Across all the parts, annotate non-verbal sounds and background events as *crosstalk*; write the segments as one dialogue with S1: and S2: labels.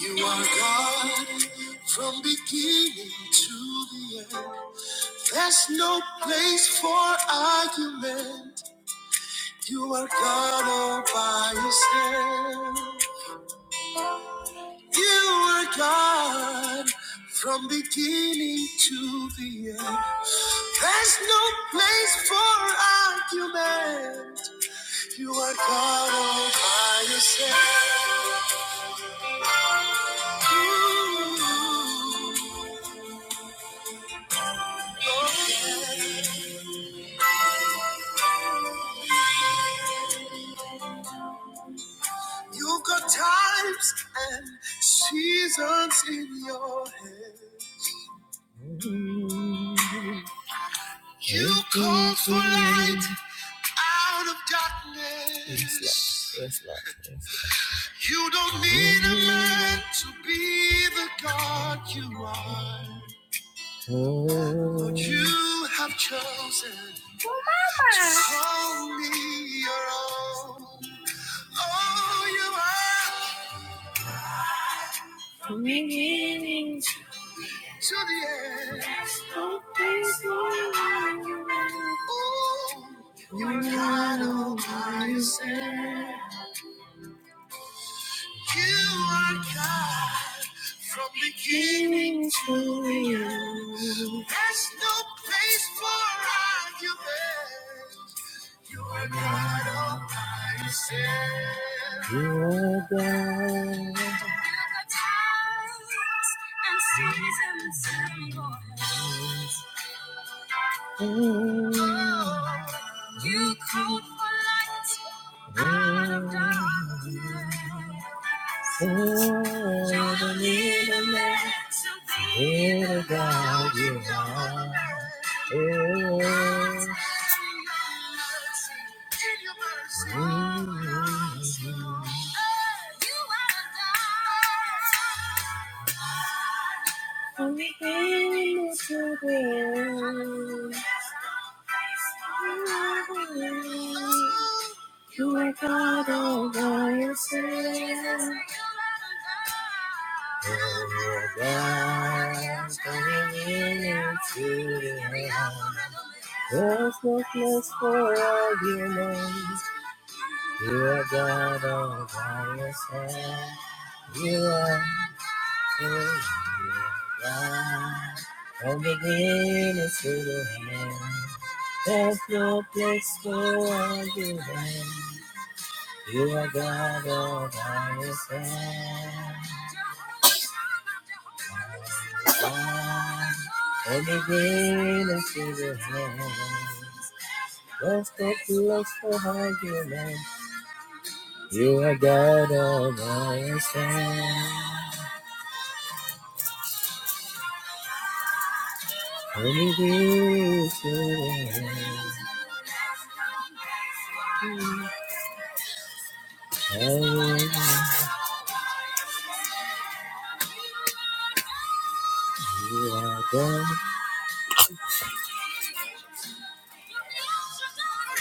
S1: You are God from beginning to the end. There's no place for argument. You are God all by yourself. You are God from beginning to the end. There's no place for argument. You are God all by yourself. Ooh, oh, yeah. You've got times and seasons in your head. You call for light out of darkness. Yes, Lord. Yes, Lord. Yes, Lord. You don't need a man to be the God you are. Oh. But you have chosen to call me your own. Oh, you are to the end. Oh, you're God all by yourself. You are God from beginning to end. There's no place for argument. You are God all by yourself. You are God. There are times and seasons and more. You called for light out of darkness. You're the little man to be the God you are. Oh, mm. I'm going to be You are God all by yourself. And you're God coming in into the house. There's no place for arguments. You are God all by yourself. You are from beginning to the end, there's no place for argument. You are God all by yourself. From beginning to the end, there's no place for argument. You are God all by yourself. Holy Spirit, hallelujah, you are God.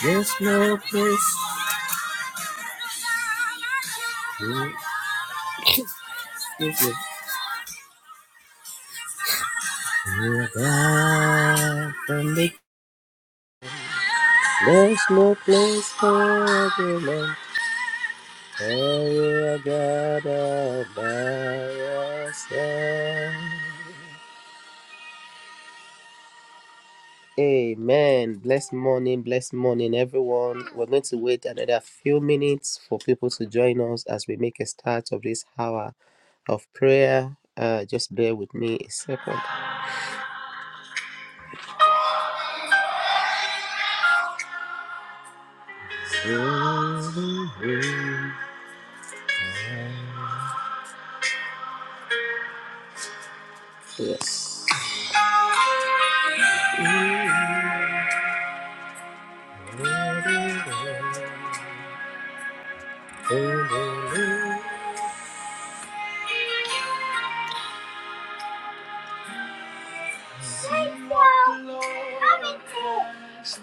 S1: There's no place to escape you. You are God from There's no place for argument. For you are God all by yourself. Amen. Blessed morning, blessed morning, everyone. We're going to wait another few minutes for people to join us as we make a start of this hour of prayer. Uh, just bear with me a second.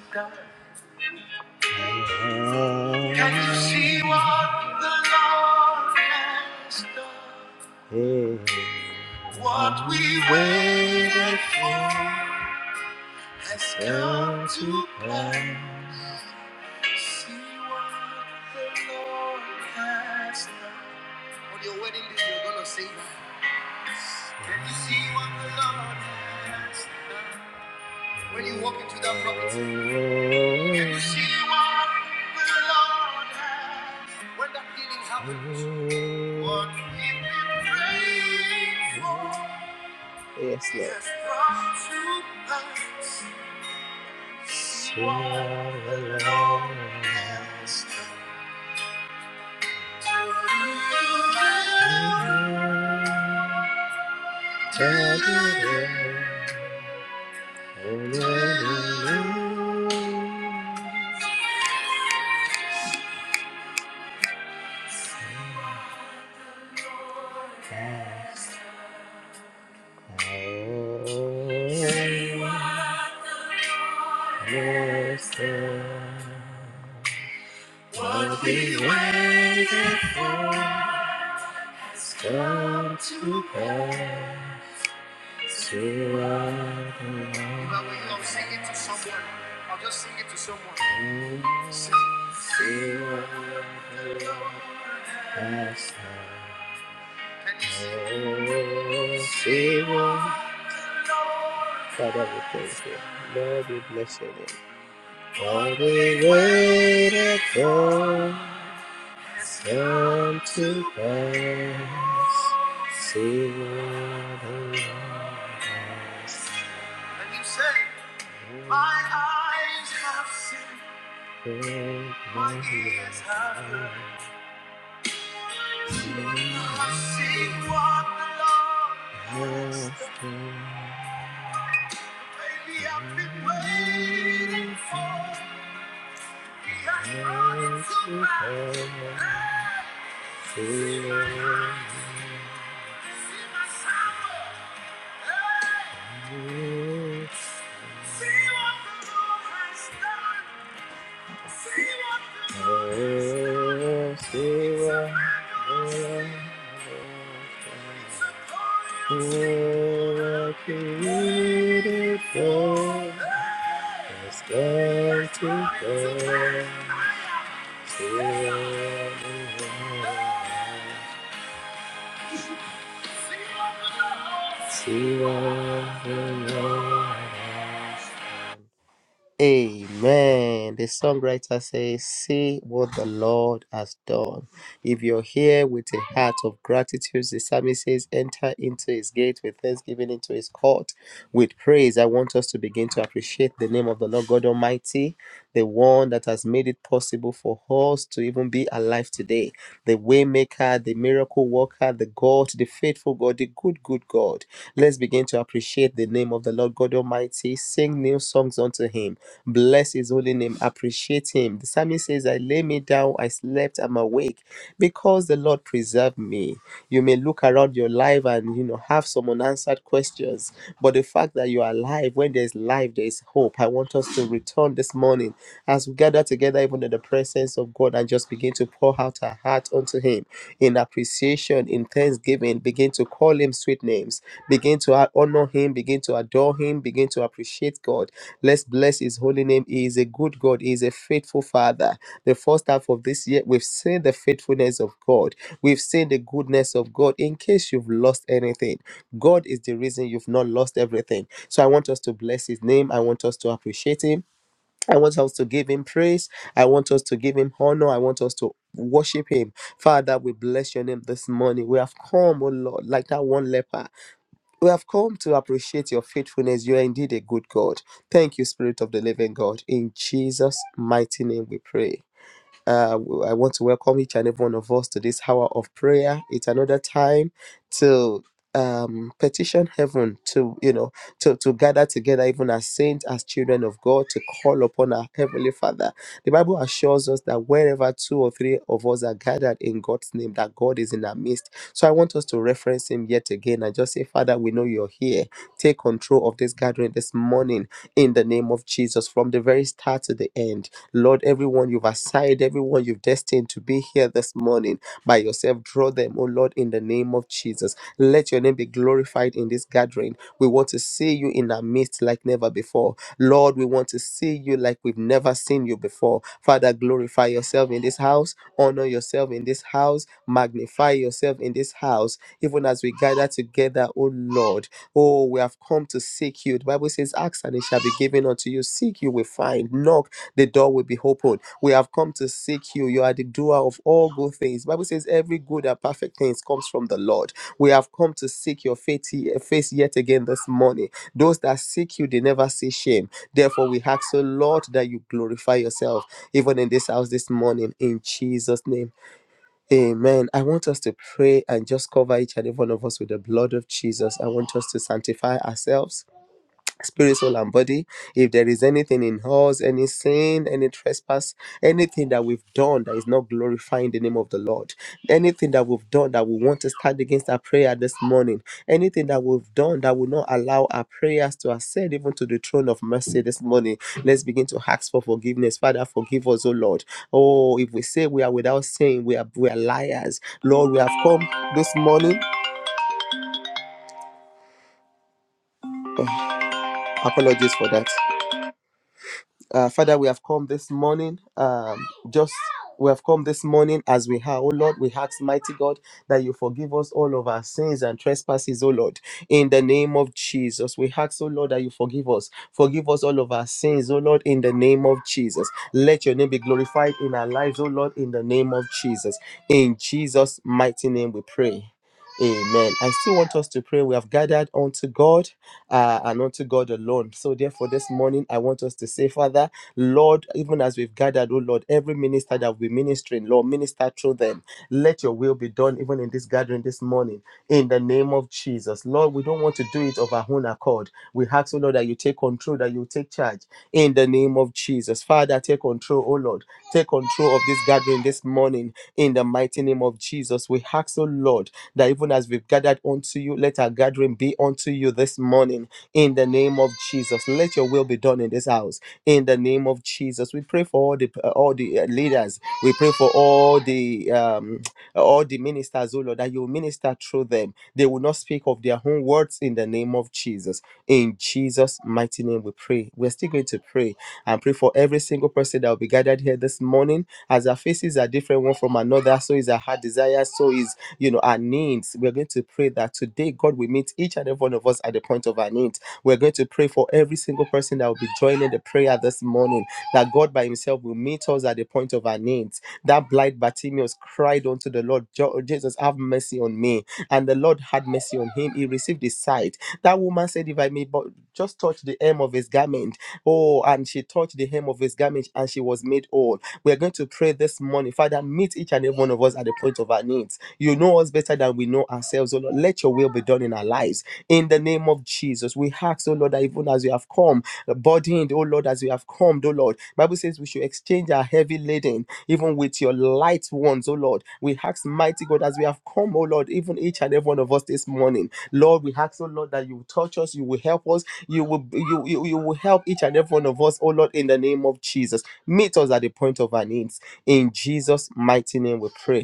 S1: Yes. Can you see what the Lord has done? What we waited for has come to pass. See what the Lord has done. On your wedding day, you're gonna say that. Can you see what the Lord has done? When you walk into that property, can you see what the Lord has? When that healing happens, what we've been praying for Yes, Lord. has come to pass. See what the Lord has done. Tell you, oh, Lord, What we waited for has come to pass. You are the one. Well, we all sing it to someone. I'll just sing it to someone. Sing. You are the one. Has come. Can you sing? Oh, see what. Father, we thank you. Lord, we bless your name. All we waited for time to pass. See what the Lord- And you say, My eyes have seen, my ears have heard. i see what the Lord has done. Baby, I've been waiting for. the has brought it to pass. Let's go to God. Amen. The songwriter says, See what the Lord has done. If you're here with a heart of gratitude, the psalmist says, Enter into his gate with thanksgiving, into his court with praise. I want us to begin to appreciate the name of the Lord God Almighty the one that has made it possible for us to even be alive today, the waymaker, the miracle worker, the God, the faithful God, the good, good God. Let's begin to appreciate the name of the Lord God Almighty. Sing new songs unto him. Bless his holy name. Appreciate him. The psalmist says, I lay me down, I slept, I'm awake, because the Lord preserved me. You may look around your life and you know have some unanswered questions, but the fact that you are alive life, when there's life, there is hope. I want us to return this morning as we gather together, even in the presence of God, and just begin to pour out our heart unto Him in appreciation, in thanksgiving. Begin to call Him sweet names, begin to honor Him, begin to adore Him, begin to appreciate God. Let's bless His holy name. He is a good God, He is a faithful Father. The first half of this year, we've seen the faithfulness of God, we've seen the goodness of God. In case you've lost anything, God is the reason you've not lost everything. So I want us to bless his name. I want us to appreciate him. I want us to give him praise. I want us to give him honor. I want us to worship him. Father, we bless your name this morning. We have come, oh Lord, like that one leper. We have come to appreciate your faithfulness. You are indeed a good God. Thank you, Spirit of the living God. In Jesus' mighty name we pray. Uh, I want to welcome each and every one of us to this hour of prayer. It's another time to um, petition heaven to you know to, to gather together even as saints as children of God to call upon our heavenly Father. The Bible assures us that wherever two or three of us are gathered in God's name, that God is in our midst. So I want us to reference Him yet again and just say, Father, we know You're here. Take control of this gathering this morning in the name of Jesus from the very start to the end. Lord, everyone you've assigned, everyone you've destined to be here this morning by yourself, draw them, oh Lord, in the name of Jesus. Let your name be glorified in this gathering. We want to see you in our midst like never before. Lord, we want to see you like we've never seen you before. Father, glorify yourself in this house, honor yourself in this house, magnify yourself in this house, even as we gather together, oh Lord. Oh, we have come to seek you. The Bible says, Ask and it shall be given unto you. Seek you will find. Knock, the door will be opened. We have come to seek you. You are the doer of all good things. The Bible says, Every good and perfect things comes from the Lord. We have come to seek your face ye- face yet again this morning. Those that seek you, they never see shame. Therefore, we ask, O Lord, that you glorify yourself even in this house this morning. In Jesus' name. Amen. I want us to pray and just cover each and every one of us with the blood of Jesus. I want us to sanctify ourselves spirit, soul, and body. If there is anything in us, any sin, any trespass, anything that we've done that is not glorifying the name of the Lord, anything that we've done that we want to stand against our prayer this morning, anything that we've done that will not allow our prayers to ascend even to the throne of mercy this morning, let's begin to ask for forgiveness. Father, forgive us, O Lord. Oh, if we say we are without sin, we are we are liars. Lord, we have come this morning. *sighs* Apologies for that. Uh, Father, we have come this morning, um, just we have come this morning as we are. Oh Lord, we ask, mighty God, that you forgive us all of our sins and trespasses, oh Lord, in the name of Jesus. We ask, oh Lord, that you forgive us. Forgive us all of our sins, oh Lord, in the name of Jesus. Let your name be glorified in our lives, oh Lord, in the name of Jesus. In Jesus' mighty name we pray. Amen. I still want us to pray. We have gathered unto God uh, and unto God alone. So, therefore, this morning I want us to say, Father, Lord, even as we've gathered, oh Lord, every minister that will be ministering, Lord, minister through them. Let your will be done even in this gathering this morning in the name of Jesus. Lord, we don't want to do it of our own accord. We ask, oh Lord, that you take control, that you take charge in the name of Jesus. Father. Father, take control, oh Lord. Take control of this gathering this morning in the mighty name of Jesus. We ask, oh Lord, that even as we've gathered unto you, let our gathering be unto you this morning in the name of Jesus. Let your will be done in this house in the name of Jesus. We pray for all the uh, all the uh, leaders. We pray for all the um, all the ministers, oh Lord, that you will minister through them. They will not speak of their own words in the name of Jesus. In Jesus' mighty name, we pray. We're still going to pray and pray for every single person that will be gathered here this morning. As our faces are different one from another, so is our heart desire, so is you know our needs. We're going to pray that today God will meet each and every one of us at the point of our needs we're going to pray for every single person that will be joining the prayer this morning that God by Himself will meet us at the point of our needs. That blind Bartimaeus cried unto the Lord, "Jo- Jesus, have mercy on me. And the Lord had mercy on him. He received his sight. That woman said, If I may but just touch the hem of his garment. Oh, and she touched the hem of his garment and she was made whole. We are going to pray this morning. Father, meet each and every one of us at the point of our needs. You know us better than we know ourselves. Oh Lord let your will be done in our lives. In the name of Jesus, we ask, oh Lord, that even as you have come, burdened, oh Lord, as you have come, oh Lord. Bible says we should exchange our heavy laden, even with your light ones, oh Lord. We ask, mighty God, as we have come, oh Lord, even each and every one of us this morning. Lord, we ask, oh Lord, that you will touch us, you will help us, you will you, you, you will help each and every one of us, oh Lord, in the name of Jesus. Meet us at the point of our needs. In Jesus' mighty name we pray.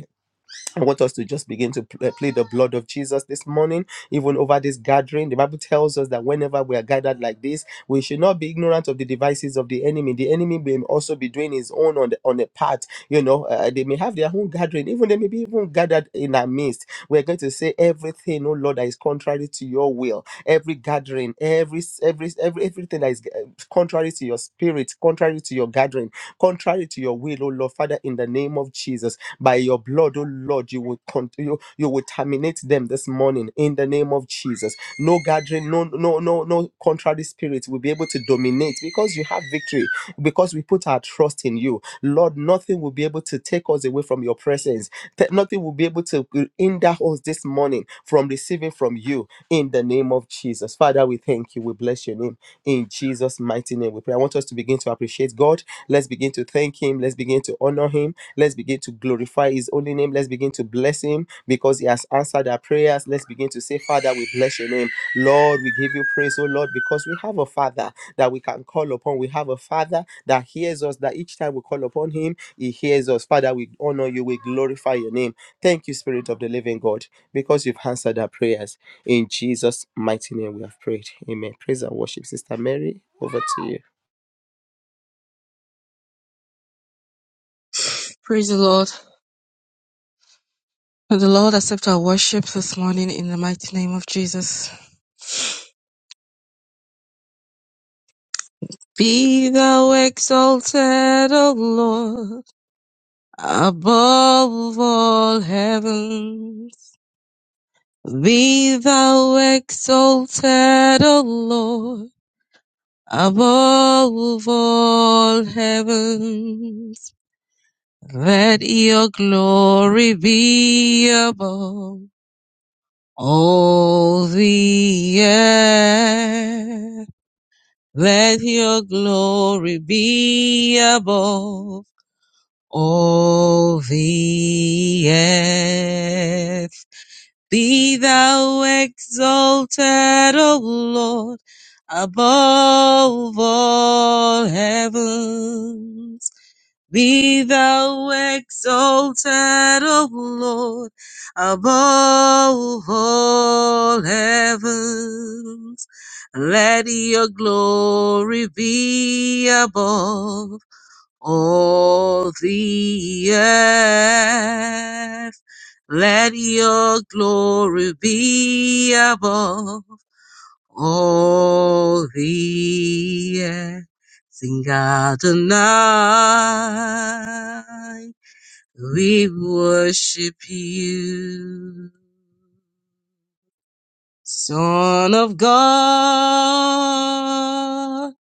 S1: I want us to just begin to pl- play the blood of Jesus this morning, even over this gathering. The Bible tells us that whenever we are gathered like this, we should not be ignorant of the devices of the enemy. The enemy may also be doing his own on the on the path. You know, uh, uh, they may have their own gathering, even they may be even gathered in our midst. We're going to say everything, oh Lord, that is contrary to your will. Every gathering, every s- every every everything that is uh, contrary to your spirit, contrary to your gathering, contrary to your will, oh Lord, Father, in the name of Jesus. By your blood, oh Lord, you will continue, you will terminate them this morning in the name of Jesus. No gathering, no, no, no, no contrary spirit will be able to dominate because you have victory, because we put our trust in you. Lord, nothing will be able to take us away from your presence. Th- Nothing will be able to hinder us this morning from receiving from you in the name of Jesus. Father, we thank you. We bless your name. In Jesus' mighty name, we pray. I want us to begin to appreciate God. Let's begin to thank Him. Let's begin to honor Him. Let's begin to glorify his holy name. Let's begin to bless him because he has answered our prayers. Let's begin to say, Father, we bless your name. Lord, we give you praise, oh Lord, because we have a father that we can call upon. We have a father that hears us, that each time we call upon him, he hears us. Father, we honor you. We glorify your name. Thank you, Spirit of the living God, because you've answered our prayers. In Jesus' mighty name we have prayed. Amen. Praise and worship, Sister Mary. Over to you.
S2: Praise the Lord. May the Lord accept our worship this morning in the mighty name of Jesus. Be thou exalted, O Lord, above all heavens. Be thou exalted, O Lord, above all heavens. Let your glory be above all the earth. Let your glory be above all the earth. Be thou exalted, O Lord, above all heavens. Be thou exalted, O Lord, above all heavens. Let your glory be above all the earth. Let your glory be above Holy and sing Adonai. We worship you, Son of God.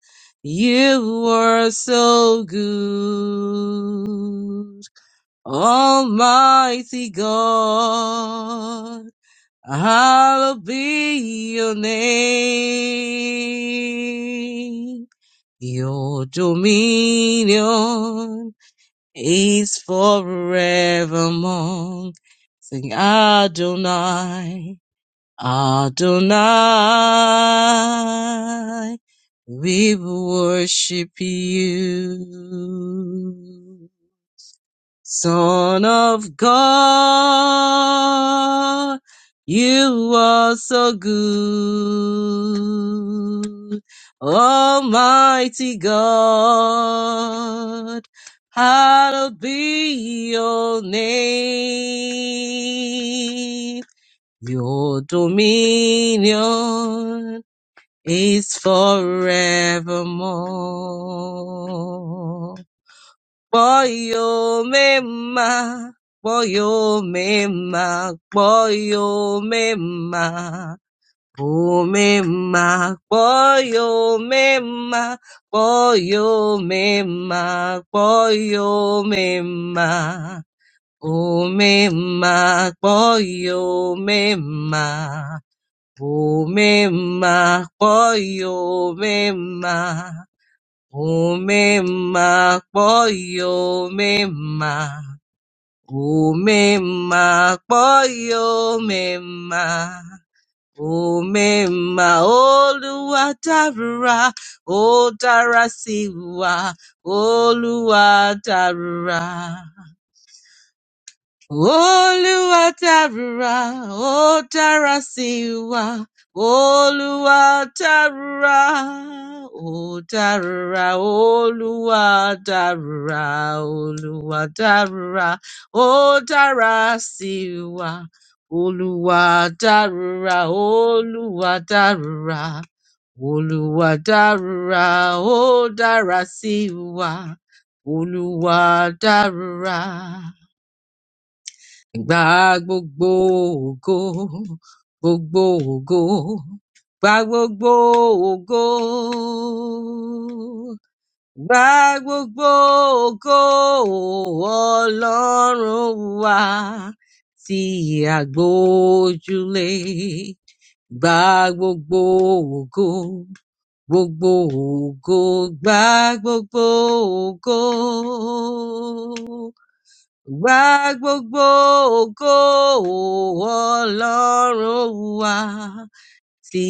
S2: You are so good, Almighty God. Hallowed be your name. Your dominion is forevermore. Sing Adonai, Adonai, we worship you. Son of God, you are so good. Almighty God, hallowed be your name. Your dominion is forevermore. Kpọọ ya omemma, kpọọ ya omemma, omemma, kpọọ ya omemma, kpọọ ya omemma, kpọọ ya omemma, omemma, kpọọ ya omemma, omemma, kpọọ ya omemma. Umema kpoyo mema, umema kpoyo mema, umema Olúwa dára, ó dára sí wa, Olúwa dára. Olúwa dára, ó dára sí wa. Olúwa dára, ó dára, Olúwa dára, Olúwa dára, ó dára sí wa. Olúwa dára, Olúwa dára, Olúwa dára, ó dára sí wa. Olúwa dára. Gba gbogbo ògo, gbogbo ògo, gba gbogbo ògo. Gba gbogbo ògo Ọlọ́run wa tí a gbójúlé. Gba gbogbo ògo, gbogbo ògo, gba gbogbo ògo. Wá gbogbo ògo Ọlọ́run wa tí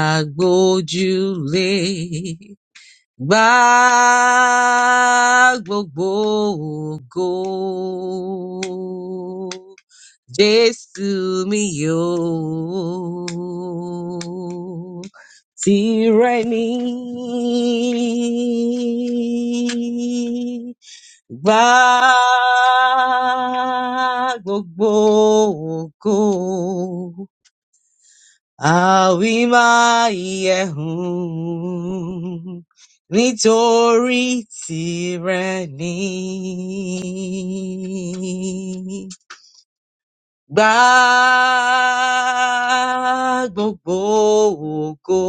S2: a gbójúlé. Gbá gbogbo ògo. Jésù mi yóò tìrẹ ni. Gbá gbogbo ògo àwímáa ìyẹ̀hùn nítorí tìrẹ ni. Gbá gbogbo ògo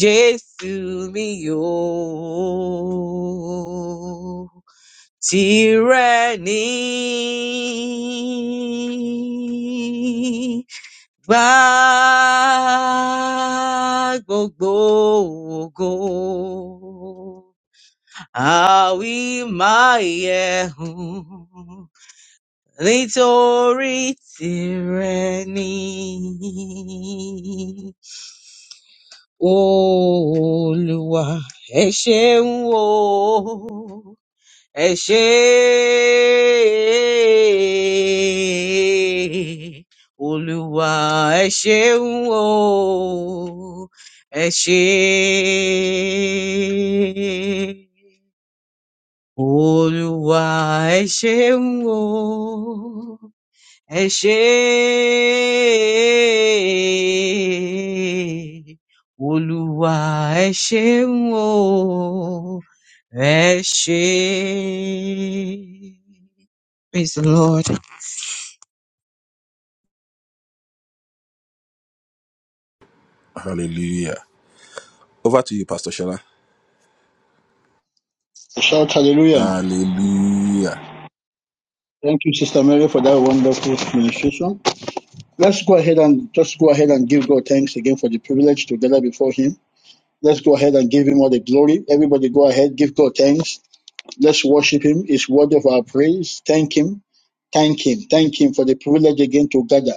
S2: Jésù mi yóò. Tìrẹ ní gbà gbogbo ògo. Àwí máa yẹ̀hùn nítorí tìrẹ ní. Olúwa ẹ ṣeun o. Eshé, olúwa ẹ ṣeun o olúwa ẹ ṣeun o olúwa ẹ ṣeun o eshe. Praise the Lord.
S3: Hallelujah. Over to you, Pastor Shola.
S4: Shout hallelujah.
S3: Hallelujah.
S4: Thank you, Sister Mary, for that wonderful ministration. Let's go ahead and just go ahead and give God thanks again for the privilege to gather before Him. Let's go ahead and give Him all the glory. Everybody go ahead, give God thanks. Let's worship Him. It's worthy of our praise. Thank Him. Thank Him. Thank Him for the privilege again to gather.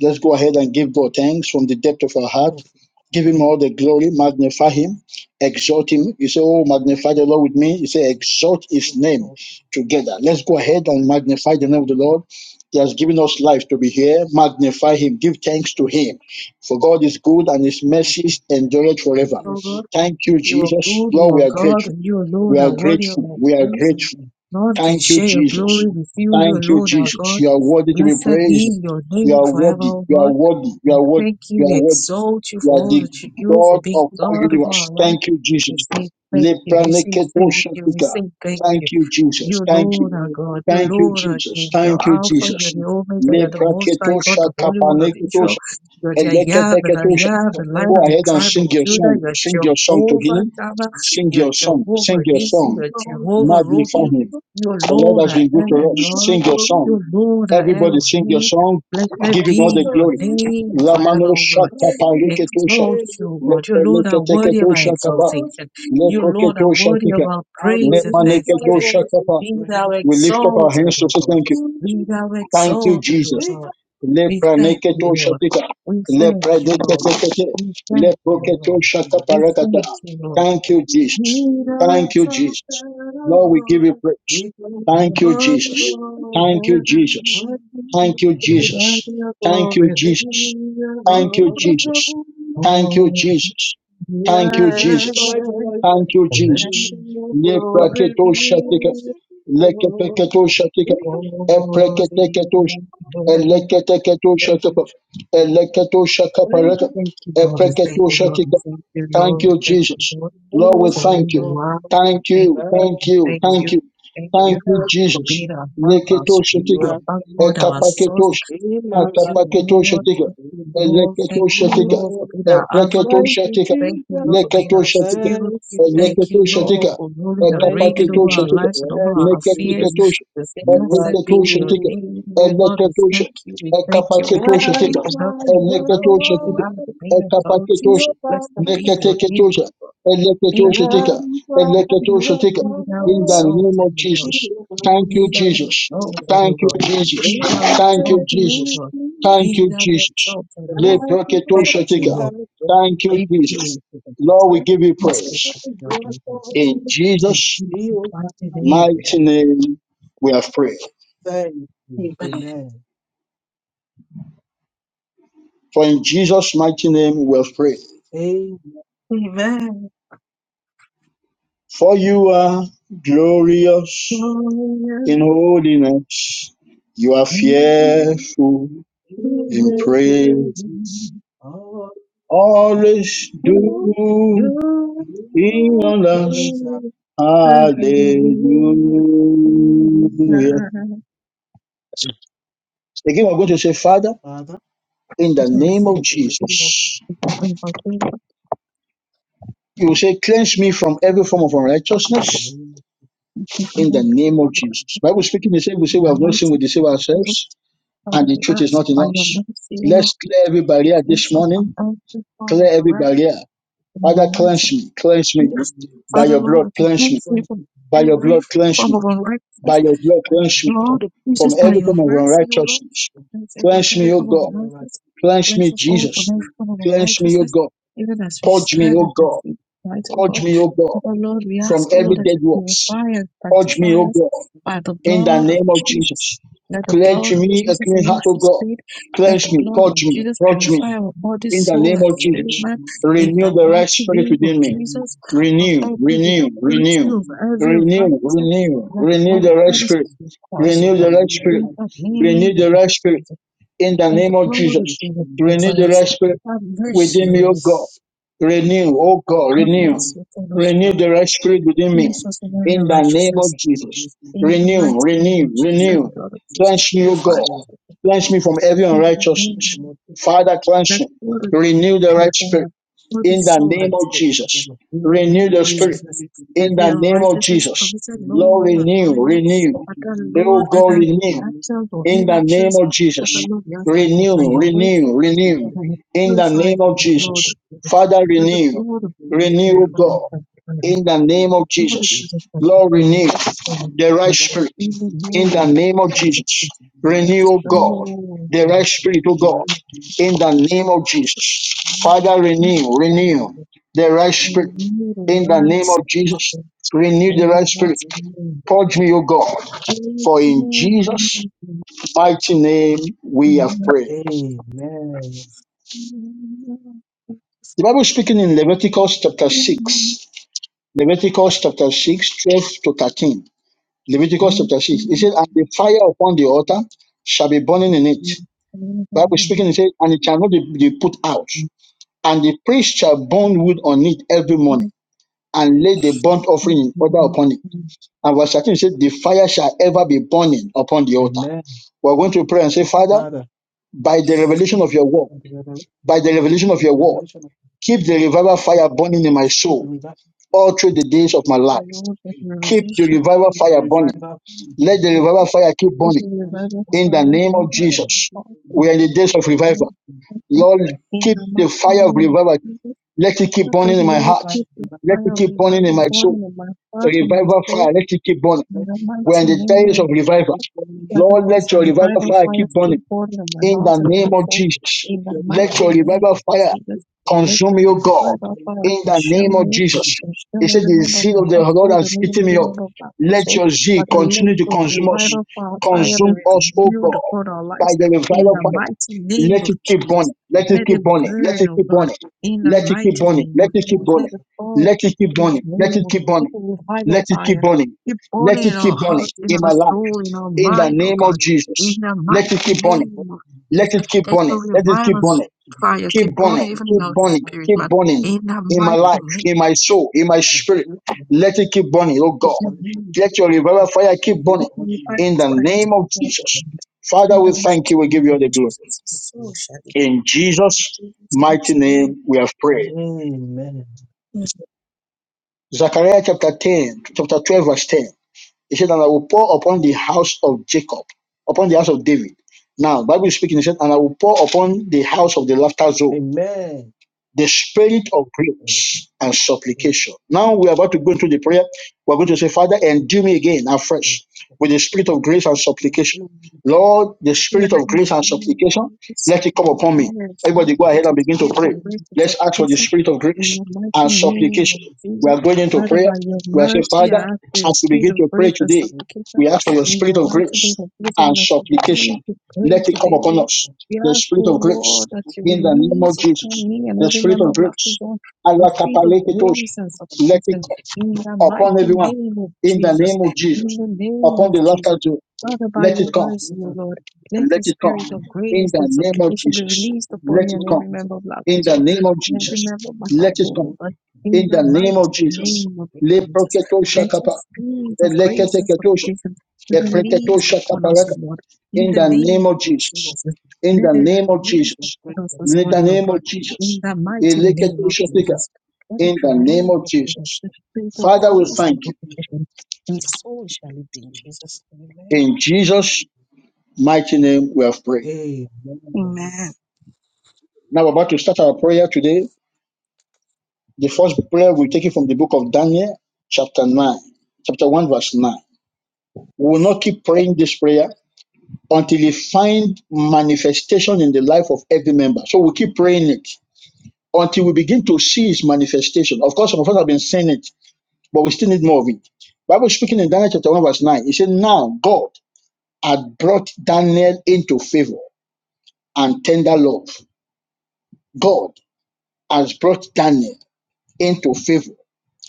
S4: Let's go ahead and give God thanks from the depth of our heart.
S5: Thank you.
S4: Give Him all the glory. Magnify
S5: Jesus.
S4: Him. Exalt Him. You say, Oh, magnify the Lord with me. You say, Exalt His
S5: Yes,
S4: name
S5: Lord.
S4: together. Let's go ahead
S5: Yes,
S4: and magnify the name of the
S5: you
S4: Lord. He has given us
S5: Yes,
S4: life to be here. Magnify
S5: Lord.
S4: Him. Give thanks to
S5: Thank you,
S4: Him.
S5: Jesus.
S4: For God is good and His
S5: Yes, you
S4: mercies endureth
S5: Yes,
S4: forever.
S5: Lord. Thank you, Jesus.
S2: Oh God,
S5: Yes,
S4: Thank you,
S2: you are
S4: Jesus.
S2: good, you
S4: Lord,
S2: are
S4: we are grateful.
S2: God, and you
S5: Lord. Thank you,
S2: alone
S4: We are
S2: are worthy of
S4: grateful.
S2: our
S4: We are
S2: praise.
S5: Jesus. Yes,
S4: grateful.
S5: Lord.
S2: None can
S4: Thank you,
S2: share your
S5: Thank you,
S4: Jesus.
S2: glory
S5: Jesus.
S2: with you. You
S4: Thank you,
S2: alone are
S4: Jesus.
S2: God.
S4: You are worthy to be
S2: Blessed
S4: praised.
S2: be your
S4: You
S2: name
S4: are
S2: forever,
S4: worthy.
S2: O
S4: You are
S2: God.
S4: worthy. You
S2: We
S4: are worthy.
S2: thank you,
S4: You are
S2: we
S4: worthy.
S2: exalt you
S4: You
S2: for
S4: are
S2: all
S4: the
S2: that you do, for
S4: God
S2: being
S4: of all
S2: God of
S4: universe.
S2: our life.
S4: Thank you, Jesus.
S2: We
S5: Yes,
S2: say thank you, we say thank you, we
S4: Lepraneketoshakuta.
S2: say thank
S5: Lord.
S2: you.
S4: Thank you, Jesus.
S2: You
S5: Thank
S4: Thank
S5: you
S2: Lord
S4: you.
S5: for
S2: our
S5: your
S2: God,
S5: people.
S2: you
S4: Thank you,
S2: Lord our
S4: Jesus.
S2: King,
S5: Thank you
S2: You're
S5: for
S4: Thank you,
S5: your
S2: Alpha,
S5: people.
S2: you're
S4: Jesus.
S2: the
S5: Thank
S2: Omega, you're the Most High
S4: Lepraketo
S2: God,
S5: you,
S2: the
S5: Jesus.
S2: Holy One of Israel,
S5: Thank you for
S2: you're the
S5: being with
S2: Yah,
S5: us.
S2: the
S4: Eleketeketosha.
S2: Yah,
S5: For
S2: the
S5: all
S2: Lion of
S4: Go
S2: the
S5: these
S4: ahead and
S2: tribe
S5: things.
S2: of
S4: sing your
S5: Thank
S2: Judah,
S4: song.
S5: you.
S2: you're
S4: Sing your song to
S2: Jehovah
S4: him.
S2: Shammah,
S5: Thank you, We
S4: Sing
S2: you're
S5: thank
S4: your
S5: you.
S4: song. Sing
S2: Jehovah
S4: your
S2: Nissi,
S4: song
S5: We
S2: you're
S5: call for
S2: Jehovah
S4: magnify
S2: Rohi,
S4: him.
S5: you.
S2: your
S4: The Lord
S2: Lord
S4: has
S2: our
S4: been good
S5: We
S2: El
S4: to
S5: give
S4: us.
S5: you
S2: Elon,
S4: Sing
S5: the
S4: your
S5: glory.
S2: your
S4: song.
S2: Lord our
S4: Everybody sing your
S2: Elohim,
S4: song.
S5: We
S2: blessed
S4: Give him all
S5: call for
S4: the
S2: be your
S4: glory.
S5: you.
S2: name forever,
S4: Lamano
S2: O God.
S4: shata
S5: I give
S2: We
S5: you
S4: pariketosha.
S2: exalt you, O God,
S5: praise.
S2: your Lord are worthy of our
S4: Lepeneketeketosha
S5: Because
S4: kapa.
S2: exaltation, your Lord are
S4: Leproketosha
S2: worthy of
S4: tika.
S2: our
S5: I
S2: praise
S5: will
S2: and
S5: try
S2: thanksgiving.
S5: for
S4: Lemaneketosha
S5: the
S4: kapa.
S5: things
S2: Be thou
S4: We lift up our
S2: exalted,
S4: hands to
S2: O
S4: say
S2: God.
S4: thank you.
S2: Be thou
S4: Thank you,
S2: exalted, O
S4: Jesus
S2: God. We
S4: lepra
S2: thank
S5: you
S2: you,
S4: neketo
S2: Lord.
S4: shatika
S5: are
S2: We thank
S4: lepra
S2: you, Lord.
S4: deketekete
S2: We thank you, Lord.
S4: leproketo shaka
S2: We
S4: parakata
S2: thank you, Lord.
S4: thank you jesus
S2: Be thou
S4: thank you
S2: exalted,
S4: jesus
S2: O
S4: lord we give you
S2: Lord.
S4: praise
S5: because you are
S4: thank you
S2: Above
S4: jesus
S5: wonderful.
S2: all
S4: thank you jesus
S2: heaven,
S4: thank you
S2: and let
S4: jesus
S2: your
S4: thank you
S2: glory be
S4: jesus thank you
S2: above
S4: jesus thank you
S2: all
S4: jesus
S5: I
S2: the
S4: thank
S5: will
S4: you jesus
S2: earth,
S4: thank you
S2: and
S4: jesus
S2: let your
S4: lepra
S2: glory
S4: keto shatika
S2: be above
S4: Leketeketushakika.
S5: because you
S2: Glory. Thank
S4: Epreketeketush.
S5: Thank you.
S4: Eleketeketushakapa.
S5: Thank you.
S4: Eleketushakapareka.
S2: you, Lord. We Thank you, Lord. We
S4: Epreketushatika.
S2: Thank you, Lord.
S4: Thank
S2: We
S4: you,
S2: Thank you,
S4: Jesus.
S2: Lord,
S5: Thank
S4: Lord, we
S5: you,
S2: for who
S4: thank you.
S2: you
S5: Lord.
S2: are. We
S4: Thank
S2: Thank
S4: you.
S2: you.
S5: Thank
S4: Thank
S2: We
S4: you.
S5: you,
S2: Thank
S4: Thank
S5: Lord,
S2: you.
S4: you.
S2: Thank
S5: for
S2: you.
S4: Thank you,
S2: for
S5: everything
S4: Jesus.
S2: being our help, our strength,
S5: you
S4: Leketoshatika.
S2: our
S5: have done
S2: backbone, our source.
S4: Ekapaketosh.
S5: in my
S2: Thank
S5: life.
S2: you, Lord.
S5: Thank
S4: Akapaketoshatika.
S5: you,
S2: Thank you,
S5: thank
S2: Lord. Thank you,
S5: you,
S4: Eleketoshatika.
S2: Lord, for
S5: Lord.
S2: being our advocate.
S5: Thank you,
S4: Epreketoshatika.
S2: Thank you,
S5: Jesus.
S2: Lord, for being our
S4: Leketoshatika.
S2: shield.
S5: Thank you,
S2: Thank you,
S5: Lord.
S2: Lord,
S4: Eleketoshatika.
S2: for ruling and
S5: Thank you,
S2: reigning over our
S5: Lord,
S4: Ekapaketoshatika.
S2: lives and
S5: for
S2: over our affairs.
S5: everything
S4: Neketiketusha,
S2: We say,
S5: you are
S2: Blessed be
S4: ekeketusha
S2: your
S4: tika,
S5: doing.
S2: name, O God. We
S4: eleketusha,
S2: thank you, we thank you, we thank
S4: ekapaketusha
S2: you.
S5: That
S2: We
S4: tika,
S5: is
S2: cannot
S5: why
S2: thank
S5: you
S2: you
S5: are
S2: enough. We
S4: eleketusha
S5: called
S4: tika,
S2: have the pain and thoughts.
S4: ekapaketusha,
S5: Jehovah.
S2: Blessed be your name, for
S4: neketeketusha,
S2: being
S4: eleketusha
S2: thou
S4: tika,
S5: That is why
S2: exalted.
S5: you
S4: eleketusha
S5: are
S4: tika.
S2: Be
S5: called
S2: thou
S4: In the name
S2: exalted,
S4: of
S2: O God.
S4: Jesus.
S5: Jehovah.
S4: Thank you,
S2: Be thou
S5: Thank you,
S4: Jesus.
S5: Jesus.
S2: exalted, O
S4: Thank you,
S2: God.
S4: Jesus.
S2: Be
S5: What
S2: thou
S5: you
S4: Thank you,
S5: said
S2: exalted,
S5: you
S2: O
S4: Jesus.
S5: would
S2: God.
S4: Thank
S2: Be
S4: you,
S5: do,
S2: thou
S4: Jesus.
S2: exalted, O Lord.
S5: that is
S2: Thank
S4: Lebreketusha
S5: what
S2: you,
S5: you
S4: tika.
S5: have
S2: Lord.
S5: done.
S4: Thank you,
S2: Thank
S4: Jesus.
S2: you for the good.
S4: Lord, we
S5: That
S4: give you
S5: is
S2: Yes, we
S5: what
S2: give
S4: praise.
S2: your
S5: you have
S2: name, O God.
S4: In
S5: done.
S2: Thank
S4: Jesus'
S2: you for
S5: You
S2: fighting
S5: have
S2: Abraham.
S4: mighty name we have prayed.
S5: thank you. Amen.
S4: For in Jesus' mighty name we have prayed.
S5: Amen.
S2: Amen.
S4: For you are
S2: Amen.
S4: glorious in
S2: Hallelujah.
S4: holiness. You are fearful
S5: You praise it
S4: in
S5: all
S2: Amen.
S4: praise. Always
S2: Hallelujah.
S5: you.
S4: do
S2: You are
S4: in wonders.
S5: Others are
S2: good.
S4: Hallelujah.
S2: Hallelujah.
S5: here.
S2: I
S4: Again, we're going to say, Father,
S5: Father,
S4: in the
S2: just want to
S4: name of
S5: in the name of
S4: Jesus,
S2: say,
S4: you will say, cleanse me from every form of
S5: in the
S4: unrighteousness
S5: name
S2: from
S4: in the name
S2: Lord
S4: of Jesus.
S2: God,
S4: Bible speaking, they say we say
S2: in
S4: we
S2: the
S4: have no
S2: mighty
S4: sin, we deceive
S2: name of Jesus,
S4: ourselves, and
S2: Father,
S4: the
S2: we
S4: truth is
S2: ask
S4: not in
S2: by your
S4: us.
S2: mercy, O Lord,
S4: Let's clear every
S2: to
S4: barrier
S2: cleanse
S4: this
S2: us from
S4: morning.
S2: every form
S4: Clear
S2: of
S4: every
S2: wreck
S4: barrier.
S2: in the
S4: Father,
S2: mighty
S4: cleanse
S2: name
S4: me, cleanse me.
S5: in
S2: of
S5: the
S2: Jesus.
S5: name of
S4: By
S2: Father,
S4: your
S2: Lord,
S4: blood,
S2: that you
S4: cleanse me.
S2: cleanse me
S5: Christ,
S2: from
S5: in the name
S4: By your
S5: of
S2: every
S4: blood, cleanse
S2: form
S4: me.
S2: of
S4: By
S2: unrighteousness,
S4: your
S5: Christ,
S4: blood,
S2: that
S4: cleanse
S5: in the name of
S4: me.
S2: Lord, you cleanse
S4: From
S2: us by
S4: every
S2: your
S4: form of
S2: mercy, O Lord,
S4: unrighteousness.
S5: Christ,
S2: cleanse us from
S4: Cleanse
S2: every
S4: me, O
S5: in
S2: form
S5: the
S2: of
S4: God.
S5: name of Christ, in the name of
S2: unrighteousness,
S4: Cleanse
S2: cleanse
S4: me,
S2: us all
S5: Christ,
S2: from
S4: Jesus.
S2: every form of
S4: Cleanse me, O
S2: unrighteousness,
S4: God.
S2: even as we
S4: Purge me,
S2: stand at
S4: O
S2: the
S4: God.
S2: feet, right, O God.
S4: Purge me, O God.
S2: Father Lord,
S5: in
S2: we ask,
S4: From
S2: O
S4: every
S2: Lord, that
S4: dead
S2: you
S4: works.
S2: purify and
S4: Purge me,
S2: sanctify
S4: O
S2: us
S4: God.
S5: the name
S2: by the
S4: In the
S2: blood
S5: of
S2: of
S5: Christ.
S4: name of
S2: Jesus.
S4: Jesus,
S2: Let the
S4: cleanse
S2: blood of
S4: me a
S2: Jesus
S4: clean heart,
S2: wash
S4: O
S2: us
S4: God.
S2: clean. Let
S4: Cleanse
S2: the
S4: me,
S2: blood of
S5: In
S4: purge me,
S5: The
S2: Jesus
S4: purge
S5: church
S4: me.
S5: of
S2: purify our body,
S4: In the
S2: soul,
S4: name
S2: and
S4: of
S5: the Lord of
S2: spirit,
S4: Jesus,
S2: man,
S5: the
S2: in
S4: renew
S2: the
S4: the right
S2: mighty
S4: spirit
S2: name of
S4: within
S5: in
S4: me.
S5: the name
S2: Jesus,
S5: of
S2: of
S4: Renew,
S2: every
S5: the
S4: renew,
S5: Lord
S2: impurity,
S4: renew,
S2: of
S5: Jesus,
S2: every
S4: renew,
S2: unrighteousness.
S4: renew,
S2: Let the
S4: renew
S2: blood of
S4: the right
S2: Jesus
S4: spirit.
S2: purify us, O
S4: Renew the
S5: we
S2: God.
S4: right
S5: need a
S4: spirit.
S2: In
S5: life to
S2: the
S5: be in
S4: Renew
S2: name
S4: the
S2: of
S4: right spirit.
S2: Jesus.
S4: In the
S5: the
S2: Let the
S4: name of
S5: church of
S2: blood
S5: the
S2: of
S4: Jesus,
S5: Lord. We need a life to be in
S2: Jesus
S5: the
S4: renew
S2: purify
S4: the
S2: us.
S4: right spirit
S2: Have mercy,
S4: within
S2: O
S4: me, O
S2: Lord.
S4: God. Renew, O God,
S2: Have
S5: name of
S4: renew.
S2: mercy upon us, O Lord.
S4: Renew the right spirit within
S5: the Lord.
S4: me.
S2: Jesus is living in
S4: In the name of
S2: righteousness.
S5: We
S4: Jesus.
S2: In the mighty
S4: Renew,
S2: name
S4: renew,
S2: of Jesus,
S5: need a
S2: let the
S4: renew.
S5: life to
S2: blood of
S5: be
S2: Jesus
S4: Cleanse me, O
S2: purify
S4: God.
S5: transferred.
S2: us.
S4: Cleanse me from every
S2: In the
S5: Thank you. for
S4: unrighteousness.
S2: name,
S5: more
S4: Father, cleanse
S2: let
S4: me.
S2: the
S5: support
S2: blood of
S5: from our
S4: Renew the
S5: God.
S4: right
S2: purify
S4: spirit.
S2: us.
S5: We
S2: Body,
S4: In
S5: need
S4: the
S2: soul,
S5: a
S4: name
S5: life
S2: and
S4: of
S5: to be
S2: spirit.
S4: Jesus.
S5: together.
S2: In the
S4: Renew
S5: We
S2: name
S4: the
S2: of
S5: need a
S4: spirit.
S2: Jesus,
S5: spirit to be in
S4: In
S2: every
S4: the name of
S2: unrighteousness
S4: Jesus.
S5: the
S2: committed
S5: name
S4: Lord,
S2: knowingly or
S5: of
S4: renew,
S5: the Lord. We
S2: unknowingly,
S5: need a
S4: renew.
S5: spirit to be in the
S2: Father
S5: name of the
S2: Lord,
S4: Oh God,
S2: whether in
S4: renew.
S5: Lord.
S2: actions or
S4: In the name
S2: inactions,
S4: of
S5: We need
S2: Father
S4: Jesus.
S5: a
S2: Lord, we ask that
S4: Renew,
S2: by your
S4: renew,
S2: mercy, that
S4: renew.
S2: I
S5: spirit to be in the
S2: am
S4: In the
S2: purified
S4: name
S5: name of
S2: with
S4: of
S2: the
S5: the Lord.
S2: blood
S4: Jesus.
S2: of Jesus.
S4: Father,
S2: Let the
S4: renew.
S2: blood of Jesus
S4: Renew,
S2: purify
S4: God.
S2: us.
S4: In the name
S2: It's
S4: of
S2: more than just
S4: Jesus.
S2: like The
S4: Lord,
S2: blood of
S4: renew
S2: Jesus Christ, it's so shameful. In the fire and every form of
S4: the right
S2: sickness,
S4: spirit.
S2: in the mighty
S4: In the
S2: name
S4: name of
S2: In the name
S4: Jesus. Renew,
S2: of
S4: God. The right
S2: Jesus Christ,
S4: spirit, oh God. In the name of Jesus.
S2: extortion,
S4: Father, renew, renew the right spirit. In the name
S2: murderers,
S4: of Jesus. Renew
S2: in
S4: the
S2: the
S4: right spirit.
S2: mighty name.
S4: Purge me, O God.
S2: Here we
S4: For in
S2: come, we
S4: Jesus' mighty name we
S2: come,
S4: have prayed.
S5: Amen.
S4: The Bible speaking in Leviticus chapter 6, Leviticus chapter 6, 12 to 13. Leviticus chapter 6. It says, And the fire upon the altar shall be burning in it. Bible speaking, it says, And it shall not be be put out. And the priest shall burn wood on it every morning, and lay the burnt offering in order upon it. And verse 13 says, The fire shall ever be burning upon the altar.
S5: Amen.
S4: We're going to pray and say, Father,
S5: Father,
S4: by the revelation of your word,
S5: and the revel-
S4: by the revelation of
S5: and
S4: your
S5: the
S4: word.
S5: revelation of
S4: Keep the revival fire burning
S5: the
S4: in my
S5: peace, keep the
S4: soul
S5: revival
S4: all through the days
S5: in
S4: of my
S5: my
S2: the
S4: life.
S2: Lord that
S5: soul.
S2: you
S4: Keep the
S2: resist
S4: revival
S5: keep the
S4: fire burning.
S5: revival in
S4: Let
S5: my
S4: the revival fire keep
S2: to
S4: burning
S5: soul. Every
S2: deliver the
S5: holy
S4: in the
S2: fire
S4: name
S2: on
S4: of
S2: the
S5: fire,
S4: Jesus.
S5: keep
S2: heart and the
S4: We are in the
S2: world
S4: days of revival. Lord,
S2: in
S4: keep
S2: the
S4: the
S2: mighty
S4: fire of
S2: name.
S4: revival. Let it keep
S2: Let the
S4: burning in my
S2: Lord
S4: heart.
S5: the
S4: Let
S5: revival
S2: fire
S4: it
S2: of
S4: keep burning in
S2: revival
S5: in
S4: my
S5: my heart.
S2: burn
S4: soul.
S2: in my
S4: The
S2: heart
S5: In the name
S2: and my
S4: revival
S5: of
S2: soul
S5: Jesus.
S4: fire, let it keep burning.
S2: in
S5: Let
S2: the
S5: me bow
S4: We are
S2: mighty
S4: in the
S2: name
S4: days of revival.
S5: keep going
S2: let the
S4: Lord,
S2: cause
S4: let
S2: your
S4: your
S5: and
S4: revival
S2: revival
S5: save
S4: fire
S2: fire
S4: keep
S2: to
S5: myself.
S2: keep
S4: burning.
S2: burning on my
S4: in
S2: heart
S5: Hallelujah,
S4: the
S2: and on
S4: name
S2: my
S4: of
S5: Jesus.
S2: soul.
S4: Jesus.
S2: In
S5: Keep
S2: the
S5: the
S2: mighty
S4: Let
S5: revival
S4: your
S5: from
S2: name
S4: revival
S5: me.
S2: of
S4: fire
S2: Jesus,
S5: Keep the
S2: let
S4: consume
S2: your
S4: your God
S5: that's
S2: revival
S5: what I
S2: fire
S4: in the
S5: sacrifice.
S4: name
S2: consume
S4: of
S2: me,
S4: Jesus.
S5: Amen.
S2: consume
S4: He said,
S2: every
S4: The
S2: member of
S4: zeal
S2: my
S4: of the Lord
S2: household and
S4: has
S2: even
S4: eaten me
S2: every
S4: up.
S5: Amen.
S2: member of my
S4: Let
S2: household.
S4: your zeal
S2: Father, let
S4: continue to
S2: your
S4: consume
S5: Spirit,
S4: us.
S2: revival
S5: thank
S2: fire fire be
S5: you for
S4: Consume
S5: being
S4: us, O God,
S2: revealed upon our
S5: here.
S4: by
S2: lives.
S4: the
S5: Keep the
S2: In
S4: revival
S2: the
S5: women.
S4: fire.
S2: mighty name
S4: Let
S2: of
S4: it keep
S5: Thank
S2: Jesus,
S4: burning.
S5: you.
S4: Let it
S2: let
S4: keep
S2: it
S4: burning. Let
S2: burn,
S4: it
S2: oh
S4: keep
S2: God.
S4: burning.
S2: In the
S4: Let it keep
S2: mighty
S4: burning.
S2: name
S4: Let
S2: of
S5: Keep
S4: it keep
S5: going.
S2: Jesus, let
S4: burning.
S2: it burn.
S4: Let it keep
S2: In the
S4: burning. Let
S2: name
S4: it
S2: of
S4: keep
S2: Jesus, let
S4: burning.
S2: the revival
S4: Let it
S2: fire.
S4: keep
S5: So
S4: burning.
S2: Keep
S4: Let
S2: on
S4: it
S2: in our
S4: keep burning
S2: hearts,
S5: keep
S2: in
S4: in
S2: our
S4: my
S5: going.
S4: life.
S2: soul, in our
S4: In the
S2: mind, oh
S4: name of
S2: God.
S4: Jesus.
S2: In the mighty
S4: Let it keep burning.
S5: Keep
S2: name
S5: going.
S2: of
S4: Let
S2: Jesus.
S4: it keep
S2: Let your
S4: burning. Let it keep
S2: revival
S5: Thank you.
S4: burning.
S5: Jesus.
S2: fire
S4: Keep
S2: keep
S4: burning.
S2: burning
S5: Let
S2: even in
S5: the
S4: Keep
S2: our
S4: burning.
S5: revival
S2: spirit,
S4: Keep
S2: man.
S4: burning
S2: In the
S4: in my
S2: mighty
S5: from
S4: life,
S5: me.
S2: name
S4: in my soul, in my
S5: My
S4: spirit.
S5: spirit, my
S4: Let
S5: spirit.
S4: it keep burning, oh
S2: of
S4: God.
S5: Let the revival
S4: Let your
S2: Jesus.
S4: revival fire keep
S5: keep
S2: Let
S4: burning
S2: your
S5: on me.
S2: revival
S4: in the
S2: fire
S5: Thank
S2: keep
S4: name of
S5: you. Lord
S4: Jesus.
S2: burning.
S4: Father,
S2: In
S4: we
S2: the
S4: thank
S2: mighty
S4: you. We give
S2: name
S4: you all
S2: of
S4: the glory.
S5: Jesus.
S2: Jesus.
S5: Thank you, Lord.
S2: So shall it be.
S4: In Jesus'
S2: Jesus'
S4: mighty
S2: mighty
S4: name, we have prayed.
S2: name.
S5: Amen.
S4: Zechariah chapter 10, chapter 12, verse 10. He said, And I will pour upon the house of Jacob, upon the house of David. Now, Bible is speaking, he said, And I will pour upon the house of the laughter zone
S5: Amen.
S4: the spirit of grace and supplication. Now we are about to go into the prayer. We're going to say, Father, endue me again afresh with the spirit of grace and supplication. Lord, the
S2: Lord,
S4: spirit
S2: I
S4: of grace
S2: the
S4: and
S2: name of
S4: supplication,
S2: Jesus
S4: let it come
S2: and
S4: upon me.
S2: and self
S4: Everybody go ahead
S2: pity,
S4: and begin to
S2: spirit of
S4: pray.
S2: grace and
S4: Let's ask for the
S2: supplication
S4: spirit of
S2: in
S4: grace
S2: the mighty
S4: and
S2: name of
S4: supplication. We
S2: Jesus.
S4: are going into
S2: Father,
S4: prayer.
S2: by your
S4: We are saying,
S2: mercy, I
S4: Father,
S2: ask for your
S4: as we
S2: spirit
S4: begin
S2: of
S4: to pray
S2: grace and
S4: today,
S2: supplication
S4: we ask for your
S2: in
S4: spirit
S2: the
S4: of
S2: mighty name
S4: grace
S2: of Jesus.
S4: and
S2: Even as we
S4: supplication.
S2: begin to pray
S4: Let it come
S2: today, O
S4: upon
S2: Lord,
S4: us.
S2: we
S4: The
S2: ask, O
S4: spirit of grace
S2: Lord, that you
S4: in the name of
S2: release
S4: Jesus
S2: upon me and
S4: the
S2: every
S4: spirit
S2: member
S4: of
S2: of Laughter
S4: grace.
S2: Zone the spirit of
S4: Arakapaleketosh.
S2: grace and
S4: Let it
S2: supplication in the mighty
S4: upon everyone
S2: name of
S4: in the
S2: Jesus.
S4: name of
S2: In
S4: Jesus.
S2: the name
S4: Upon
S2: of
S4: the laughter
S2: Jesus.
S4: zone,
S2: Father, by
S4: let it
S2: your
S4: come.
S2: mercy, O Lord. Let
S4: Let
S2: the
S4: it come
S2: spirit of
S4: in
S2: grace
S4: the
S2: and
S4: name of
S2: supplication be
S4: Jesus.
S2: released
S4: Let
S2: upon me
S4: it
S2: and
S4: come
S2: every member of Life
S4: in the
S2: Resort
S4: name of
S2: and every
S4: Jesus.
S2: member of my
S4: Let it
S2: household,
S4: come
S2: oh God, in
S4: in
S2: the
S4: the
S2: mighty
S4: name of Jesus.
S2: name of
S4: Le
S2: Jesus. Let your
S4: proketoshakapa.
S5: *laughs* Amen.
S2: spirit of grace and
S4: Leketeketosha.
S2: supplication be
S4: Le
S2: released upon us, O
S4: preketoshapaparaka.
S2: Lord, in
S4: In
S2: the
S4: the name
S2: name of
S4: of Jesus.
S2: Jesus.
S4: In
S2: Let
S4: the
S2: it
S4: name of
S2: release
S4: Jesus.
S2: upon us this
S4: In the
S2: morning, O
S4: name
S2: God,
S4: of
S2: in
S4: Jesus.
S2: the
S5: in the name of
S2: mighty name of
S4: Eleketosha tika,
S5: Jesus.
S2: Jesus. Let it
S5: And
S4: in the name
S2: release
S5: we
S4: of
S5: will put
S2: upon us
S4: Jesus.
S2: the
S5: the
S2: spirit of
S4: Father, we
S5: people
S2: grace
S5: of
S2: and
S5: the
S4: thank you.
S5: future
S2: supplication, and
S5: in the name
S2: so shall it be in Jesus' name.
S4: In Jesus' mighty name, we have prayed.
S5: of Jesus.
S2: Amen.
S5: Amen.
S2: Amen.
S4: Now we're about to start our prayer today. The first prayer we take it from the book of Daniel, chapter 9, chapter 1, verse 9. We will not keep praying this prayer until we find manifestation in the life of every member. So we keep praying it until we begin to see its manifestation. Of course, some of us have been saying it, but we still need more of it. Bible speaking in Daniel chapter 1, verse 9, it said, Now God had brought Daniel into favor and tender love. God has brought Daniel into favor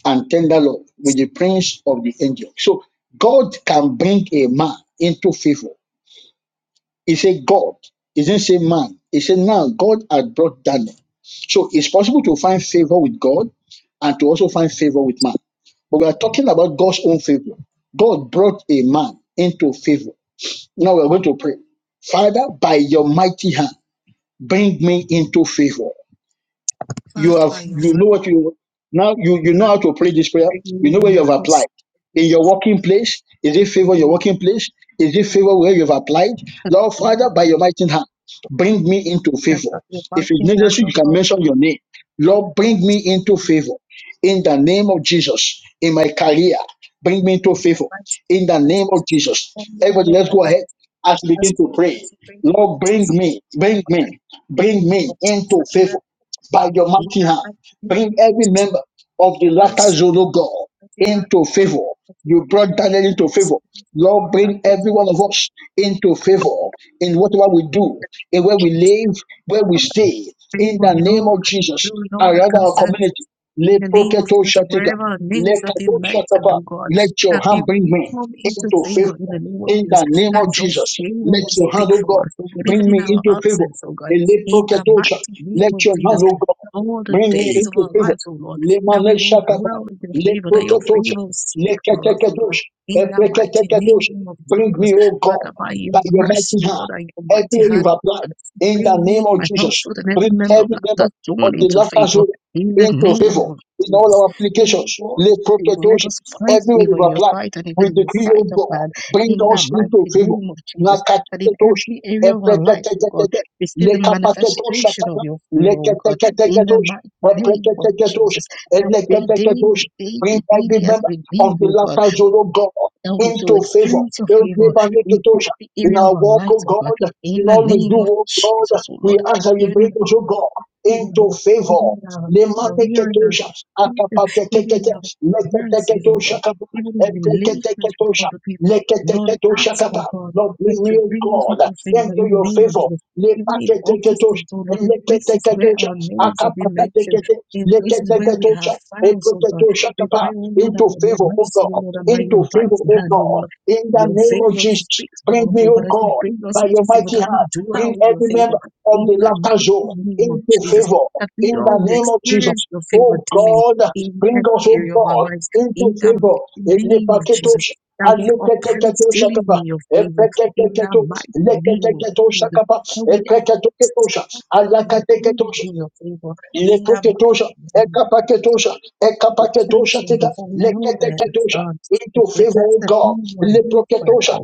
S4: and tender love with the prince of the angels. So God can bring a man into favor. He said God. He didn't say man. He said now God has brought Daniel. So it's possible to find favor with God and to also find favor with man. But we are talking about God's own favor. God brought a man into favor. Now we are going to pray. Father, by your mighty hand, bring me into favor. you
S2: Father,
S4: have
S2: by your
S4: you know what you now you you know how to pray this prayer
S2: Bring
S4: you know
S2: you, and
S4: where you
S2: I
S4: have
S2: will
S4: applied
S2: seek
S4: in your working place is it
S2: to
S4: favor your
S2: you,
S4: working place is it favor where you have applied lord father
S2: Lord,
S4: by your mighty hand bring me into
S2: and
S4: favor
S2: that your
S4: if it's
S2: mighty hand,
S4: necessary you
S2: O
S4: can
S2: God,
S4: mention your name lord bring me into favor in the name of jesus in my career bring me into
S2: in the
S4: favor
S2: mighty
S4: in the name of
S2: Jesus,
S4: jesus
S2: on the
S4: everybody
S2: wheel of
S4: let's
S2: my
S4: go
S2: life,
S4: ahead as
S2: I
S4: we begin
S2: ask
S4: to
S2: God that
S4: pray
S2: you bring
S4: lord
S2: me to
S4: bring
S2: faith
S4: me bring me
S2: in the
S4: bring
S2: name
S4: me
S2: of Jesus,
S4: into favor
S2: and
S4: by your
S2: in
S4: mighty
S2: the
S4: hand.
S2: hand of you,
S4: Bring every member of the laughter
S2: mercy,
S4: zone, O
S2: Lord, and
S4: God,
S2: mighty hand, O
S4: into
S2: God,
S4: favor.
S2: that you
S4: You
S2: bring
S4: brought
S2: me and
S4: Daniel
S2: my
S4: into
S2: hands
S4: favor.
S2: to the kingdom of God,
S4: Lord,
S2: that
S4: bring
S2: puts
S4: every
S2: God
S4: one of us into favor in whatever we do, in where we live, where we stay. In
S2: favor
S4: the
S2: in
S4: name
S2: all
S4: of
S2: that you
S4: Jesus,
S2: do, in all that
S4: around our
S2: concerns
S4: community,
S2: In
S4: Le
S2: the name of
S4: Proketo
S2: Jesus,
S4: Shatika,
S2: wherever our names
S4: Le
S2: have
S4: Kabo
S2: been mentioned,
S4: Shatapa,
S2: oh God,
S4: let your
S2: that we
S4: hand bring
S2: will
S4: me
S2: come into
S4: into favor.
S2: favor in the name of
S4: In
S2: Jesus,
S4: the name
S2: that
S4: of
S2: your
S4: Jesus,
S2: favor
S4: let
S2: will
S4: your
S2: speak
S4: hand, oh
S2: for
S4: God,
S2: us, oh God, even
S4: bring
S2: in
S4: me
S2: our
S4: into favor.
S2: absence, oh God,
S4: Le
S2: in the
S4: Proketo Shat-
S2: mighty name of
S4: Let your
S2: Jesus
S4: hand, oh God,
S2: all the
S4: Bring me
S2: days of
S4: into
S2: our
S4: favor.
S2: lives, O Lord, that we
S4: Lemane
S2: will
S4: shakaba.
S2: dwell in your
S4: Le
S2: favor, that your
S4: proketosh.
S2: favor will speak
S4: Le
S2: for us, O God,
S4: keteketosh. Le
S2: in the mighty
S4: preketeketosh.
S2: name of
S4: Bring
S2: Jesus.
S4: me, O God,
S2: Father, by your
S4: by your
S2: mercy,
S4: mighty
S2: O Lord,
S4: hand.
S2: and your mighty
S4: Everywhere you've
S2: hand, O
S4: applied.
S2: God,
S4: In the
S2: bring in
S4: name of
S2: my
S4: Jesus.
S2: household and every
S4: Bring
S2: member of
S4: every member
S2: Laughter
S4: of
S2: Zone
S4: the
S2: into
S4: laughter
S2: favor,
S4: zone
S2: in the
S4: into favor.
S2: name of
S4: In all
S2: Jesus.
S4: our
S2: Bring us
S4: applications.
S2: all
S4: Le
S2: into favor. Let
S4: proketosh.
S2: us find
S4: Everywhere
S2: favor
S4: you've
S2: in your
S4: applied.
S2: sight and even
S4: We
S2: in the
S4: decree, O
S2: sight of
S4: God,
S2: man,
S4: bring
S2: in the
S4: us into
S2: mighty
S4: favor.
S2: name of Jesus, that in
S4: Nakatetosh.
S2: every
S4: Le
S2: area of our lives, O God,
S4: preketeketeke.
S2: we see the
S4: Le kapaketosh
S2: manifestation of your favor, O God in the
S4: Leketekeketosh,
S2: mighty name of
S4: Epreketeketosh,
S2: Jesus. That day,
S4: Eleketeketosh.
S2: daily, daily,
S4: Bring every
S2: daily as
S4: member
S2: we
S4: of
S2: live,
S4: the
S2: oh God,
S4: laughter zone, oh God,
S2: that we shall
S4: into favor.
S2: experience your favor in
S4: Elkebaneketosh.
S2: every
S4: In
S2: area of
S4: our
S2: our
S4: walk, oh
S2: lives, oh God,
S4: God,
S2: in
S4: in
S2: the
S4: all we do,
S2: name of
S4: oh God,
S2: Jesus, oh
S4: we
S2: Lord.
S4: ask that you
S2: Even in
S4: bring us, oh God,
S2: the
S4: into
S2: Lord,
S4: favor.
S2: even in our career,
S4: Lemaneketosha,
S2: even in
S4: Akapaketekete,
S2: our mercies, oh God,
S4: Leketeketosha, Kapa,
S2: even in relations with
S4: Epreketeketosha,
S2: other people. Lord, we
S4: Leketeketosha,
S2: ask, oh
S4: Kapa.
S2: God,
S4: Lord,
S2: that
S4: bring me,
S2: you
S4: oh
S2: bring us
S4: God,
S2: into favor
S4: into
S2: in the
S4: your
S2: name of
S4: favor.
S2: Jesus. Even in offices,
S4: Lepaketeketosha.
S2: oh Lord, in places where
S4: Leketeketocha,
S2: our names have been mentioned,
S4: akapatekete,
S2: in places where we have
S4: leketeketocha,
S2: files, oh God,
S4: epreketosha
S2: we
S4: kapa.
S2: pray, oh Lord, that
S4: Into
S2: by your
S4: favor, O
S2: mercy, oh
S4: God.
S2: Lord, and by
S4: Into
S2: your
S4: favor,
S2: mighty
S4: O
S2: hand, oh
S4: God.
S2: Lord,
S4: In the
S2: your
S4: name of
S2: favor
S4: Jesus,
S2: speaks
S4: bring
S2: for us,
S4: me,
S2: oh
S4: O
S2: God, as you
S4: God,
S2: bring us
S4: by your
S2: into favor,
S4: mighty
S2: that we
S4: hand.
S2: dwell
S4: Bring
S2: in your
S4: every
S2: favor,
S4: member of
S2: in
S4: the
S2: the
S4: laughter
S2: mighty
S4: zone
S2: name of
S4: into
S2: Jesus,
S4: favor.
S2: that we
S4: In the
S2: all will
S4: name of Jesus,
S2: experience your favor
S4: Oh
S2: daily
S4: God,
S2: in
S4: bring us,
S2: every
S4: oh
S2: area of our
S4: God,
S2: lives.
S4: into
S2: In the
S4: favor.
S2: mighty name of
S4: Elepaketos,
S2: Jesus, that we operate daily
S4: aleketeketoshakaba,
S2: in your favor. In the
S4: epreketeketo,
S2: mighty name of Jesus,
S4: leketeketoshakaba,
S2: that we
S4: epreketoketosha,
S2: enter in daily
S4: alakateketosha.
S2: in your favor. In the mighty
S4: Lekeketosha, ekapaketosha,
S2: name of
S4: ekapaketosha
S2: Jesus,
S4: teta,
S2: for we know that it's
S4: leketeketosha.
S2: done. That
S4: Into
S2: the-
S4: favor,
S2: that's
S4: O
S2: the
S4: God.
S2: thing you are doing forever.
S4: Leproketosha,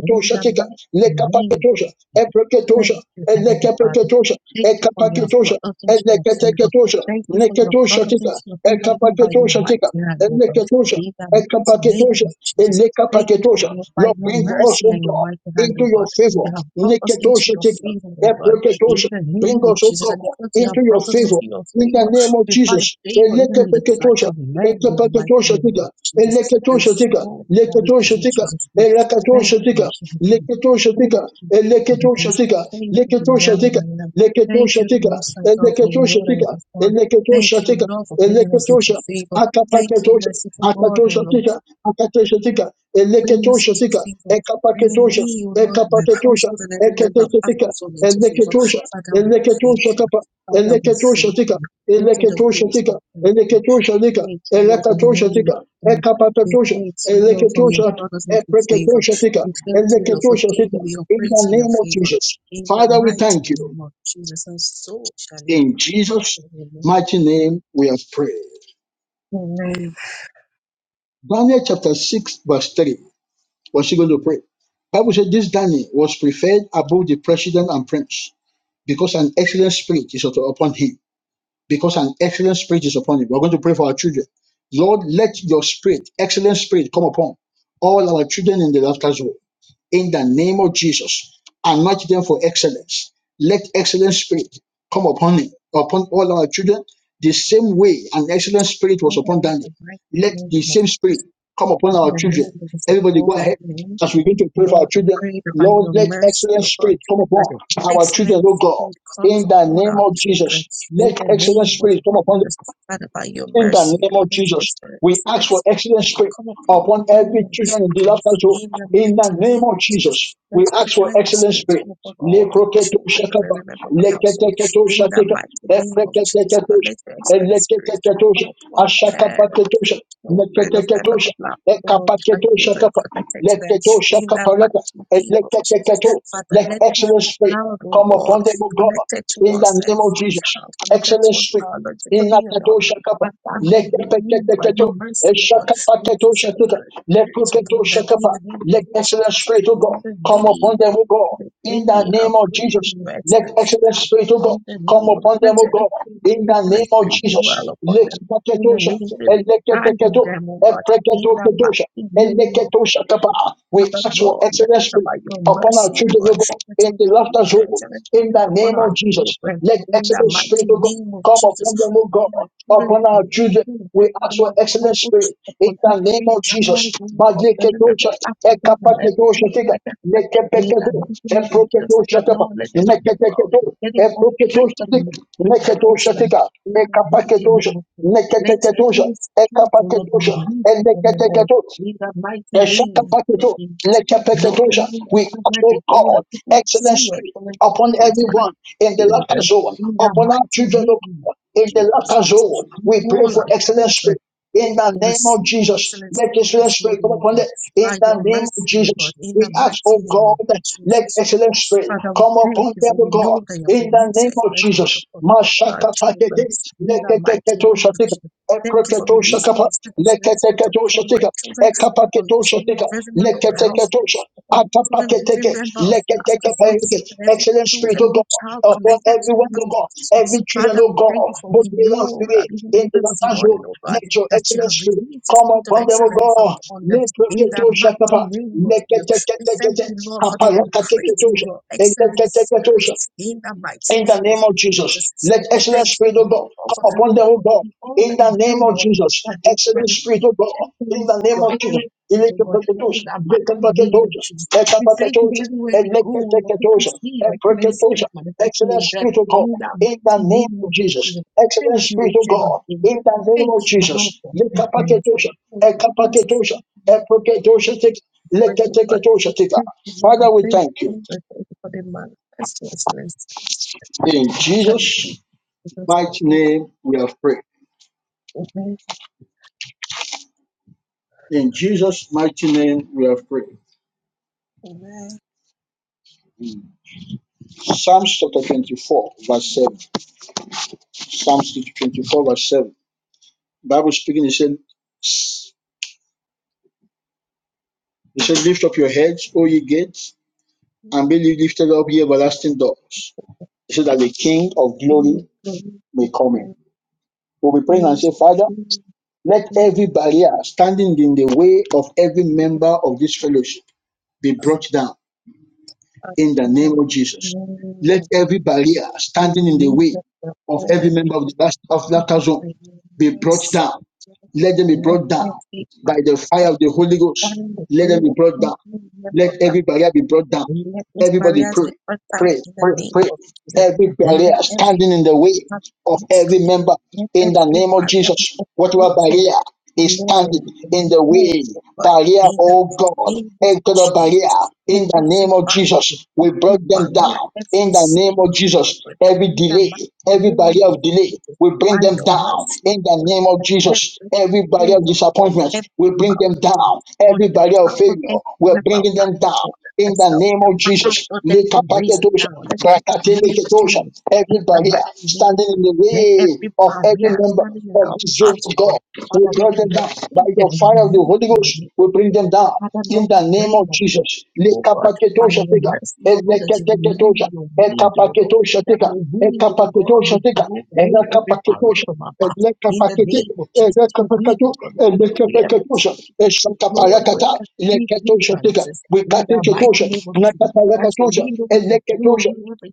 S2: In the
S4: teta,
S2: mighty name of
S4: lekapaketosha,
S2: Jesus. Thank
S4: epreketosha,
S2: you, Heavenly Father.
S4: elekepeketosha,
S2: Thank you for your
S4: ekapaketosha,
S2: abundance, your favor.
S4: eleketeketosha,
S2: Thank you for your
S4: neketosha teta,
S2: abundance, your favor, even by your
S4: ekapaketosha teta,
S2: mighty hand, O God.
S4: eleketosha,
S2: In the mighty name
S4: ekapaketosha,
S2: of Jesus. Thank you for
S4: elekapaketosha.
S2: your by
S4: Lord,
S2: your
S4: bring us,
S2: mercy
S4: O
S2: and your
S4: God,
S2: mighty hand,
S4: into
S2: O
S4: your
S2: God.
S4: favor.
S2: You have brought us into
S4: Neketosha
S2: your
S4: teta,
S2: favor, O God, in
S4: eproketosha,
S2: the
S4: Bring
S2: name of
S4: us, O
S2: Jesus.
S4: God,
S2: And because you have
S4: into your
S2: brought us into
S4: favor
S2: your
S4: in the
S2: favor,
S4: name of
S2: we find
S4: Jesus.
S2: favor even in the sight
S4: Elekepeketosha,
S2: of men, in the mighty
S4: ekepeketosha
S2: name of
S4: tika,
S2: Jesus. And
S4: eleketosha tika,
S2: so that we be
S4: leketosha
S2: in
S4: tika,
S2: Jesus' name. Thank
S4: eleketosha
S2: you,
S4: tika,
S2: Jesus.
S4: leketosha
S2: Thank
S4: tika,
S2: you for the
S4: eleketosha
S2: things.
S4: tika,
S2: Thank you,
S4: leketosha
S2: Maryam, the
S4: tika,
S2: Maryam. Thank
S4: leketosha
S2: you, the
S4: tika,
S2: Most High God, for we
S4: eleketosha
S2: know that it
S4: tika,
S2: is done. Thank
S4: eleketosha
S2: you,
S4: tika,
S2: Lord, for bringing us into
S4: eleketosha,
S2: favor. Thank you,
S4: akapaketosha,
S2: merciful God, O
S4: akatosha
S2: Lord, for
S4: tika, akatosha tika,
S2: bringing us
S4: eleketosha
S2: into
S4: tika,
S2: favor. Bringing
S4: ekapaketosha,
S2: me, O Lord, my
S4: ekapaketosha,
S2: household and every member of
S4: eketosha tika,
S2: Afterson into favor.
S4: eleketosha,
S2: Father, we thank you.
S4: Eleketushatapa,
S2: Father, we thank
S4: Eleketushatika,
S2: you. Ancient of days, we
S4: Eleketushatika,
S2: thank you.
S4: Eleketushatika,
S2: Thank you, Lord, for we know that we
S4: Elekatushatika,
S2: can. We
S4: Ekapatusha,
S2: thank you, Lord, for your
S4: Eleketusha,
S2: fathers with your favor.
S4: Epreketushatika,
S2: We thank you, Lord, for daily
S4: Eleketushatika.
S2: we are
S4: In
S2: praying
S4: the
S2: to your
S4: name of
S2: favor.
S4: Jesus.
S2: In the
S4: Father, we
S2: mighty
S4: thank you.
S2: name of Jesus, and so shall it be.
S4: In Jesus'
S2: Amen.
S4: mighty name, we have prayed.
S2: Amen.
S4: Daniel chapter 6, verse 3. Was he going to pray? Bible said this Daniel was preferred above the president and prince because an excellent spirit is upon him. because an excellent spirit is upon you. We're going to pray for our children. Lord, let your spirit, excellent spirit, come upon all our children in the last class. world in the name of Jesus. Anoint them for excellence. Let excellent spirit come upon him, upon all our children, the same way an excellent spirit was
S2: Father,
S4: upon
S2: in
S4: Daniel.
S2: the mighty
S4: Let
S2: name
S4: the
S2: of
S4: same spirit
S2: Jesus,
S4: come upon
S2: in
S4: our
S2: the
S4: children.
S2: name that is
S4: Everybody
S2: above
S4: go ahead
S2: every name,
S4: as we begin to pray for our
S2: Lord, we
S4: children.
S2: pray that by
S4: Lord,
S2: your
S4: let
S2: mercy,
S4: excellent
S2: O God,
S4: spirit come upon
S2: that the
S4: our children,
S2: excellent
S4: oh God,
S2: food comes
S4: in the
S2: upon
S4: name
S2: our
S4: of
S2: children.
S4: Jesus.
S2: In
S4: Let
S2: the
S4: excellent
S2: name of
S4: spirit come upon them
S2: Jesus, Father, by your
S4: in the
S2: mercy, O
S4: name of
S2: Lord, let your
S4: Jesus, we ask
S2: excellence
S4: for excellent spirit
S2: come upon
S4: upon
S2: all
S4: every
S2: my
S4: children in the
S2: children
S4: last household.
S2: in the
S4: In the
S2: mighty
S4: name
S2: name
S4: of
S2: of Jesus.
S4: Jesus,
S2: Let
S4: we
S2: your
S4: ask for
S2: excellent
S4: excellent
S2: spirit
S4: spirit.
S2: come upon all the
S4: Lekroketo
S2: children of
S4: shakaba,
S2: every member of the household
S4: leketeketo
S2: in the
S4: shateka,
S2: mighty name of Jesus.
S4: epreketeketo
S2: Father,
S4: sh-
S2: let your excellent spirit
S4: eleketeketo
S2: come
S4: sh-
S2: upon
S4: ashakapaketo
S2: every
S4: sh-
S2: children of
S4: leketeketo
S2: members of
S4: sh-
S2: love, oh Lord, and
S4: ekapaketo
S2: children
S4: shakapa,
S2: connected to them
S4: leketo
S2: in the
S4: shakapaleka,
S2: mighty name of Jesus.
S4: eleketeketo.
S2: Father,
S4: Let
S2: let
S4: excellent
S2: every
S4: spirit
S2: child, oh
S4: come
S2: Lord,
S4: upon them, O God
S2: connected to
S4: in
S2: us,
S4: the name of
S2: every
S4: Jesus.
S2: child connected to
S4: Excellent
S2: us
S4: spirit. In the
S2: biologically or not.
S4: Kadosha Kappa.
S2: Father, Lord, released by your
S4: Lekepeketeketo.
S2: mercy, O God and
S4: Eshakapaketo
S2: desire
S4: Shakata.
S2: characteristics
S4: Lekepeketo
S2: upon them in
S4: Shakapa.
S2: the name
S4: Let
S2: of
S4: excellent
S2: Jesus.
S4: spirit of God
S2: In the
S4: come upon
S2: name of
S4: them, O God.
S2: the
S4: In the
S2: Lady of
S4: name of
S2: Great
S4: Jesus.
S2: New
S4: Let
S2: Excellent
S4: excellent
S2: Spirit.
S4: spirit of God
S2: In the
S4: come
S2: name of
S4: upon
S2: the
S4: them, O God.
S2: Resurrection,
S4: In the name
S2: Excellent
S4: of
S2: Spirit,
S4: Jesus.
S2: dwell upon them. In
S4: Lekepeketo
S2: the name of
S4: Shakata.
S2: the Resurrected in
S4: Lekepeketo.
S2: them, O God. In
S4: Epreketo
S2: the
S4: Ketosha.
S2: mighty name of
S4: Eleketo Shakapa.
S2: Jesus.
S4: We
S2: Father
S4: ask for
S2: Lord, we
S4: excellent
S2: ask
S4: spirit
S2: about your
S4: upon our
S2: mercy, O
S4: children, O
S2: God,
S4: God,
S2: that
S4: in
S2: you
S4: the laughter
S2: relieve
S4: zone,
S2: us and
S4: in
S2: speak
S4: the
S2: upon
S4: name
S2: our
S4: of Jesus.
S2: children
S4: Let
S2: in the
S4: excellent spirit,
S2: mighty
S4: O God,
S2: name of
S4: come
S2: Jesus.
S4: upon them, O God,
S2: Upon my children,
S4: upon our
S2: upon my
S4: children.
S2: children, upon
S4: We
S2: every
S4: ask
S2: member
S4: for
S2: of my
S4: excellent
S2: household,
S4: spirit in
S2: upon
S4: the name
S2: every
S4: of Jesus.
S2: child, O Lord, every
S4: Maleketo
S2: member of
S4: Shak-
S2: my household, and
S4: Ekapaketo
S2: every child
S4: Shakika.
S2: connected to that in the
S4: Lekepeketo.
S2: mighty name of Jesus.
S4: Eproketo
S2: Father
S4: Shakapa.
S2: Lord, let them dwell,
S4: Leketeketo.
S2: let them
S4: Eproketo
S2: operate in the
S4: Shakika.
S2: spirit of
S4: Leketo
S2: excellence
S4: Shakika.
S2: in the mighty
S4: Ekapaketo
S2: name
S4: Shak-
S2: of Jesus. Let your
S4: Leketeketo Shak-
S2: excellence, O Lord,
S4: Ekapaketo
S2: my
S4: Shak-
S2: leave upon them all.
S4: Eleketeketo.
S2: In the mighty name of
S4: Eshakapaketo,
S2: things. Lord, and
S4: lekapaketosha.
S2: even as
S4: We
S2: to
S4: ask,
S2: where they
S4: oh
S2: go,
S4: God,
S2: that people will
S4: excellent
S2: see where
S4: spirit
S2: going,
S4: upon
S2: there is life
S4: everyone in the
S2: within
S4: latter
S2: them.
S4: zone,
S2: In the
S4: upon
S2: mighty
S4: our children
S2: name
S4: oh
S2: of
S4: God, in the
S2: Jesus
S4: latter
S2: Christ,
S4: zone.
S2: we
S4: We pray
S2: call
S4: for
S2: our
S4: excellent
S2: children
S4: spirit. In the name of
S2: receive your
S4: Jesus,
S2: excellence
S4: let excellent
S2: this
S4: spirit
S2: morning,
S4: come
S2: O
S4: upon
S2: God,
S4: them. In
S2: by your
S4: the name of
S2: mercy, O God,
S4: Jesus,
S2: in the
S4: we
S2: mighty
S4: ask, oh
S2: name of
S4: God, let
S2: Jesus.
S4: excellent spirit
S2: Father, we
S4: come
S2: thank
S4: upon
S2: you
S4: them,
S2: for
S4: oh
S2: we
S4: God.
S2: know that you have
S4: In the
S2: released your
S4: name of
S2: excellent spirit
S4: Jesus,
S2: upon, upon our
S4: Mashaka Pakete,
S2: children in the mighty
S4: Leketeketo
S2: name of
S4: Shatika,
S2: Jesus. Thank you for
S4: Ekreketo
S2: releasing your
S4: Shakapa,
S2: excellent spirit
S4: Leketeketo
S2: upon my
S4: Shatika,
S2: children, upon the
S4: Ekapaketo
S2: children of
S4: Shatika,
S2: every member of my
S4: Leketeketo
S2: household,
S4: Shatika.
S2: upon the children of every
S4: Atapaketeke,
S2: member of Laughter Sons,
S4: leketekepeke.
S2: and every
S4: Excellent Spirit, O
S2: every
S4: God,
S2: child
S4: upon
S2: connected to
S4: everyone,
S2: members
S4: O
S2: of
S4: God,
S2: the
S4: every children,
S2: Father,
S4: O
S2: we thank you
S4: God,
S2: for
S4: both
S2: we
S4: male and
S2: know that
S4: female,
S2: even
S4: in the
S2: this
S4: Natas
S2: morning,
S4: room,
S2: oh God,
S4: let your
S2: that you
S4: excellent
S2: have
S4: Spirit
S2: released the
S4: come
S2: spirit of
S4: upon them, O
S2: excellence
S4: God.
S2: upon them in the
S4: Leketeketo
S2: mighty
S4: Shakapa,
S2: name of Jesus. We thank
S4: leketeketekete,
S2: you, Lord, for they operate
S4: Aparakateketo
S2: in your excellent spirit
S4: Shakapa.
S2: in the mighty
S4: In the
S2: name of
S4: name of Jesus,
S2: Jesus.
S4: let
S2: We
S4: excellent
S2: thank you,
S4: spirit of God
S2: Lord, for
S4: come
S2: them
S4: upon them, O
S2: for
S4: God.
S2: in all that
S4: In the
S2: you do,
S4: name of
S2: Lord,
S4: Jesus,
S2: that they
S4: excellent spirit
S2: manifest
S4: of God. In
S2: excellence,
S4: the name
S2: your
S4: of Jesus,
S2: excellence, Lord,
S4: elekepeketosa,
S2: in the mighty name of
S4: elekepeketosa,
S2: Jesus. We thank you that
S4: ekapaketosa,
S2: everywhere they go, Lord, people
S4: elekepeketosa,
S2: see your excellent
S4: epreketosa.
S2: spirit manifesting
S4: excellent
S2: in them
S4: spirit of God.
S2: in the
S4: In the
S2: mighty
S4: name
S2: name
S4: of
S2: of Jesus.
S4: Jesus, excellent
S2: Thank you,
S4: spirit of
S2: Ancient of
S4: God.
S2: Days.
S4: In the name
S2: Thank
S4: of
S2: you, Lord,
S4: Jesus,
S2: for your prayers.
S4: lekapaketosa,
S2: Thank you, Jesus.
S4: ekapaketosa,
S2: Thank you,
S4: epreketosa, tek-
S2: Lord.
S4: lekepeketosa, tek-
S2: Thank you, Lord. I
S4: Father, we
S2: Thank
S4: thank you.
S2: you, Lord. I Thank you for the manifestation and
S4: In
S2: spiritually
S4: Jesus'
S2: be. Because I
S4: mighty
S2: think,
S4: name we have prayed.
S2: Amen.
S4: In Jesus' mighty name we have prayed.
S2: Amen.
S4: Psalms chapter 24, verse 7. Psalms 24, verse 7. Bible speaking, it said, it said, Lift up your heads, O ye gates, and be ye lifted up, ye everlasting doors, so that the King of
S2: Amen.
S4: glory
S2: Glory
S4: may
S2: to
S4: come in.
S2: God.
S4: We'll be praying and
S2: Praise
S4: say,
S2: the
S4: Father,
S2: King.
S4: let
S2: Thank
S4: every barrier
S2: you, Lord,
S4: standing in the way of every
S2: because
S4: member of this fellowship be brought down
S2: you are
S4: in the
S2: in the
S4: name of Jesus.
S2: mighty
S4: Let every barrier standing in the
S2: name of the Lord,
S4: way
S2: that the
S4: of
S2: all
S4: every
S2: that in
S4: member of
S2: the
S4: the last of
S2: heart
S4: laughter
S2: of my
S4: zone be brought
S2: mercy,
S4: down.
S2: let
S4: Let them be brought down
S2: every one,
S4: by the fire
S2: that
S4: of the Holy
S2: one
S4: Ghost.
S2: in the
S4: Let them
S2: way
S4: be
S2: of
S4: brought down.
S2: every member
S4: Let
S2: of
S4: every barrier be brought down.
S2: Let those
S4: Everybody
S2: barriers be
S4: pray,
S2: brought down
S4: pray,
S2: in the
S4: pray,
S2: name
S4: pray
S2: of Jesus.
S4: every barrier
S2: Let every
S4: standing in the
S2: people
S4: way
S2: have
S4: of every
S2: mystery.
S4: member
S2: Let
S4: in the
S2: every
S4: name of
S2: barrier be
S4: Jesus. Whatever
S2: uprooted
S4: barrier is standing
S2: level
S4: in
S2: and
S4: the
S2: know,
S4: way,
S2: oh God,
S4: barrier,
S2: in the
S4: oh God,
S2: name of
S4: every other barrier
S2: Jesus, know
S4: in the
S2: every
S4: name of
S2: barrier,
S4: Jesus, we
S2: every
S4: break them
S2: barrier,
S4: down in
S2: every
S4: the name
S2: stage,
S4: of
S2: oh
S4: Jesus.
S2: God,
S4: Every
S2: in the
S4: delay,
S2: mighty
S4: every
S2: name
S4: barrier
S2: of
S4: of delay,
S2: Jesus,
S4: we bring
S2: by
S4: them
S2: your
S4: down
S2: mercy, oh
S4: in the
S2: God,
S4: name of
S2: that
S4: Jesus.
S2: every
S4: Every barrier
S2: stone,
S4: of
S2: oh God,
S4: disappointment, we
S2: every
S4: bring them
S2: mountain,
S4: down.
S2: on
S4: Every
S2: the
S4: barrier of
S2: top of
S4: failure,
S2: every
S4: we're
S2: level
S4: bringing
S2: now,
S4: them down
S2: Lord,
S4: in the
S2: myself,
S4: name of
S2: Father,
S4: Jesus,
S2: God, let it be raised
S4: Lekapaketosha,
S2: down, let it be made
S4: Brakateleketosha,
S2: clean, in
S4: every
S2: the
S4: barrier
S2: mighty name of
S4: standing in
S2: Jesus.
S4: the
S2: Let
S4: way
S2: every
S4: of every
S2: barrier
S4: member
S2: standing in
S4: of
S2: our
S4: this
S2: path,
S4: church of
S2: oh God,
S4: God, we
S2: Father, let
S4: bring
S2: it
S4: them
S2: be open
S4: down by the
S2: heaven in
S4: fire
S2: the
S4: of the
S2: name
S4: Holy
S2: in the
S4: Ghost.
S2: name of
S4: We bring
S2: Jesus.
S4: them down
S2: Father,
S4: in
S2: Lord, we
S4: the name
S2: pray
S4: of
S2: that
S4: Jesus.
S2: you, oh God, by
S4: Lekapaketosha,
S2: your
S4: Tika,
S2: mercy, oh God, that you will
S4: Eleketeketosha,
S2: leave your wind, O Lord,
S4: Ekapaketosha,
S2: that
S4: Tika,
S2: your wind, O God,
S4: Ekapaketosha,
S2: will
S4: Tika,
S2: blow away every barrier
S4: Ekapaketosha.
S2: from our path. In the
S4: Elekapakete,
S2: name of Jesus, your wind,
S4: elekapakato,
S2: O God, will blow away every
S4: elekapakatosha,
S2: street, will blow away
S4: eshakaparakata,
S2: every
S4: elekatosha tika,
S2: hindrances. In
S4: wikate
S2: the mighty
S4: katosha,
S2: name of Jesus, that your
S4: nakapakatosha,
S2: wind, O God, will blow
S4: elekatosha,
S2: away every